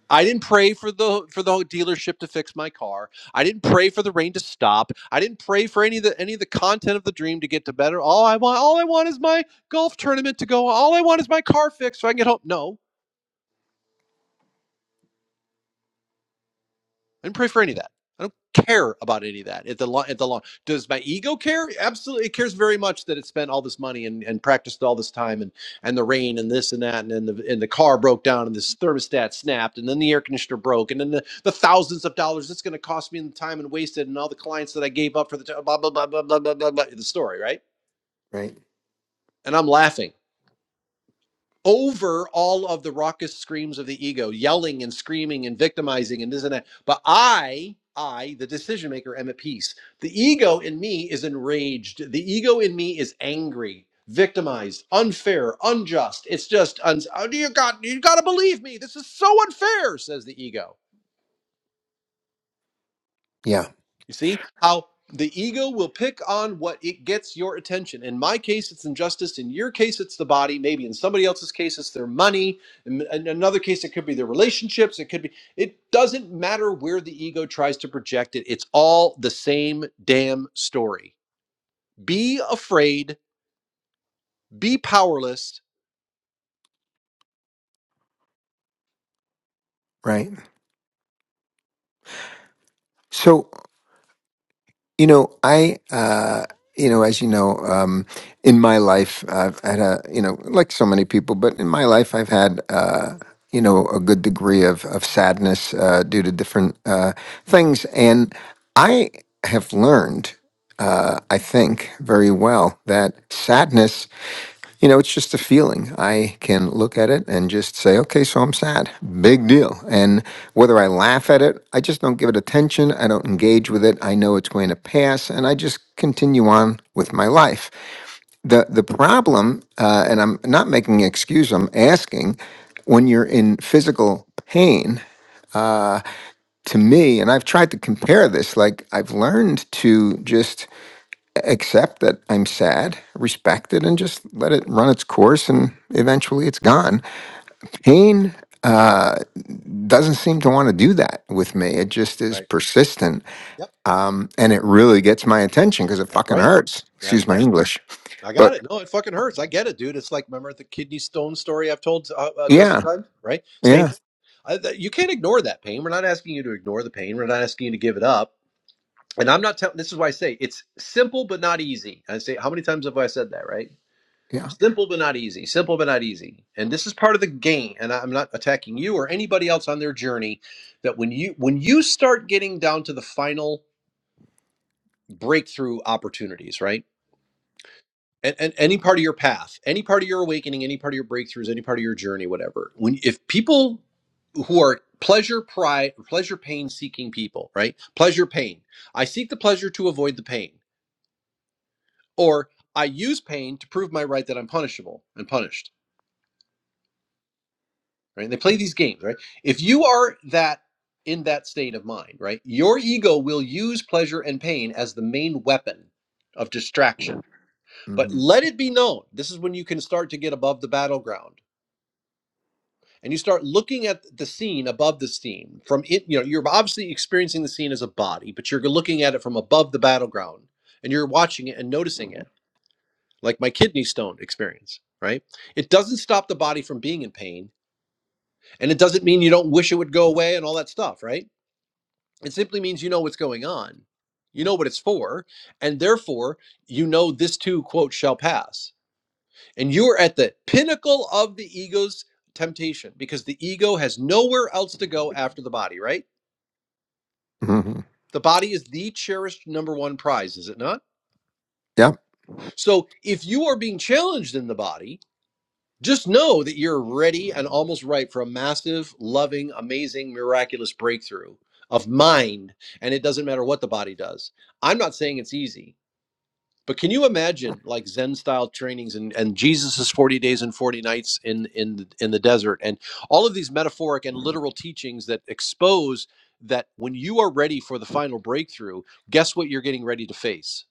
A: I didn't pray for the for the dealership to fix my car. I didn't pray for the rain to stop. I didn't pray for any of the any of the content of the dream to get to better. All I want all I want is my golf tournament to go. All I want is my car fixed so I can get home. No. I didn't pray for any of that. I don't care about any of that at the lo- at the long. Does my ego care? Absolutely, it cares very much that it spent all this money and, and practiced all this time and and the rain and this and that and then the and the car broke down and this thermostat snapped and then the air conditioner broke and then the, the thousands of dollars that's going to cost me in time and wasted and all the clients that I gave up for the t- blah blah blah blah blah blah blah blah the story right.
D: Right.
A: And I'm laughing over all of the raucous screams of the ego, yelling and screaming and victimizing and this and that. But I, I, the decision maker, am at peace. The ego in me is enraged. The ego in me is angry, victimized, unfair, unjust. It's just, un- oh, you got, you got to believe me. This is so unfair, says the ego
D: Yeah.
A: You see how the ego will pick on what it gets your attention. In my case, it's injustice. In your case, it's the body. Maybe in somebody else's case, it's their money. In, in another case, it could be their relationships. It could be, it doesn't matter where the ego tries to project it. It's all the same damn story. Be afraid, be powerless.
D: Right. So You know, I, uh, you know, as you know, um, in my life, I've had a, you know, like so many people, but in my life, I've had, uh, you know, a good degree of of sadness uh, due to different uh, things, and I have learned, uh, I think, very well that sadness you know, it's just a feeling. I can look at it and just say, okay, so I'm sad. Big deal. And whether I laugh at it, I just don't give it attention. I don't engage with it. I know it's going to pass and I just continue on with my life. The, the problem, uh, and I'm not making an excuse, I'm asking when you're in physical pain, to me, and I've tried to compare this, like I've learned to just accept that I'm sad, respect it, and just let it run its course, and eventually it's gone. Pain uh, doesn't seem to want to do that with me. It just is
A: Right.
D: persistent,
A: Yep.
D: um, and it really gets my attention because it
A: That's
D: fucking
A: right.
D: hurts. Excuse
A: That's right.
D: my English,
A: I
D: but
A: got it. No, it fucking hurts. I get it, dude. It's like remember the kidney stone story I've told uh, a dozen
D: yeah,
A: times, right? Same
D: yeah,
A: thing. I, that, you can't ignore that pain. We're not asking you to ignore the pain. We're not asking you to give it up. And I'm not telling. This is why I say it's simple but not easy. I say how many times have I said that, right?
D: yeah,
A: Simple but not easy. Simple but not easy. And this is part of the game. And I'm not attacking you or anybody else on their journey. That when you when you start getting down to the final breakthrough opportunities, right? and, and any part of your path any part of your awakening any part of your breakthroughs any part of your journey whatever when if people who are pleasure pride pleasure pain seeking people right pleasure pain i seek the pleasure to avoid the pain or i use pain to prove my right that i'm punishable and punished right and they play these games right if you are that in that state of mind right your ego will use pleasure and pain as the main weapon of distraction but
D: hmm
A: let it be known this is when you can start to get above the battleground and you start looking at the scene above the scene from it you know you're obviously experiencing the scene as a body but you're looking at it from above the battleground and you're watching it and noticing it like my kidney stone experience right it doesn't stop the body from being in pain and it doesn't mean you don't wish it would go away and all that stuff right it simply means you know what's going on you know what it's for and therefore you know this too quote shall pass and you are at the pinnacle of the ego's temptation because the ego has nowhere else to go after the body, right?
D: hmm
A: The body is the cherished number one prize, is it not?
D: yep,
A: So if you are being challenged in the body, just know that you're ready and almost ripe for a massive, loving, amazing, miraculous breakthrough of mind. And it doesn't matter what the body does. I'm not saying it's easy. But can you imagine like Zen style trainings and, and Jesus's 40 days and 40 nights in, in, in the desert and all of these metaphoric and literal teachings that expose that when you are ready for the final breakthrough, guess what you're getting ready to face?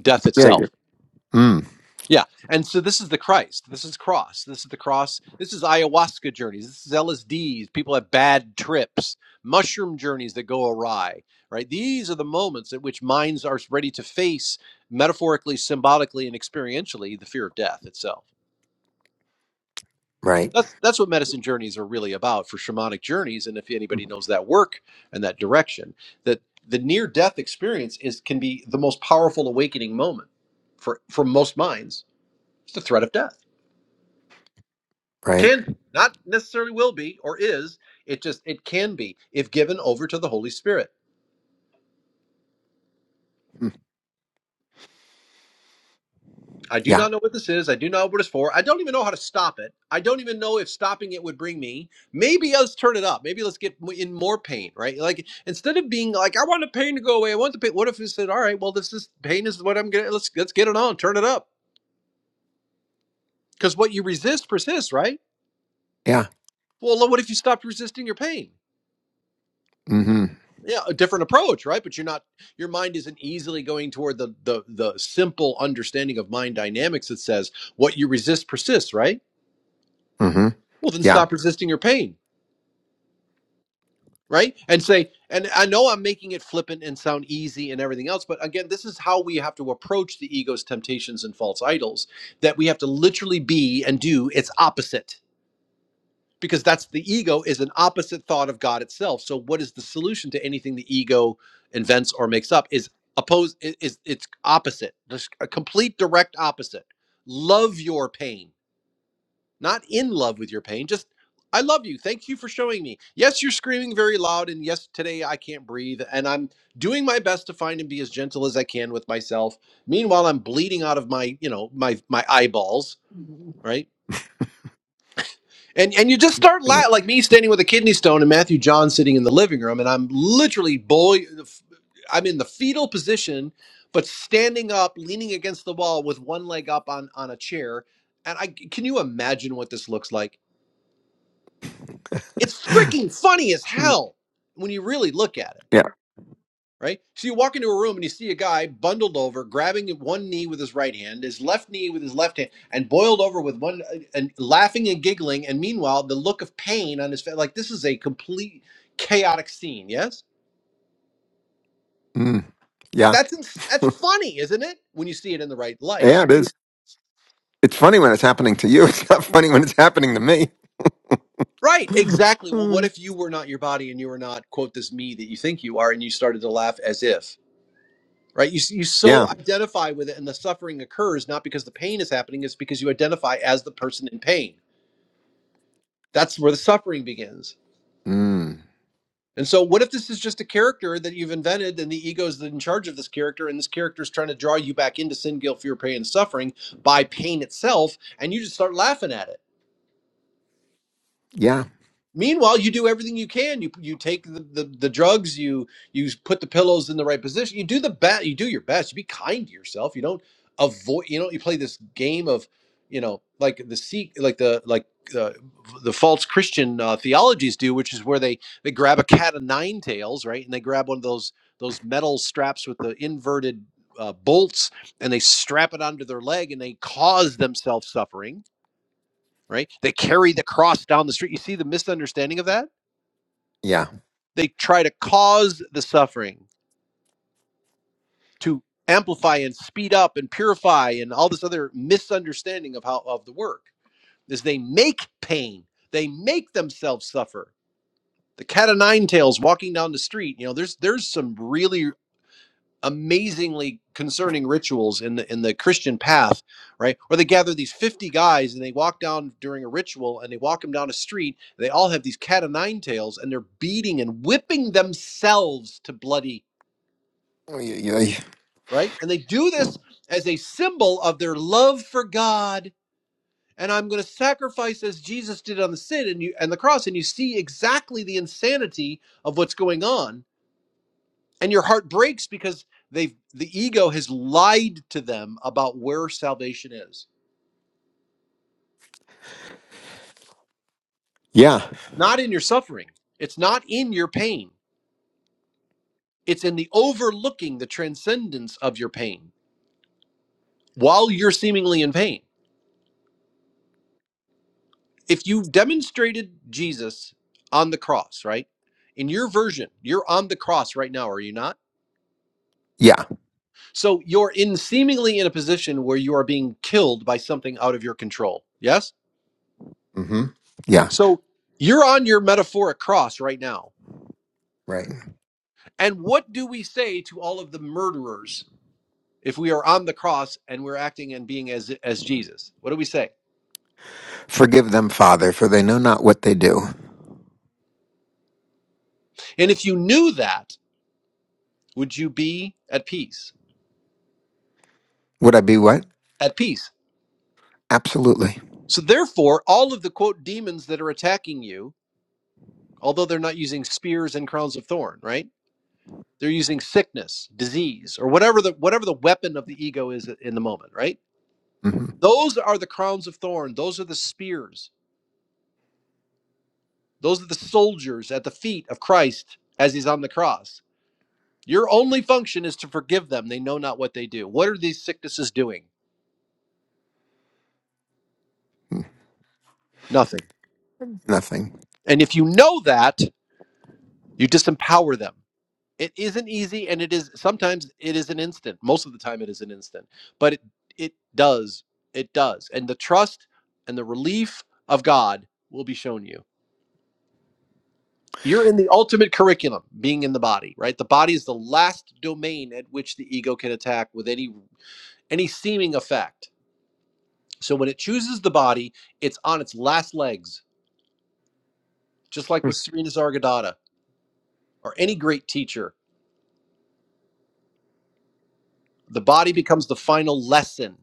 A: Death
D: yeah, yeah.
A: itself.
D: Mm,
A: Yeah. And so this is the Christ. This is cross. This is the cross. This is ayahuasca journeys. This is LSDs. People have bad trips, mushroom journeys that go awry, right? These are the moments at which minds are ready to face metaphorically, symbolically, and experientially the fear of death itself.
D: right,
A: That's that's what medicine journeys are really about for shamanic journeys. And if anybody knows that work and that direction, that the near death experience is can be the most powerful awakening moment for for most minds. It's the threat of death.
D: right,
A: Can be. Not necessarily will be or is. It just it can be if given over to the Holy Spirit.
D: Mm,
A: I do
D: yeah,
A: not know what this is. I do not know what it's for. I don't even know how to stop it. I don't even know if stopping it would bring me. Maybe let's turn it up. Maybe let's get in more pain, right? Like instead of being like, I want the pain to go away. I want the pain. What if we said, all right, well, this is pain is what I'm getting. Let's let's get it on. Turn it up. Because what you resist persists, right?
D: yeah,
A: Well, what if you stopped resisting your pain?
D: hmm
A: yeah a different approach right but you're not your mind isn't easily going toward the the the simple understanding of mind dynamics that says what you resist persists right
D: hmm
A: well then
D: yeah,
A: stop resisting your pain right and say and i know i'm making it flippant and sound easy and everything else but again this is how we have to approach the ego's temptations and false idols that we have to literally be and do its opposite because that's the ego is an opposite thought of God itself. So what is the solution to anything the ego invents or makes up is oppose i- is it's opposite, just a complete direct opposite. Love your pain, not in love with your pain. Just I love you. Thank you for showing me. Yes, you're screaming very loud, and yes, today I can't breathe, and I'm doing my best to find and be as gentle as I can with myself. Meanwhile, I'm bleeding out of my, you know, my my eyeballs, right? And and you just start la
D: yeah,
A: like me standing with a kidney stone and Matthew John sitting in the living room, and I'm literally boy, I'm in the fetal position, but standing up, leaning against the wall with one leg up on on a chair. And I can you imagine what this looks like? It's freaking funny as
D: Mm,
A: hell when you really look at it
D: yeah,
A: right? So you walk into a room and you see a guy bundled over, grabbing one knee with his right hand, his left knee with his left hand, and boiled over with one, uh, and laughing and giggling. And meanwhile, the look of pain on his face, like this is a complete chaotic scene. Yes,
D: mm, yeah,
A: that's ins- that's funny, isn't it? When you see it in the right
D: yeah.
A: light.
D: It is. It's funny when it's happening to you. It's not funny when it's happening to me.
A: Right, exactly. Well, what if you were not your body and you were not quote this me that you think you are, and you started to laugh as if. Right, you you
D: yeah.
A: so identify with it, and the suffering occurs not because the pain is happening, it's because you identify as the person in pain That's where the suffering begins.
D: Mm.
A: And so, what if this is just a character that you've invented and the ego is in charge of this character, and this character is trying to draw you back into sin, guilt, fear, pain, and suffering by pain itself, and you just start laughing at it?
D: Yeah.
A: Meanwhile, you do everything you can. You you take the, the, the drugs. You you put the pillows in the right position. You do the best. You do your best. You be kind to yourself. You don't avoid. You know. You play this game of, you know, like the seek, like the like uh, the false Christian uh, theologies do, which is where they they grab a cat of nine tails, right? And they grab one of those those metal straps with the inverted uh, bolts, and they strap it onto their leg, and they cause themselves suffering. Right? They carry the cross down the street. You see the misunderstanding of that
D: Yeah.
A: they try to cause the suffering to amplify and speed up and purify and all this other misunderstanding of how of the work is they make pain they make themselves suffer the cat o' nine tails walking down the street you know there's there's some really amazingly concerning rituals in the in the christian path right Where they gather these 50 guys and they walk down during a ritual and they walk them down a street they all have these cat o' nine tails and they're beating and whipping themselves to bloody
D: Yeah.
A: right? And they do this as a symbol of their love for God. And I'm going to sacrifice as Jesus did on the sin and you and the cross. And you see exactly the insanity of what's going on, and your heart breaks because they've the ego has lied to them about where salvation is.
D: Yeah.
A: Not in your suffering. It's not in your pain. It's in the overlooking the transcendence of your pain while you're seemingly in pain. if you demonstrated Jesus on the cross, right? In your version, you're on the cross right now, are you not?
D: Yeah.
A: So you're in seemingly in a position where you are being killed by something out of your control. Yes?
D: hmm Yeah.
A: So you're on your metaphoric cross right now.
D: Right.
A: And what do we say to all of the murderers if we are on the cross and we're acting and being as as Jesus? What do we say?
D: Forgive them, Father, for they know not what they do.
A: And if you knew that, would you be at peace?
D: Would I be what?
A: At peace.
D: Absolutely.
A: So therefore, all of the quote demons that are attacking you although they're not using spears and crowns of thorn, right? They're using sickness, disease, or whatever the whatever the weapon of the ego is in the moment, right?
D: hmm
A: Those are the crowns of thorn, those are the spears. Those are the soldiers at the feet of Christ as he's on the cross. Your only function is to forgive them. They know not what they do. What are these sicknesses doing? Nothing.
D: Nothing.
A: And if you know that, you disempower them. it isn't easy and it is sometimes it is an instant most of the time it is an instant but it it does it does and the trust and the relief of god will be shown you you're in the ultimate curriculum being in the body right the body is the last domain at which the ego can attack with any any seeming effect so when it chooses the body it's on its last legs just like with serena zargadata or any great teacher the body becomes the final lesson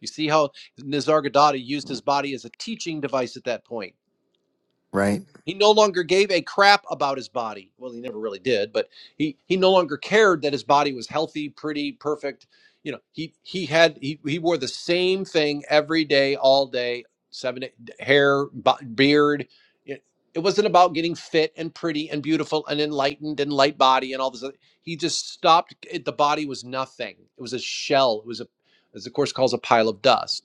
A: You see how Nisargadatta used his body as a teaching device at that point.
D: Right.
A: He no longer gave a crap about his body. Well, he never really did, but he he no longer cared that his body was healthy, pretty, perfect. You know, he he had he, he wore the same thing every day, all day, seven hair, beard. It, it wasn't about getting fit and pretty and beautiful and enlightened and light body and all this. Other. He just stopped. It, the body was nothing. It was a shell. It was a, as the course calls, a pile of dust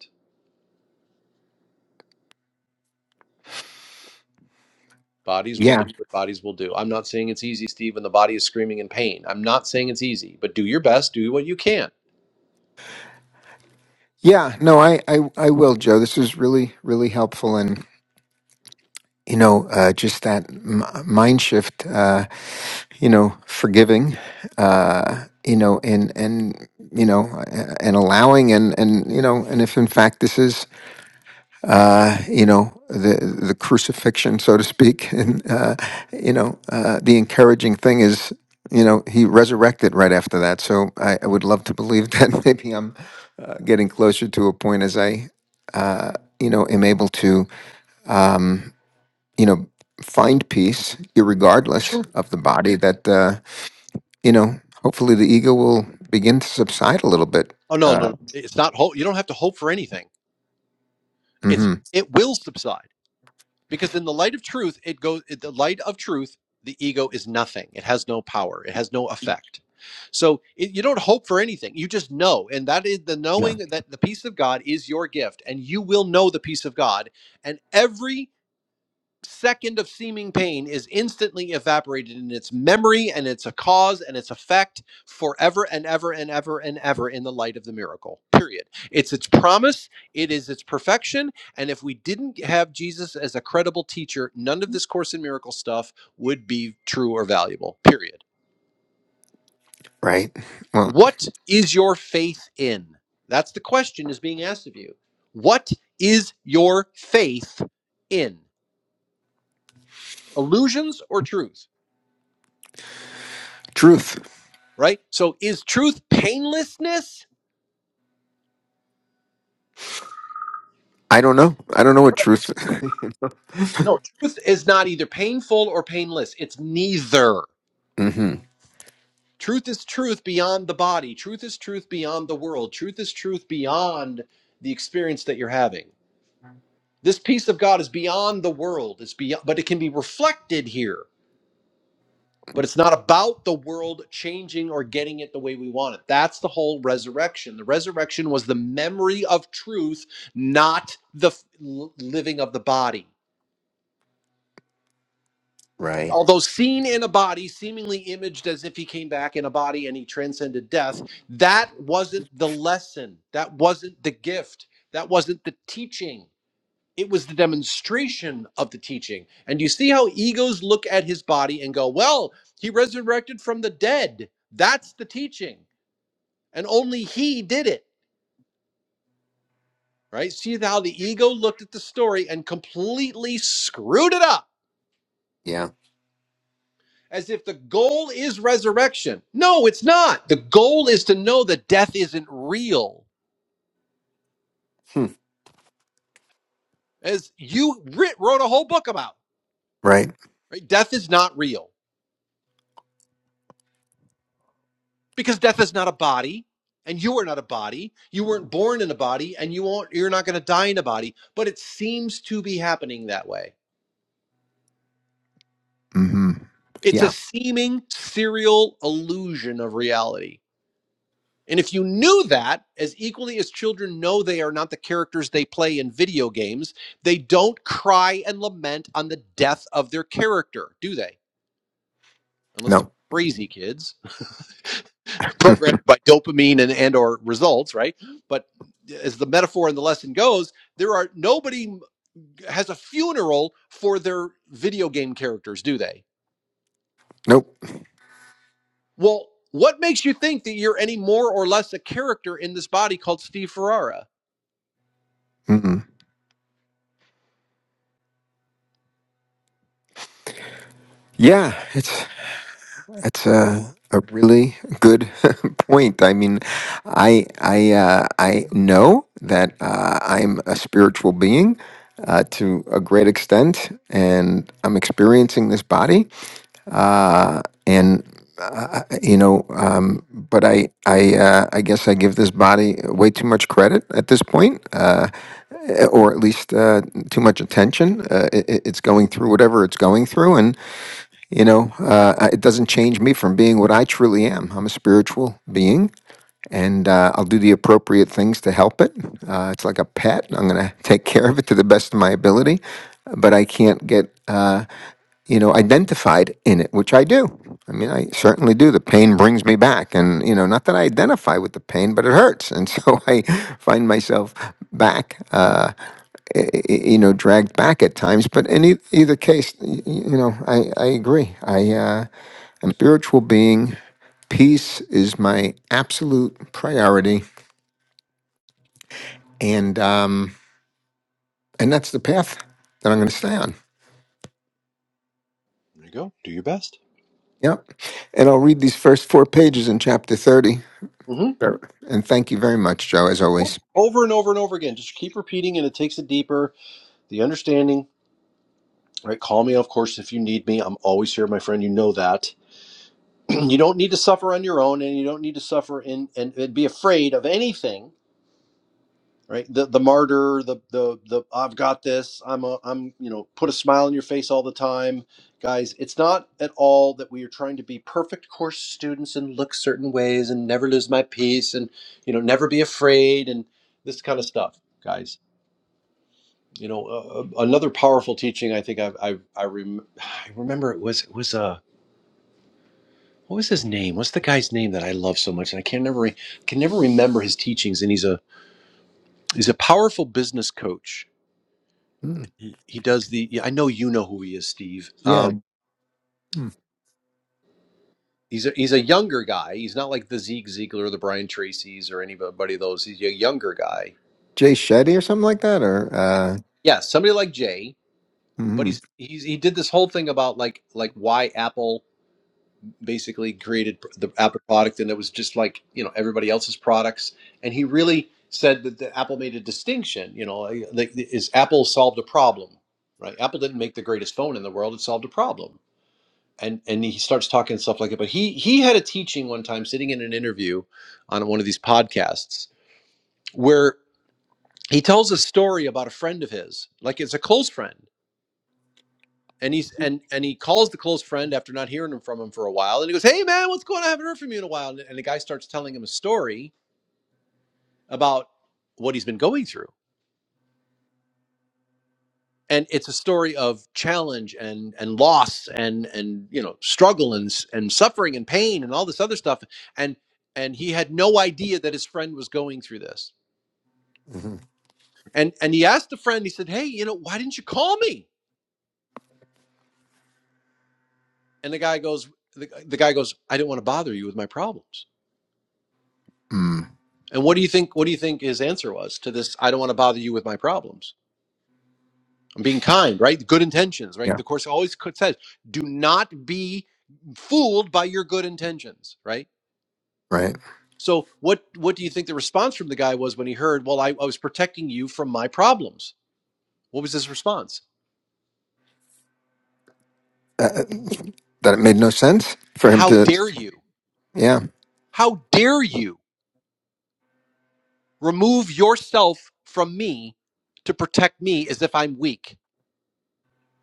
A: Bodies will
D: Yeah.
A: do what bodies will do. I'm not saying it's easy, Steve, when the body is screaming in pain. I'm not saying it's easy, but do your best, do what you can.
D: Yeah. No, I, I, I will, Joe. This is really, really helpful. And, you know, uh, just that m- mind shift. Uh, you know forgiving uh you know and and you know a- and allowing and and you know and if in fact this is you know the the crucifixion so to speak and uh you know uh the encouraging thing is you know he resurrected right after that so i, I would love to believe that maybe i'm uh, getting closer to a point as i you know am able to you know find peace irregardless
A: Sure.
D: of the body that uh you know, hopefully the ego will begin to subside a little bit.
A: Oh no, no,
D: Uh,
A: no. It's not hope. You don't have to hope for anything. It's
D: hmm
A: it will subside. because in the light of truth it goes in the light of truth the ego is nothing it has no power it has no effect so it, you don't hope for anything you just know and that is the
D: Yeah.
A: knowing that the peace of god is your gift and you will know the peace of god and every second of seeming pain is instantly evaporated in its memory and its a cause and its effect forever and ever and ever and ever in the light of the miracle period it's its promise it is its perfection and if we didn't have jesus as a credible teacher none of this course in miracle stuff would be true or valuable period
D: Right. Well,
A: what is your faith in that's the question is being asked of you what is your faith in illusions or truth
D: truth.
A: right? So is truth painlessness?
D: I don't know. I don't know what truth.
A: No, truth is not either painful or painless. It's neither.
D: hmm
A: Truth is truth beyond the body. Truth is truth beyond the world. Truth is truth beyond the experience that you're having. This peace of God is beyond the world. It's beyond, but it can be reflected here. But it's not about the world changing or getting it the way we want it. That's the whole resurrection. The resurrection was the memory of truth, not the f- living of the body.
D: Right.
A: although seen in a body, seemingly imaged as if he came back in a body and he transcended death, that wasn't the lesson. That wasn't the gift. That wasn't the teaching. It was the demonstration of the teaching. And you see how egos look at his body and go, well, he resurrected from the dead. That's the teaching. And only he did it, right? See how the ego looked at the story and completely screwed it up
D: Yeah.
A: as if the goal is resurrection. No, it's not. The goal is to know that death isn't real,
D: Hmm.
A: as you writ- wrote a whole book about.
D: Right.
A: Right? Death is not real because death is not a body, and you are not a body. You weren't born in a body, and you won't. You're not going to die in a body. But it seems to be happening that way.
D: hmm
A: It's a
D: Yeah.
A: seeming serial illusion of reality. And if you knew that, as equally as children know they are not the characters they play in video games, they don't cry and lament on the death of their character, do they? Unless they're
D: No.
A: crazy kids, programmed by dopamine and, and or results, right? But as the metaphor and the lesson goes, there are nobody has a funeral for their video game characters, do they?
D: Nope.
A: Well, what makes you think that you're any more or less a character in this body called Steve Ferrara?
D: Mm-mm. Yeah. It's it's a a really good point. I mean, I I uh, I know that uh, I'm a spiritual being uh, to a great extent, and I'm experiencing this body. and you know um, but i i uh, i guess i give this body way too much credit at this point uh, or at least uh, too much attention uh, it, it's going through whatever it's going through and you know, uh, it doesn't change me from being what I truly am. I'm a spiritual being, and uh, I'll do the appropriate things to help it. Uh, it's like a pet. I'm going to take care of it to the best of my ability, but I can't get uh, you know, identified in it, which I do. I mean, I certainly do. The pain brings me back. And, you know, not that I identify with the pain, but it hurts. And so I find myself back. Uh, y- you know dragged back at times but in e- either case y- y- you know i, I agree i uh, am a spiritual being peace is my absolute priority and um and that's the path that i'm going to stay on
A: There you go. Do your best.
D: yep and i'll read these first four pages in chapter 30
A: Mhm.
D: Sure. and thank you very much joe as
A: course.
D: always
A: Over and over and over again. Just keep repeating, and it takes it deeper. The understanding, right? Call me, of course, if you need me. I'm always here, my friend. You know that. you don't need to suffer on your own, and you don't need to suffer in and, and be afraid of anything, right? The the martyr, the the the I've got this. I'm a I'm you know put a smile on your face all the time, guys. It's not at all that we are trying to be perfect course students and look certain ways and never lose my peace and you know never be afraid and this kind of stuff, guys You know, uh, uh, another powerful teaching. I think I I I, rem- I remember it was it was uh what was his name? What's the guy's name that I love so much? And I can never re- can never remember his teachings. And he's a he's a powerful business coach.
D: Mm,
A: He he does the. yeah, I know you know who he is, Steve.
D: yeah
A: Um,
D: Mm.
A: he's a, he's a younger guy. He's not like the Zeke Ziegler or the Brian Tracy's or anybody of those. He's a younger guy.
D: jay shetty or something like that or uh
A: Yeah, somebody like Jay. But
D: mhm,
A: he's he's he did this whole thing about like like why Apple basically created the Apple product, and it was just like you know everybody else's products. And he really said that the Apple made a distinction. You know, like like, is Apple solved a problem, right? Apple didn't make the greatest phone in the world; it solved a problem. And and he starts talking stuff like it. But he he had a teaching one time, sitting in an interview on one of these podcasts, where he tells a story about a friend of his, like it's a close friend and he's and and he calls the close friend after not hearing from him for a while and he goes hey man what's going on i haven't heard from you in a while and, and the guy starts telling him a story about what he's been going through and it's a story of challenge and and loss and and you know struggle and s- and suffering and pain and all this other stuff and and he had no idea that his friend was going through this
D: mhm.
A: and and he asked the friend he said hey you know why didn't you call me and the guy goes the, the guy goes i didn't want to bother you with my problems
D: Mm,
A: And what do you think? What do you think his answer was to this? I don't want to bother you with my problems. I'm being kind, right? Good intentions, right?
D: yeah
A: The course always says, do not be fooled by your good intentions, right?
D: right
A: So what what do you think the response from the guy was when he heard, well, I, I was protecting you from my problems? What was his response?
D: uh, uh, that it made no sense for him
A: How
D: to
A: dare you?
D: yeah
A: How dare you remove yourself from me to protect me as if I'm weak?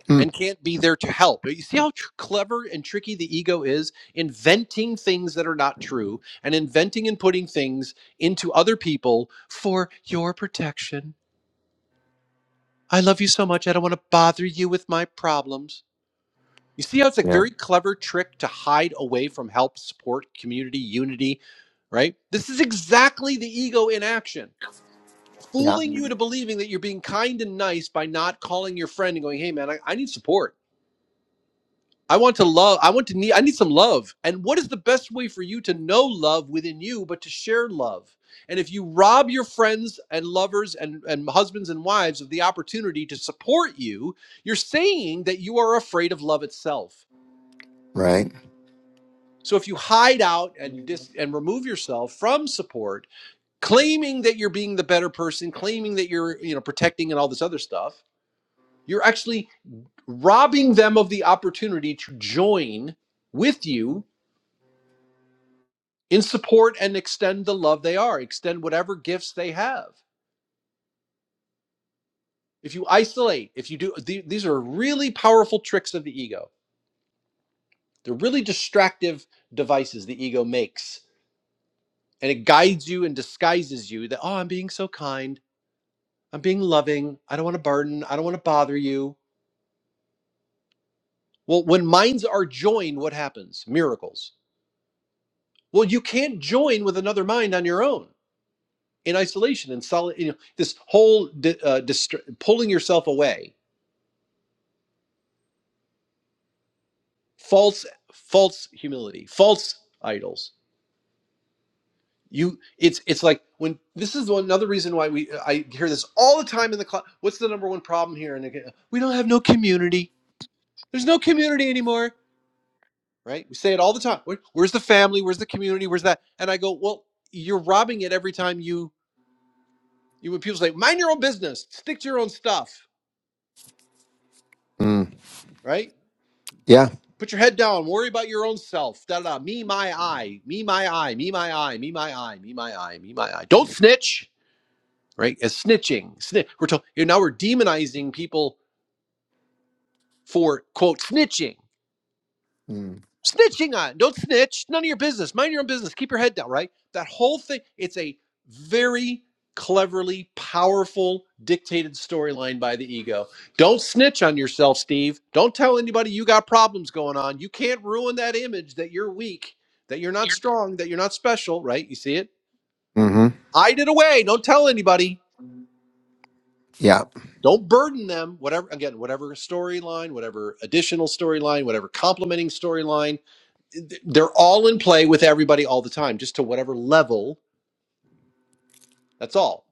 D: Mm.
A: and can't be there to help. You see how tr- clever and tricky the ego is inventing things that are not true and inventing and putting things into other people for your protection. I love you so much. I don't want to bother you with my problems. You see how it's a
D: Yeah.
A: very clever trick to hide away from help, support, community, unity, right? This is exactly the ego in action.
D: Yeah.
A: Fooling you into believing that you're being kind and nice by not calling your friend and going, hey, man, I, I need support I want to love. I want to need. I need some love. And what is the best way for you to know love within you, but to share love? And if you rob your friends and lovers and, and husbands and wives of the opportunity to support you, you're saying that you are afraid of love itself.
D: right?
A: So if you hide out and dis- and remove yourself from support, claiming that you're being the better person, claiming that you're you know protecting and all this other stuff, you're actually robbing them of the opportunity to join with you in support and extend the love they are, extend whatever gifts they have. If you isolate, if you do, the- these are really powerful tricks of the ego. They're really distractive devices the ego makes. And it guides you and disguises you that, oh, I'm being so kind. I'm being loving. I don't want to burden. I don't want to bother you. Well, when minds are joined, what happens? Miracles. Well, you can't join with another mind on your own in isolation and solid, you know, this whole di- uh, dist- pulling yourself away false false humility false idols you it's it's like when this is another reason why we uh, i hear this all the time in the class what's the number one problem here and again, we don't have no community there's no community anymore right we say it all the time Where, where's the family where's the community where's that and i go well you're robbing it every time you you when people say mind your own business stick to your own stuff
D: Mm.
A: right
D: Yeah.
A: put your head down worry about your own self da da da me my i me my i me my i me my i me my i me my i Me, my, I. don't snitch right? As snitching. Sni- we're told you know, now we're demonizing people for quote snitching.
D: Mm.
A: Snitching on. Don't snitch. None of your business. Mind your own business. Keep your head down, right? That whole thing. It's a very cleverly powerful dictated storyline by the ego. Don't snitch on yourself, Steve. Don't tell anybody you got problems going on. You can't ruin that image that you're weak, that you're not strong, that you're not special, right? You see it?
D: hmm
A: Hide it away. Don't tell anybody.
D: Yeah.
A: Don't burden them. Whatever again, whatever storyline, whatever additional storyline, whatever complementing storyline, th- they're all in play with everybody all the time, just to whatever level. That's all.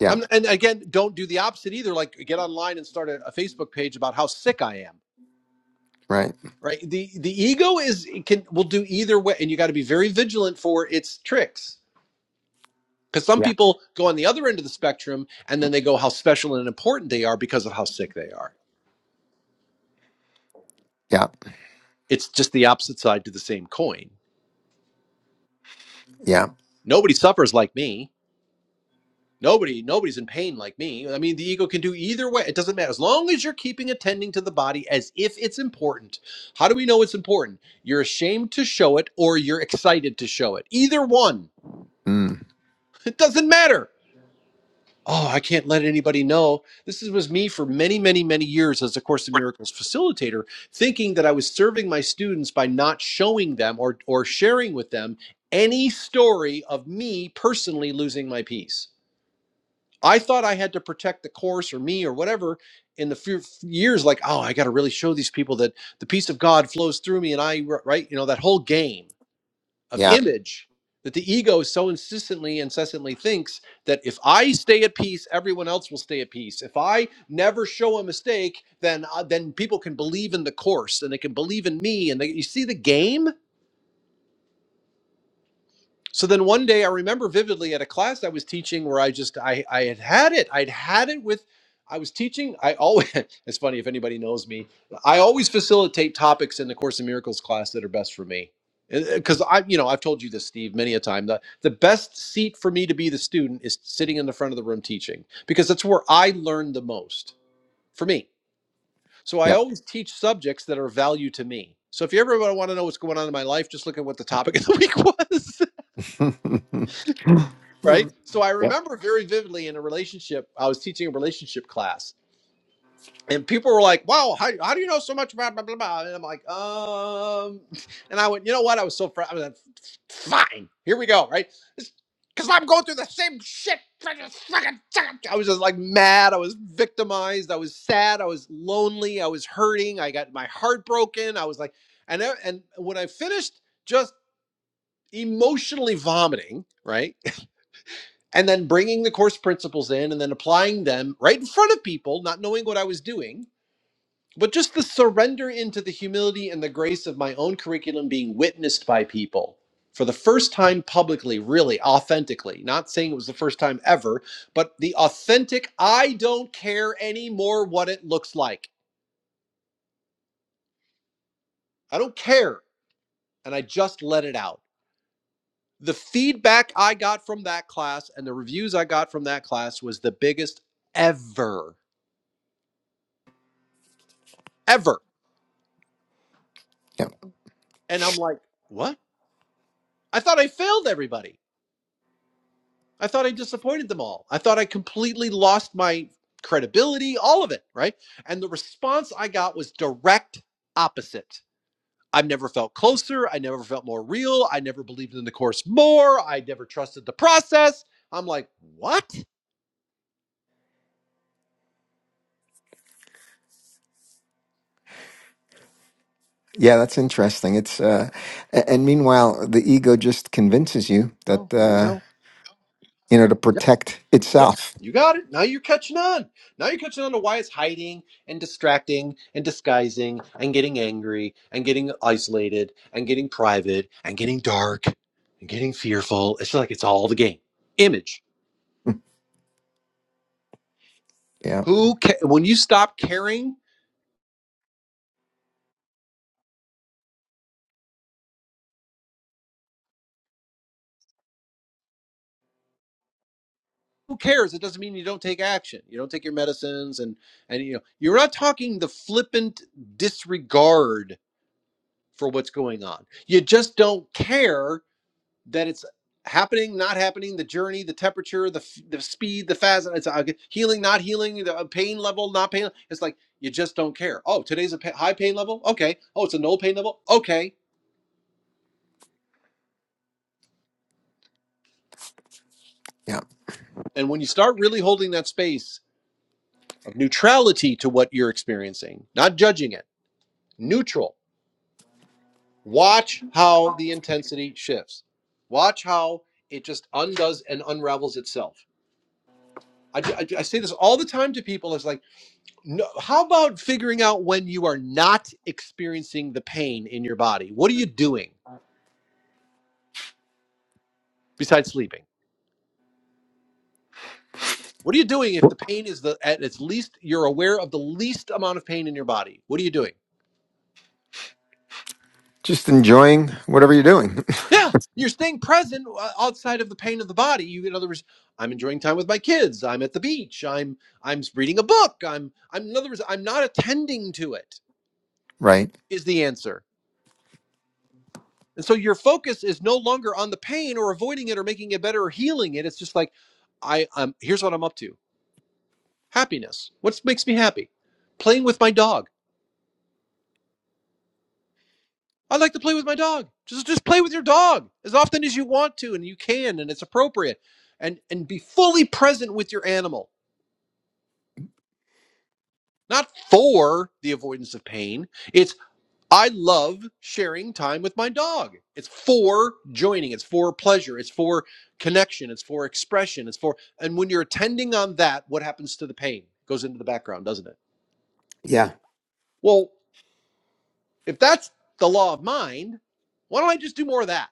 D: Yeah.
A: i and again, don't do the opposite either. Like get online and start a, a Facebook page about how sick I am.
D: Right.
A: Right. The the ego is it can will do either way, and you got to be very vigilant for its tricks. Because some
D: Yeah.
A: people go on the other end of the spectrum and then they go how special and important they are because of how sick they are.
D: Yeah.
A: It's just the opposite side to the same coin.
D: Yeah.
A: Nobody suffers like me. Nobody, nobody's in pain like me. I mean, the ego can do either way. It doesn't matter. As long as you're keeping attending to the body as if it's important. How do we know it's important? You're ashamed to show it or you're excited to show it. Either one.
D: Mm.
A: It doesn't matter. Oh, I can't let anybody know. This is- was me for many, many, many years as a Course in Miracles facilitator, thinking that I was serving my students by not showing them or, or sharing with them any story of me personally losing my peace. I thought I had to protect the course or me or whatever in the few years like oh I got to really show these people that the peace of God flows through me and I right you know that whole game of
D: Yeah.
A: image that the ego so insistently incessantly thinks that if I stay at peace everyone else will stay at peace if I never show a mistake then uh, then people can believe in the course and they can believe in me and they, you see the game So then one day I remember vividly at a class I was teaching where I just I I had had it. I'd had it with I was teaching. I always it's funny if anybody knows me. I always facilitate topics in the Course in Miracles class that are best for me. Because I, you know, I've told you this, Steve, many a time. The the best seat for me to be the student is sitting in the front of the room teaching because that's where I learn the most for me. So I
D: Yeah.
A: always teach subjects that are of value to me. So if you ever want to know what's going on in my life, just look at what the topic of the week was.
D: yeah.
A: right? So I remember very vividly in a relationship, I was teaching a relationship class. And people were like, "Wow, how, how do you know so much about blah blah blah?" And I'm like, "Um," and I went, "You know what? I was so fr- I was like, fine. Here we go, right? Because I'm going through the same shit. I was just like mad. I was victimized. I was sad. I was lonely. I was hurting. I got my heart broken. I was like, and I- and when I finished just emotionally vomiting, right? and then bringing the course principles in and then applying them right in front of people, not knowing what I was doing, but just the surrender into the humility and the grace of my own curriculum being witnessed by people for the first time publicly, really authentically. Not saying it was the first time ever, but the authentic, I don't care anymore what it looks like. I don't care. And I just let it out. The feedback I got from that class and the reviews I got from that class was the biggest ever, ever. And I'm like, what? I thought I failed everybody. I thought I disappointed them all. I thought I completely lost my credibility, all of it, right? And the response I got was direct opposite. I've never felt closer. I never felt more real. I never believed in the course more. I never trusted the process. I'm like, what?
D: Yeah. That's interesting. It's uh, a- and meanwhile, the ego just convinces you that
A: Go, there you
D: uh,
A: go.
D: you know to
A: Yep.
D: protect
A: Yep,
D: itself.
A: you got it. Now you're catching on. Now you're catching on to why it's hiding and distracting and disguising and getting angry and getting isolated and getting private and getting dark and getting fearful. It's like it's all the game. Image.
D: Yeah.
A: Who ca- when you stop caring, who cares? It doesn't mean you don't take action. You don't take your medicines and and you know, you're not talking the flippant disregard for what's going on. You just don't care that it's happening, not happening, the journey, the temperature, the f- the speed, the fast, it's uh, healing, not healing, the uh, pain level, not pain. It's like you just don't care. Oh, today's a pa- high pain level. Okay. Oh, it's a no pain level. Okay.
D: Yeah.
A: And when you start really holding that space of neutrality to what you're experiencing, not judging it, neutral. Watch how the intensity shifts. Watch how it just undoes and unravels itself. I, I, I say this all the time to people. It's like No, how about figuring out when you are not experiencing the pain in your body? What are you doing besides sleeping? What are you doing if the pain is the at its least you're aware of the least amount of pain in your body? What are you doing?
D: Just enjoying whatever you're doing,
A: Yeah, you're staying present uh, outside of the pain of the body. You, in other words, I'm enjoying time with my kids. I'm at the beach. I'm I'm reading a book. I'm I'm in other words, I'm not attending to it.
D: right?
A: Is the answer. And so your focus is no longer on the pain or avoiding it or making it better or healing it. It's just like, I, I'm here's what I'm up to. Happiness. What makes me happy? Playing with my dog. I like to play with my dog. Just just play with your dog as often as you want to and you can and it's appropriate. And and be fully present with your animal. Not for the avoidance of pain. It's. I love sharing time with my dog. It's for joining, it's for pleasure, it's for connection, it's for expression, it's for and when you're attending on that, what happens to the pain? It goes into the background, doesn't it?
D: Yeah.
A: Well, if that's the law of mind, why don't I just do more of that?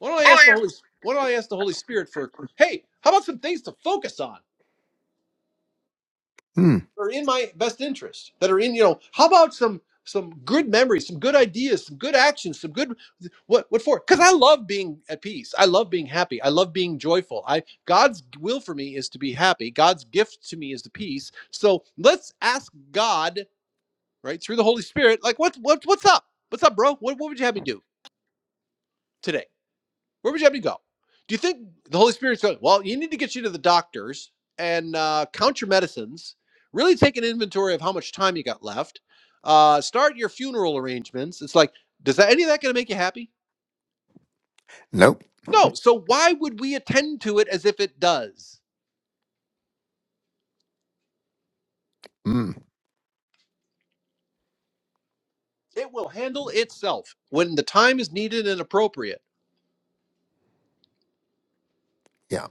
A: Why don't I
D: Oh,
A: ask the Holy why don't I ask the Holy Spirit for, hey, how about some things to focus on?
D: yeah. Mm.
A: are in my best interest that are in you know how about some some good memories some good ideas some good actions some good what what for because i love being at peace i love being happy i love being joyful i god's will for me is to be happy god's gift to me is the peace so let's ask god right through the holy spirit like what, what what's up what's up bro what, what would you have me do today where would you have me go? Do you think the Holy Spirit's going, well, you need to get you to the doctors and uh, count your medicines, really take an inventory of how much time you got left, uh, start your funeral arrangements? It's like, does that any of that going to make you happy?
D: Nope.
A: No. So why would we attend to it as if it does?
D: Mm.
A: It will handle itself when the time is needed and appropriate.
D: Yeah.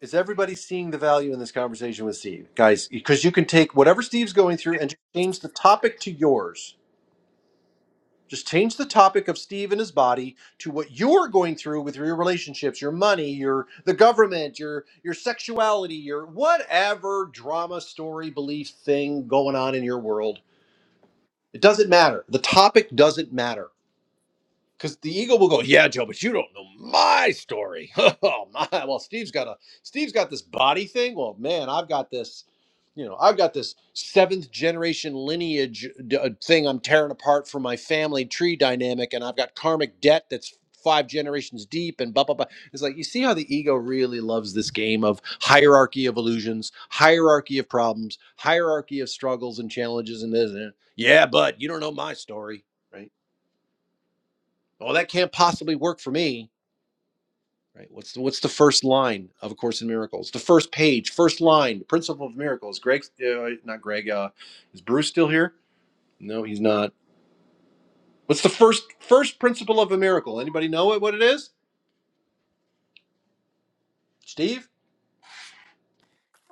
A: Is everybody seeing the value in this conversation with Steve? Guys, because you can take whatever Steve's going through and just change the topic to yours Just change the topic of Steve and his body to what you're going through with your relationships, your money, your the government, your your sexuality, your whatever drama, story, belief thing going on in your world. It doesn't matter. The topic doesn't matter because the ego will go, yeah, Joe, but you don't know my story. oh my, well, Steve's got a Steve's got this body thing. Well, man, I've got this, you know, I've got this seventh generation lineage d- uh, thing I'm tearing apart from my family tree dynamic, and I've got karmic debt that's five generations deep, and blah blah blah. It's like you see how the ego really loves this game of hierarchy of illusions, hierarchy of problems, hierarchy of struggles and challenges, and this. And that. Yeah, but you don't know my story, right? Oh, that can't possibly work for me. Right? What's the, what's the first line of A Course in Miracles? The first page, first line, the Principle of Miracles. Greg, uh, not Greg. Uh, is Bruce still here? No, he's not. What's the first first principle of a miracle? Anybody know it, what it is? Steve,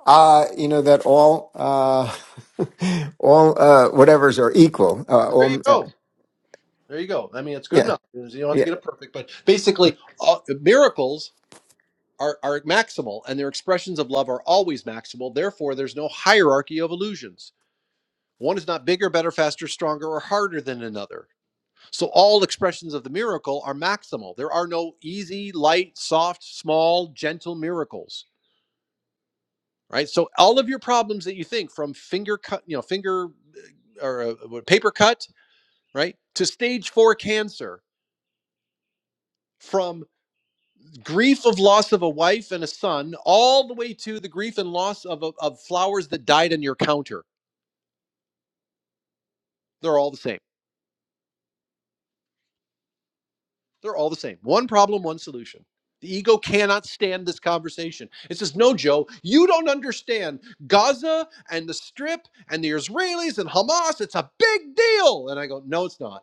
D: Uh, you know that all uh, all uh, whatever's are equal. Uh,
A: there you
D: all, uh,
A: go. There you go. I mean, it's good
D: yeah,
A: enough. You don't have to
D: yeah.
A: get it perfect, but basically, uh, miracles are, are maximal, and their expressions of love are always maximal. Therefore, there's no hierarchy of illusions. One is not bigger, better, faster, stronger, or harder than another So all expressions of the miracle are maximal. There are no easy, light, soft, small, gentle miracles, right? So all of your problems that you think from finger cut, you know, finger or uh, paper cut, right, to stage 4 cancer, from grief of loss of a wife and a son all the way to the grief and loss of a, of flowers that died on your counter. They're all the same. They're all the same. One problem, one solution. The ego cannot stand this conversation. It says, No, Joe, you don't understand. Gaza and the Strip and the Israelis and Hamas, it's a big deal. And I go, No, it's not.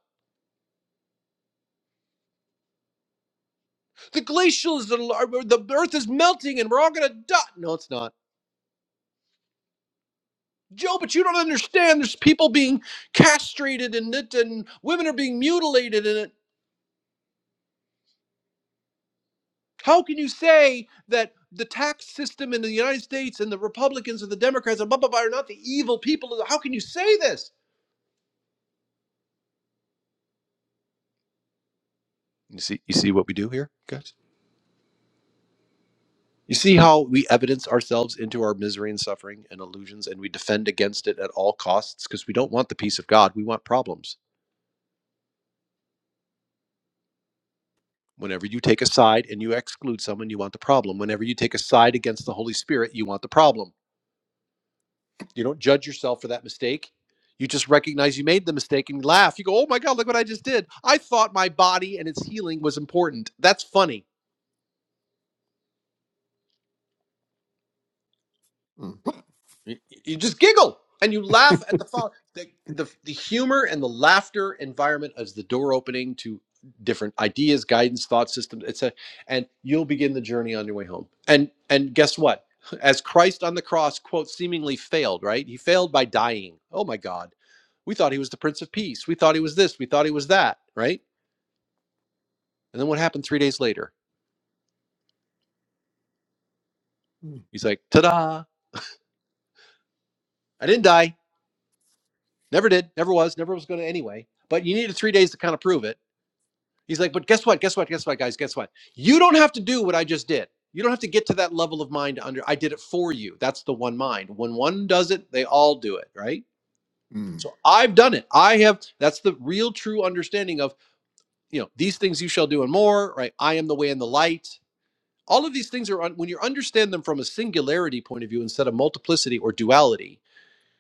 A: The glaciers, the, earth is melting and we're all going to die. No, it's not. Joe, but you don't understand. There's people being castrated in it, and women are being mutilated. in it. How can you say that the tax system in the United States and the Republicans and the Democrats and blah blah blah are not the evil people? How can you say this? You see, you see what we do here, guys. You see how we evidence ourselves into our misery and suffering and illusions, and we defend against it at all costs because we don't want the peace of God. We want problems. Whenever you take a side and you exclude someone, you want the problem. Whenever you take a side against the Holy Spirit, you want the problem. You don't judge yourself for that mistake. You just recognize you made the mistake and laugh. You go, oh my God, look what I just did. I thought my body and its healing was important. That's funny.
D: Mhm.
A: You, you just giggle and you laugh at the follow. The, the the humor and the laughter environment is the door opening to different ideas, guidance, thought systems, etc. And you'll begin the journey on your way home. And and guess what? As Christ on the cross, quote, seemingly failed, right? He failed by dying. Oh my God. We thought he was the Prince of Peace. We thought he was this. We thought he was that, right? And then what happened three days later? He's like, ta da, I didn't die. Never did. Never was. Never was going to anyway. But you needed three days to kind of prove it He's like, but guess what? Guess what? Guess what, guys? Guess what? You don't have to do what I just did. You don't have to get to that level of mind to under. I did it for you. That's the one mind. When one does it, they all do it, right?
D: Mm,
A: So I've done it. I have. That's the real, true understanding of you know these things you shall do and more. Right? I am the way and the light. All of these things are un- when you understand them from a singularity point of view instead of multiplicity or duality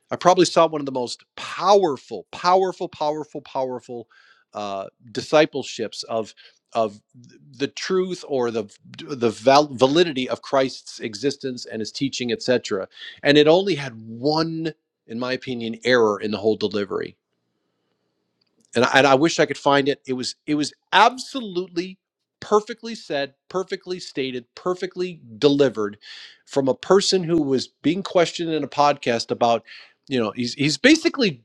A: I probably saw one of the most powerful, powerful, powerful, powerful uh, discipleships of of the truth or the the val- validity of Christ's existence and his teaching, etc. And it only had one, in my opinion, error in the whole delivery and I, and I wish I could find it. It was it was absolutely perfectly said, perfectly stated, perfectly delivered from a person who was being questioned in a podcast about, you know, he's he's basically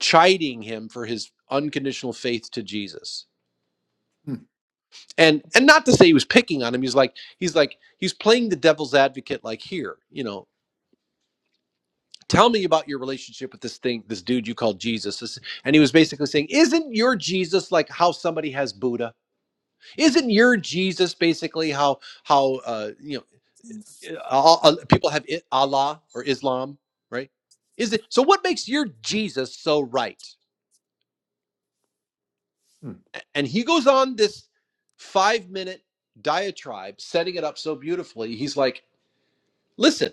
A: chiding him for his unconditional faith to Jesus.
D: mm,
A: And and not to say he was picking on him, he's like he's like he's playing the devil's advocate like here, you know, tell me about your relationship with this thing, this dude you call Jesus. This- And he was basically saying, isn't your Jesus like how somebody has Buddha? Isn't your Jesus basically how how uh, you know uh, all, all- people have I- Allah or Islam, right? Is it so? What makes your Jesus so right?
D: mm,
A: A- And he goes on this five minute diatribe, setting it up so beautifully. He's like, "Listen."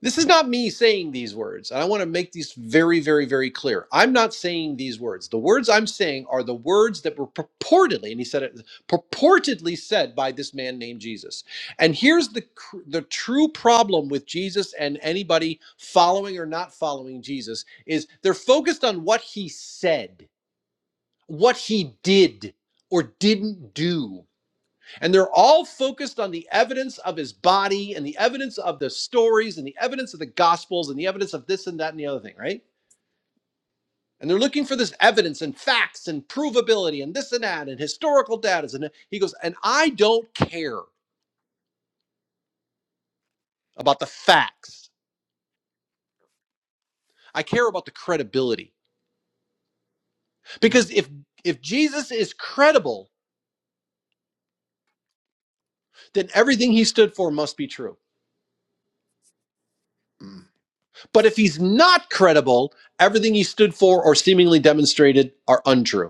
A: This is not me saying these words. And I want to make these very, very, very clear. I'm not saying these words. The words I'm saying are the words that were purportedly, and he said it purportedly said by this man named Jesus. And here's the cr- the true problem with Jesus and anybody following or not following Jesus is they're focused on what he said, what he did or didn't do. And they're all focused on the evidence of his body and the evidence of the stories and the evidence of the gospels and the evidence of this and that and the other thing, right? And they're looking for this evidence and facts and provability and this and that and historical data. And he goes, and I don't care about the facts. I care about the credibility.
D: mm,
A: Because if if Jesus is credible, then everything he stood for must be true.
D: mm,
A: But if he's not credible, everything he stood for or seemingly demonstrated are untrue.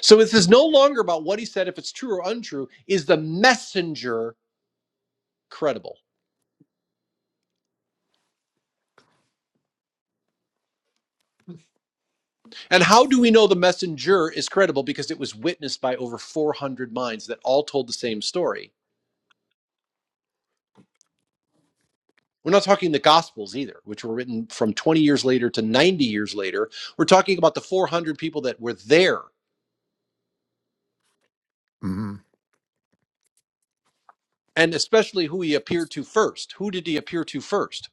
A: So this is no longer about what he said, if it's true or untrue. Is the messenger credible? And how do we know the messenger is credible? Because it was witnessed by over 400 minds that all told the same story. We're not talking the Gospels either, which were written from 20 years later to 90 years later. We're talking about the 400 people that were there,
D: mhm,
A: and especially who he appeared to first. Who did he appear to first?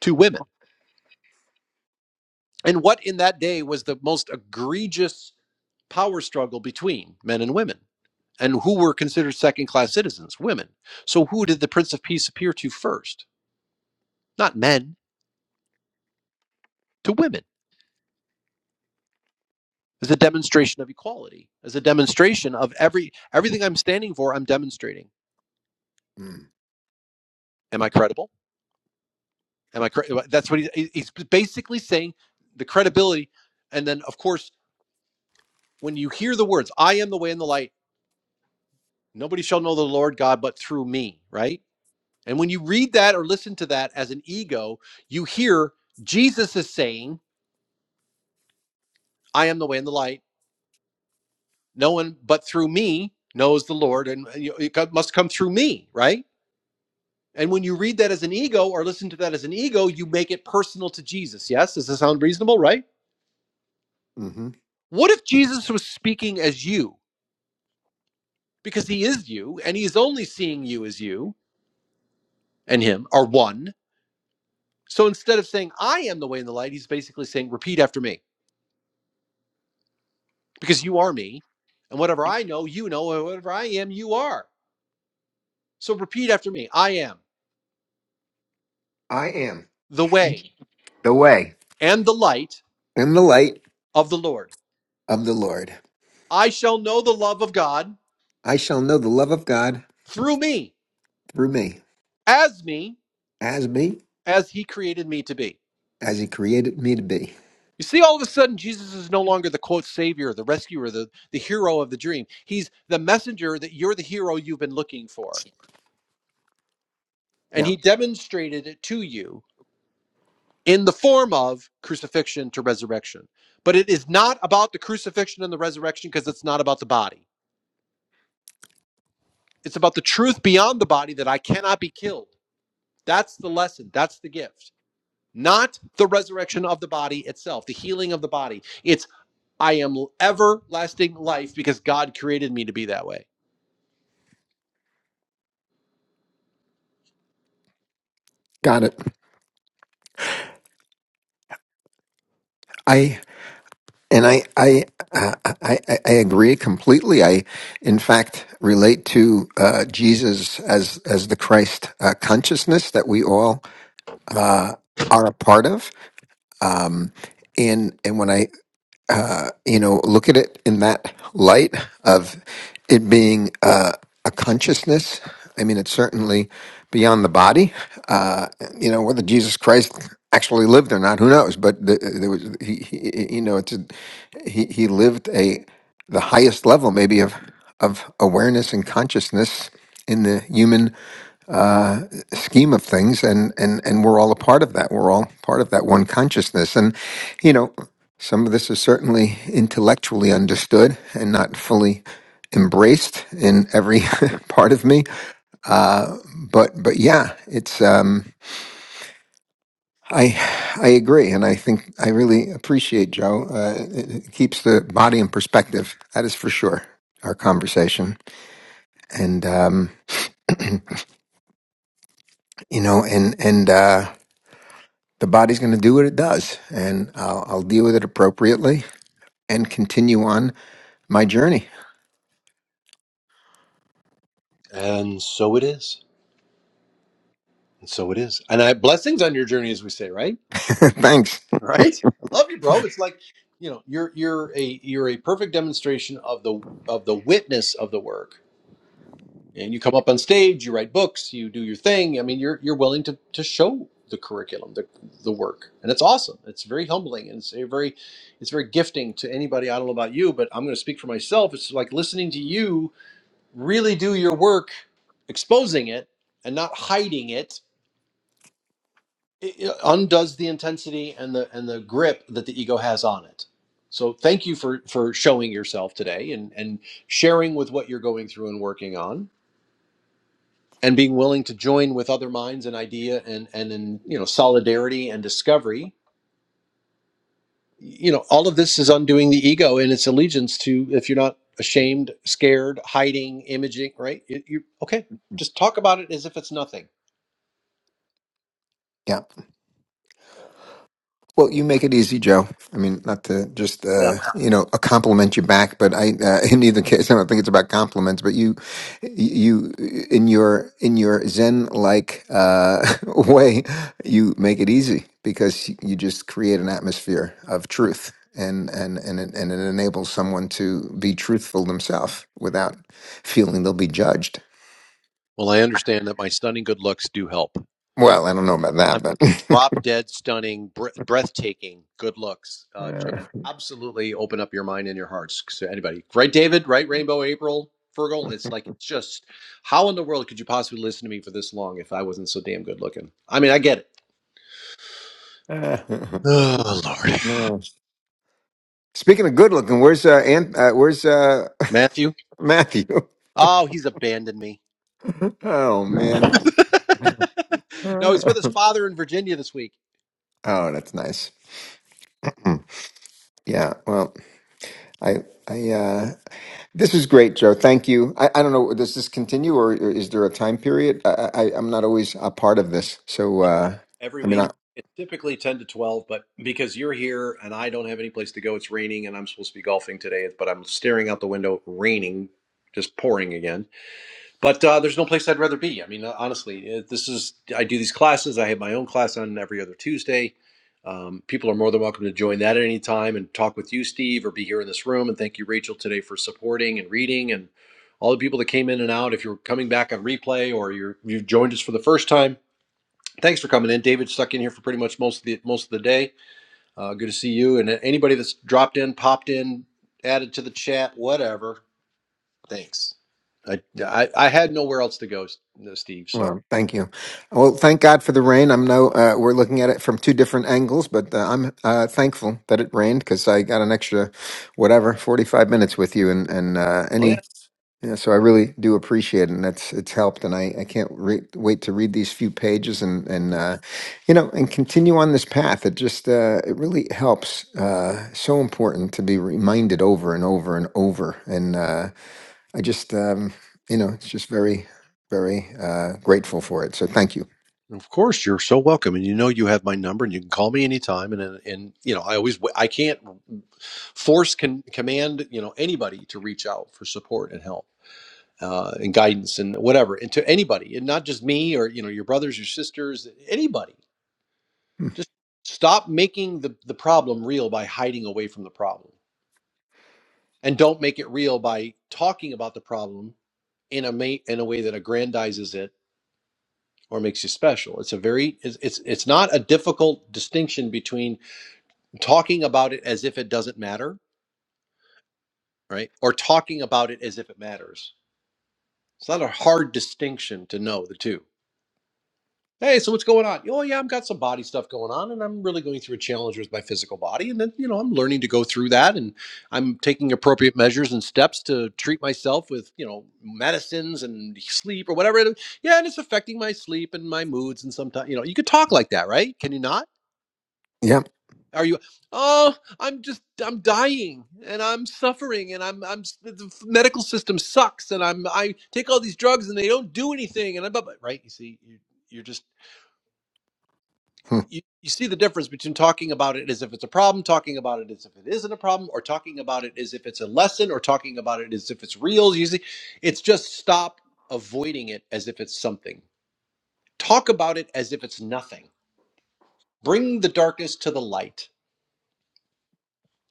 A: Two women. And what in that day was the most egregious power struggle between men and women? And who were considered second class citizens? Women. So who did the Prince of Peace appear to first? Not men, to women. As a demonstration of equality, as a demonstration of every everything I'm standing for, I'm demonstrating.
D: mm,
A: Am I credible? Am I? Cre- that's what he, he's basically saying. The credibility, and then of course, when you hear the words, "I am the way and the light," nobody shall know the Lord God but through me. Right? And when you read that or listen to that as an ego, you hear Jesus is saying, "I am the way and the light." no one but through me knows the lord and it must come through me right and when you read that as an ego or listen to that as an ego you make it personal to jesus yes does this sound reasonable right
D: mhm.
A: what if jesus was speaking as you because he is you and he is only seeing you as you and him are one so instead of saying i am the way and the light he's basically saying repeat after me because you are me and whatever i know you know and whatever i am you are so repeat after me i am
D: I am
A: the way
D: the way
A: and the light
D: and the light
A: of the lord
D: of the Lord.
A: I shall know the love of God
D: I shall know the love of God
A: through me,
D: through me,
A: as me,
D: as me,
A: as he created me to be.
D: as He created me to be.
A: You see, all of a sudden, Jesus is no longer the quote savior, the rescuer, the, the hero of the dream. He's the messenger that you're the hero you've been looking for. And
D: Yeah,
A: he demonstrated it to you in the form of crucifixion to resurrection. But it is not about the crucifixion and the resurrection because it's not about the body. It's about the truth beyond the body that I cannot be killed. That's the lesson. That's the gift. not the resurrection of the body itself, the healing of the body. It's I am everlasting life because God created me to be that way.
D: got it. I And I, I, uh, I, I, I agree completely. I, in fact, relate to uh, Jesus as as the Christ uh, consciousness that we all uh, are a part of. Um, and and when I uh, you know, look at it in that light of it being uh, a consciousness. I mean, it's certainly beyond the body. Uh, you know, whether Jesus Christ actually lived or not, who knows? But the, there was, he, he, you know, it's a, he he lived a the highest level maybe of of awareness and consciousness in the human scheme of things and and and we're all a part of that we're all part of that one consciousness and you know some of this is certainly intellectually understood and not fully embraced in every part of me uh but but yeah it's um I I agree, and I think I really appreciate Joe. Uh, it, it keeps the body in perspective. That is for sure. Our conversation, and um, you know, and and uh, the body's going to do what it does, and I'll, I'll deal with it appropriately and continue on my journey.
A: And so it is. And so it is. And I blessings on your journey, as we say, right?
D: Thanks.
A: Right? I love you, bro. It's like, you know, you're you're a you're a perfect demonstration of the of the witness of the work. and you come up on stage, you write books, you do your thing. I mean, you're you're willing to to show the curriculum, the the work, and it's awesome. It's very humbling, and it's a very it's very gifting to anybody. I don't know about you, but I'm going to speak for myself. It's like listening to you really do your work, exposing it and not hiding it. It it undoes the intensity and the and the grip that the ego has on it. So thank you for for showing yourself today and and sharing with what you're going through and working on and being willing to join with other minds and idea and and in you know solidarity and discovery you know all of this is undoing the ego and its allegiance to if you're not ashamed scared hiding imaging right you, you okay just talk about it as if it's nothing
D: Yeah. Well, you make it easy, Joe. I mean, not to just uh,
A: Well,
D: you know a compliment you back, but I uh, in either case, I don't think it's about compliments. But you, you in your in your Zen like uh, way, you make it easy because you just create an atmosphere of truth, and and and it, and it enables someone to be truthful themselves without feeling they'll be judged.
A: well i understand that my stunning good looks do help
D: Well, I don't know about
A: I
D: that,
A: mean,
D: but.
A: drop dead, stunning, br- breathtaking, good looks. Uh, just
D: Uh,
A: absolutely open up your mind and your hearts to anybody. Right, David? Right, Rainbow April? Fergal? It's like, it's just, how in the world could you possibly listen to me for this long if I wasn't so damn good looking? I mean, I get it.
D: uh,
A: Oh, Lord.
D: yeah. Speaking of good looking, where's uh, Ant- uh where's uh
A: Matthew?
D: Matthew?
A: Oh, he's abandoned me.
D: oh man.
A: no, he's with his father in Virginia this week.
D: Oh, that's nice. Hmm. Yeah. Well, I I uh this was great, Joe. Thank you. I, I don't know does this continue or, or is there a time period? I, I I'm not always a part of this. So uh
A: every
D: I mean I
A: week. It's typically 10 to 12, but because you're here and I don't have any place to go, it's raining and I'm supposed to be golfing today, but I'm staring out the window, raining, just pouring again. But uh, there's no place I'd rather be. I mean, uh, honestly, uh, this is, I do these classes. I have my own class on every other Tuesday. Um, people are more than welcome to join that at any time and talk with you, Steve, or be here in this room. And thank you, Rachel, today for supporting and reading and all the people that came in and out. If you're coming back on replay or you're, you've joined us for the first time, Thanks for coming in, David. Stuck in here for pretty much most of the most of the day. Uh, good to see you, and anybody that's dropped in, popped in, added to the chat, whatever. Thanks. I I, I had nowhere else to go, S- uh, Steve. So
D: well, thank you. Well, thank God for the rain. I'm no, uh, we're looking at it from two different angles, but uh, I'm uh, thankful that it rained because I got an extra, whatever, 45 minutes with you. And, and uh,
A: Oh
D: any
A: yeah.
D: Yeah, so I really do appreciate it, and that's it's helped, and I, I can't re- wait to read these few pages and and
A: Mhm.
D: uh, you know and continue on this path. It just uh, it really helps. Uh, so important to be reminded over and over and over, and uh, I just um, you know it's just very very uh, grateful for it. So thank you.
A: of course you're so welcome, and you know you have my number, and you can call me anytime. And and and, you know I always I can't force can command you know anybody to reach out for support and help uh, and guidance and whatever and to anybody and not just me or you know your brothers your sisters anybody
D: Hmm.
A: Just stop making the, the problem real by hiding away from the problem. And don't make it real by talking about the problem in a ma- in a way that aggrandizes it or makes you special. It's a very it's, it's it's not a difficult distinction between talking about it as if it doesn't matter, right? Or talking about it as if it matters. It's not a hard distinction to know the two. Hey, so what's going on? Oh, yeah, I've got some body stuff going on, and I'm really going through a challenge with my physical body. And then, you know, I'm learning to go through that, and I'm taking appropriate measures and steps to treat myself with, you know, medicines and sleep or whatever. It is. Yeah, and it's affecting my sleep and my moods. And sometimes, you know, you could talk like that, right? Can you not?
D: Yeah,
A: Are you? Oh, I'm just, I'm dying, and I'm suffering, and I'm, I'm. s- The the medical system sucks, and I'm, I take all these drugs, and they don't do anything, and I'm, right? You see, you, you're just
D: Hmm.
A: you, you see the difference between talking about it as if it's a problem, talking about it as if it isn't a problem, or talking about it as if it's a lesson, or talking about it as if it's real. You see, it's just stop avoiding it as if it's something. Talk about it as if it's nothing. Bring the darkness to the light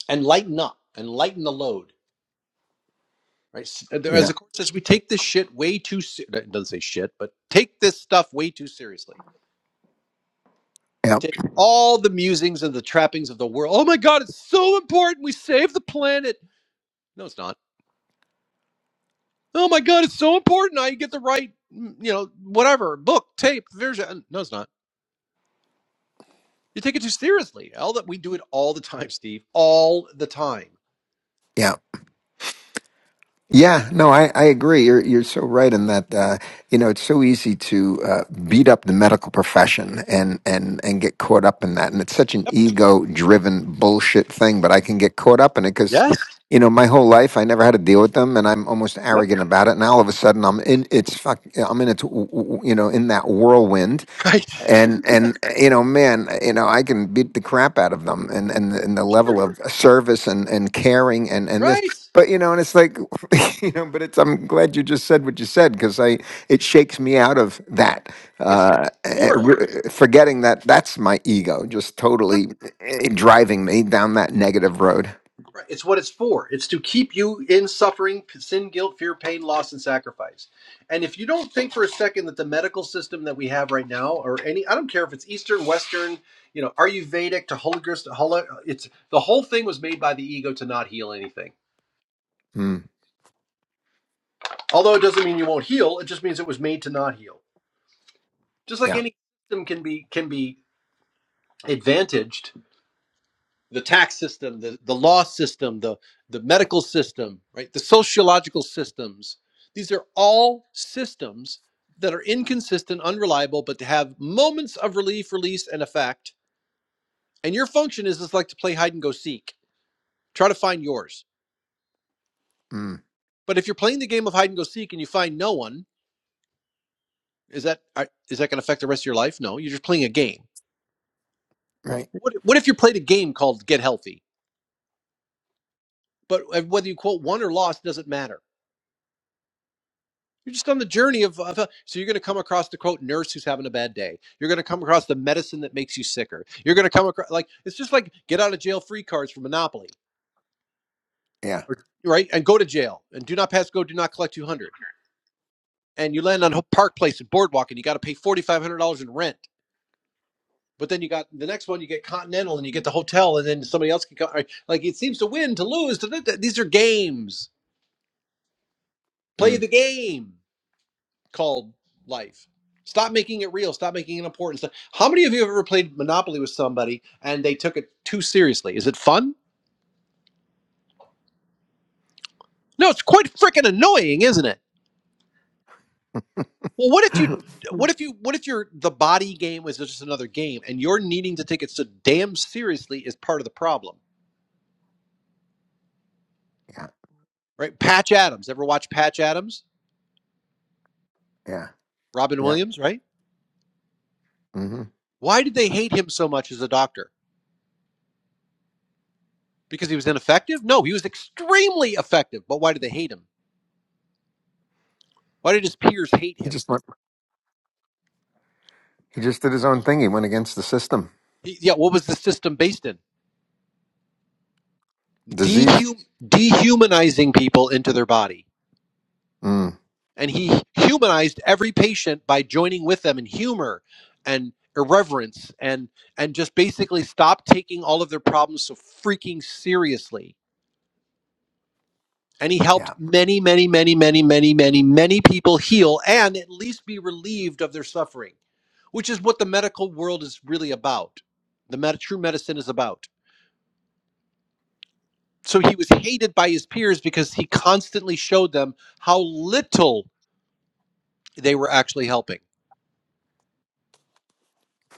A: and lighten up and lighten the load. Right? S- As
D: yeah,
A: the court says, we take this shit way too. Se- it doesn't say shit, but take this stuff way too seriously. We
D: yeah,
A: take all the musings and the trappings of the world. Oh my God, it's so important. We save the planet No, it's not. Oh my God, it's so important. I get the right, mm, you know, whatever book, tape, version. uh, No, it's not. You take it too seriously. All that we do it all the time, Steve. All the time.
D: yeah. Yeah, no, I, I agree. You're you're so right in that uh, you know it's so easy to uh, beat up the medical profession and and and get caught up in that, and it's such an
A: Yep.
D: ego driven bullshit thing. But I can get caught up in it because
A: Yes.
D: you know my whole life I never had to deal with them, and I'm almost
A: Yep.
D: arrogant about it. And all of a sudden I'm in its fuck, I'm in its w- w- you know in that whirlwind
A: Right.
D: and and uh, you know man uh, you know i can beat the crap out of them and and, and the level
A: sure.
D: of service and and caring and and this
A: Right.
D: but you know and it's like you know but it's i'm glad you just said what you said because i it shakes me out of that
A: It's
D: uh, eh,
A: for.
D: re- forgetting that that's my ego just totally eh, driving me down that negative road.
A: Right. It's what it's for. It's to keep you in suffering, sin, guilt, fear, pain, loss, and sacrifice. And if you don't think for a second that the medical system that we have right now, or any, I don't care if it's Eastern, Western, you know, Ayurvedic to Holocaust, to Holo, it's the whole thing was made by the ego to not heal anything.
D: Mm.
A: Although it doesn't mean you won't heal. It just means it was made to not heal. Just like
D: Yeah.
A: any system can be can be advantaged the tax system, the, the law system, the, the medical system, right? The sociological systems. These are all systems that are inconsistent, unreliable, but have moments of relief, release, and effect. And your function is is like to play hide and go seek. Try to find yours.
D: Mm.
A: But if you're playing the game of hide and go seek and you find no one, is that uh, is that going to affect the rest of your life? No, you're just playing a game.
D: Right.
A: What, what if you played a game called Get Healthy? But uh, whether you quote won or lost doesn't matter You're just on the journey of, of- uh, so you're going to come across the quote nurse who's having a bad day. You're going to come across the medicine that makes you sicker. You're going to come across like it's just like get out of jail free cards for Monopoly,
D: Yeah.
A: or, right? And go to jail and do not pass go, do not collect 200. And you land on Park Place and Boardwalk, and you got to pay forty five hundred dollars in rent. But then you got the next one, you get Continental, and you get the hotel, and then somebody else can come. right, Like it seems to win, to lose. To, these are games. Play
D: Mm.
A: the game. called life. Stop making it real. Stop making it important. Stop- How many of you have ever played Monopoly with somebody and they took it too seriously? Is it fun? No, it's quite freaking annoying, isn't it? Well, what if you,
D: yeah.
A: what if you, what if your the body game is just another game and you're needing to take it so damn seriously is part of the problem, right? Patch Adams. Ever watch Patch Adams?
D: Yeah.
A: Robin
D: Yeah.
A: Williams, right?
D: hmm
A: Why did they hate him so much as a doctor? Because he was ineffective? No, he was extremely effective. But why did they hate him? Why did his peers hate
D: He
A: him?
D: just went. He just did his own thing. He went against the system.
A: Yeah, what was the system based in?
D: Disease.
A: Dehum- dehumanizing people into their body.
D: Mm.
A: And he humanized every patient by joining with them in humor and irreverence and and just basically stopped taking all of their problems so freaking seriously. And he helped
D: Yeah.
A: many, many, many, many, many, many, many people heal and at least be relieved of their suffering, which is what the medical world is really about. The med- true medicine is about. so he was hated by his peers because he constantly showed them how little they were actually helping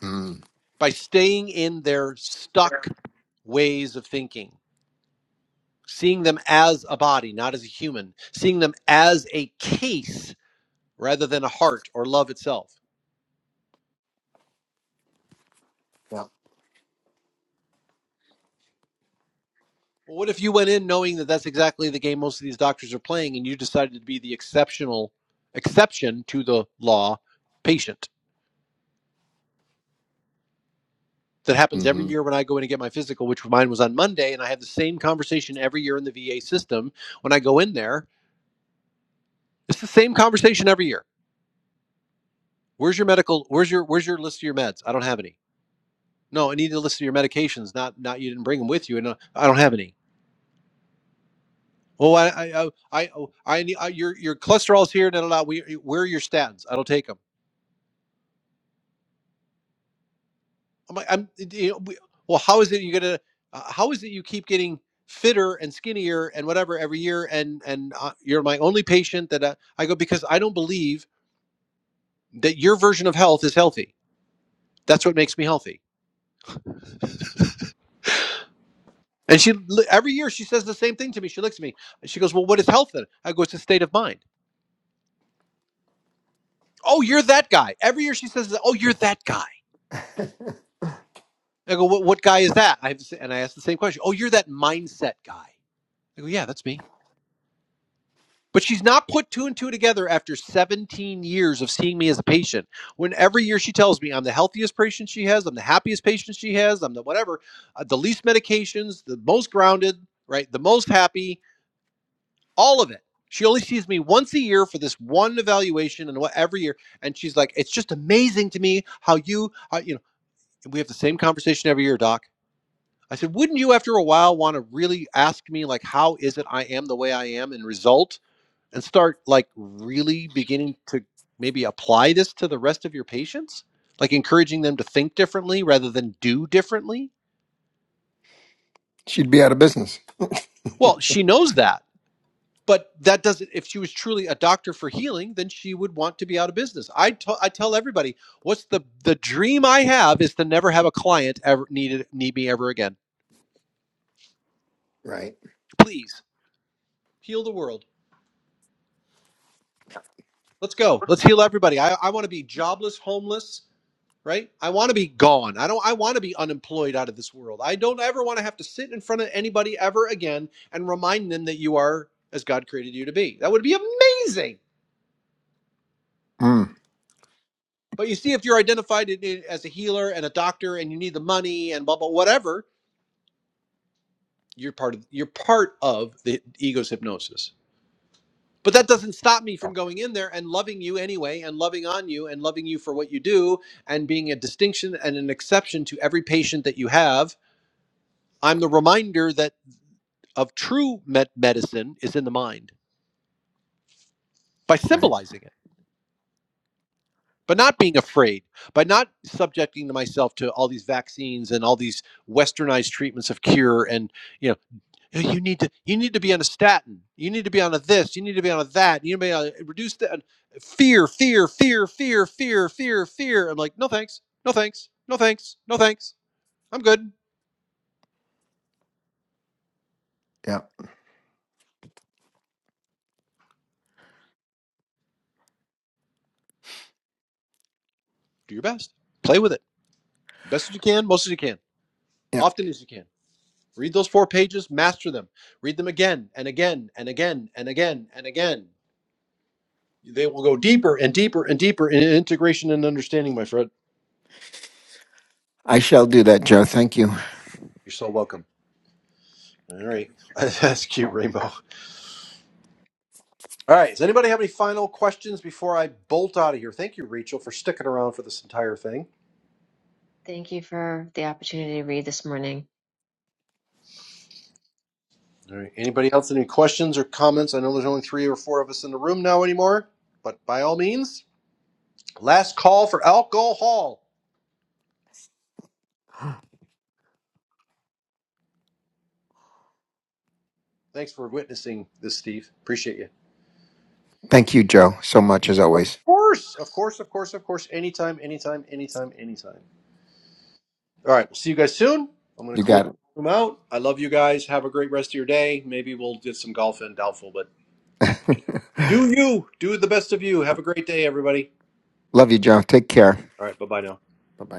D: Mm.
A: by staying in their stuck ways of thinking seeing them as a body not as a human seeing them as a case rather than a heart or love itself
D: Yep.
A: well, what if you went in knowing that that's exactly the game most of these doctors are playing and you decided to be the exceptional exception to the law patient that happens every
D: hmm
A: year when I go in and get my physical, which mine was on Monday, and I have the same conversation every year in the VA system when I go in there. It's the same conversation every year. Where's your medical? Where's your where's your list of your meds? I don't have any. No, I need a list of your medications. Not not you didn't bring them with you, and uh, I don't have any. Oh, I I I I, oh, I need uh, your your cholesterol's here. No, no, no. We, where are your statins? I don't take them. I'm like, I'm, you know, we, well, how is it you're gonna, uh, how is it you keep getting fitter and skinnier and whatever every year, and and uh, you're my only patient that uh, I go because I don't believe that your version of health is healthy. That's what makes me healthy. And she li- every year she says the same thing to me. She looks at me and she goes, "Well, what is health then?" I go, "It's a state of mind." Oh, you're that guy. Every year she says, "Oh, you're that guy." I go, "What what guy is that?" I have, to say- and I ask the same question. Oh, you're that mindset guy. I go, "Yeah, that's me." But she's not put two and two together after 17 years of seeing me as a patient. When every year she tells me I'm the healthiest patient she has, I'm the happiest patient she has, I'm the whatever, uh, the least medications, the most grounded, right? The most happy, all of it. She only sees me once a year for this one evaluation and what every year. And she's like, it's just amazing to me how you, how, you know, and we have the same conversation every year, doc. I said, wouldn't you after a while want to really ask me, like, how is it I am the way I am and result? and start like really beginning to maybe apply this to the rest of your patients like encouraging them to think differently rather than do differently
D: She'd be out of business.
A: well she knows that but that doesn't if she was truly a doctor for healing then she would want to be out of business i, t- I tell everybody what's the the dream i have is to never have a client ever needed need me ever again
D: Right.
A: please heal the world let's go let's heal everybody i, I want to be jobless homeless right? I want to be gone. I don't I want to be unemployed out of this world. I don't ever want to have to sit in front of anybody ever again and remind them that you are as God created you to be. That would be amazing.
D: Mm.
A: But you see if you're identified as a healer and a doctor and you need the money and blah blah whatever, you're part of you're part of the ego's hypnosis. But that doesn't stop me from going in there and loving you anyway and loving on you and loving you for what you do and being a distinction and an exception to every patient that you have I'm the reminder that of true med- medicine is in the mind by
D: Right.
A: symbolizing it, but not being afraid, by not subjecting myself to all these vaccines and all these westernized treatments of cure and you know "Oh, you need to you need to be on a statin, you need to be on a this, you need to be on a that, you need to be on a, reduce the fear, fear, fear, fear, fear, fear, fear. I'm like, no thanks, no thanks, no thanks, no thanks. I'm good.
D: Yep.
A: Do your best. Play with it. Best as you can, most as you can,
D: Yep.
A: often as you can. Read those four pages, master them. Read them again and again and again and again and again. They will go deeper and deeper and deeper in integration and understanding, my friend.
D: I shall do that, Joe. Thank you.
A: You're so welcome. All right. That's cute, Rainbow. All right. Does anybody have any final questions before I bolt out of here? Thank you, Rachel, for sticking around for this entire thing.
B: Thank you for the opportunity to read this morning.
A: All right. Anybody else? Any questions or comments? I know there's only three or four of us in the room now anymore, but by all means, last call for alcohol. Thanks for witnessing this, Steve. Appreciate you.
D: Thank you, Joe, so much as
A: Of
D: always.
A: course, of course, of course, of course. Anytime, anytime, anytime, anytime. All right. right, we'll See you guys soon. I'm going
D: You
A: to close
D: got
A: the room out. I love you guys. Have a great rest of your day. Maybe we'll get some golf in. Doubtful, but
D: it.
A: do you. Do the best of you. Have a great day, everybody.
D: Love you, Joe. Take care.
A: All right. Bye bye now.
D: Bye bye.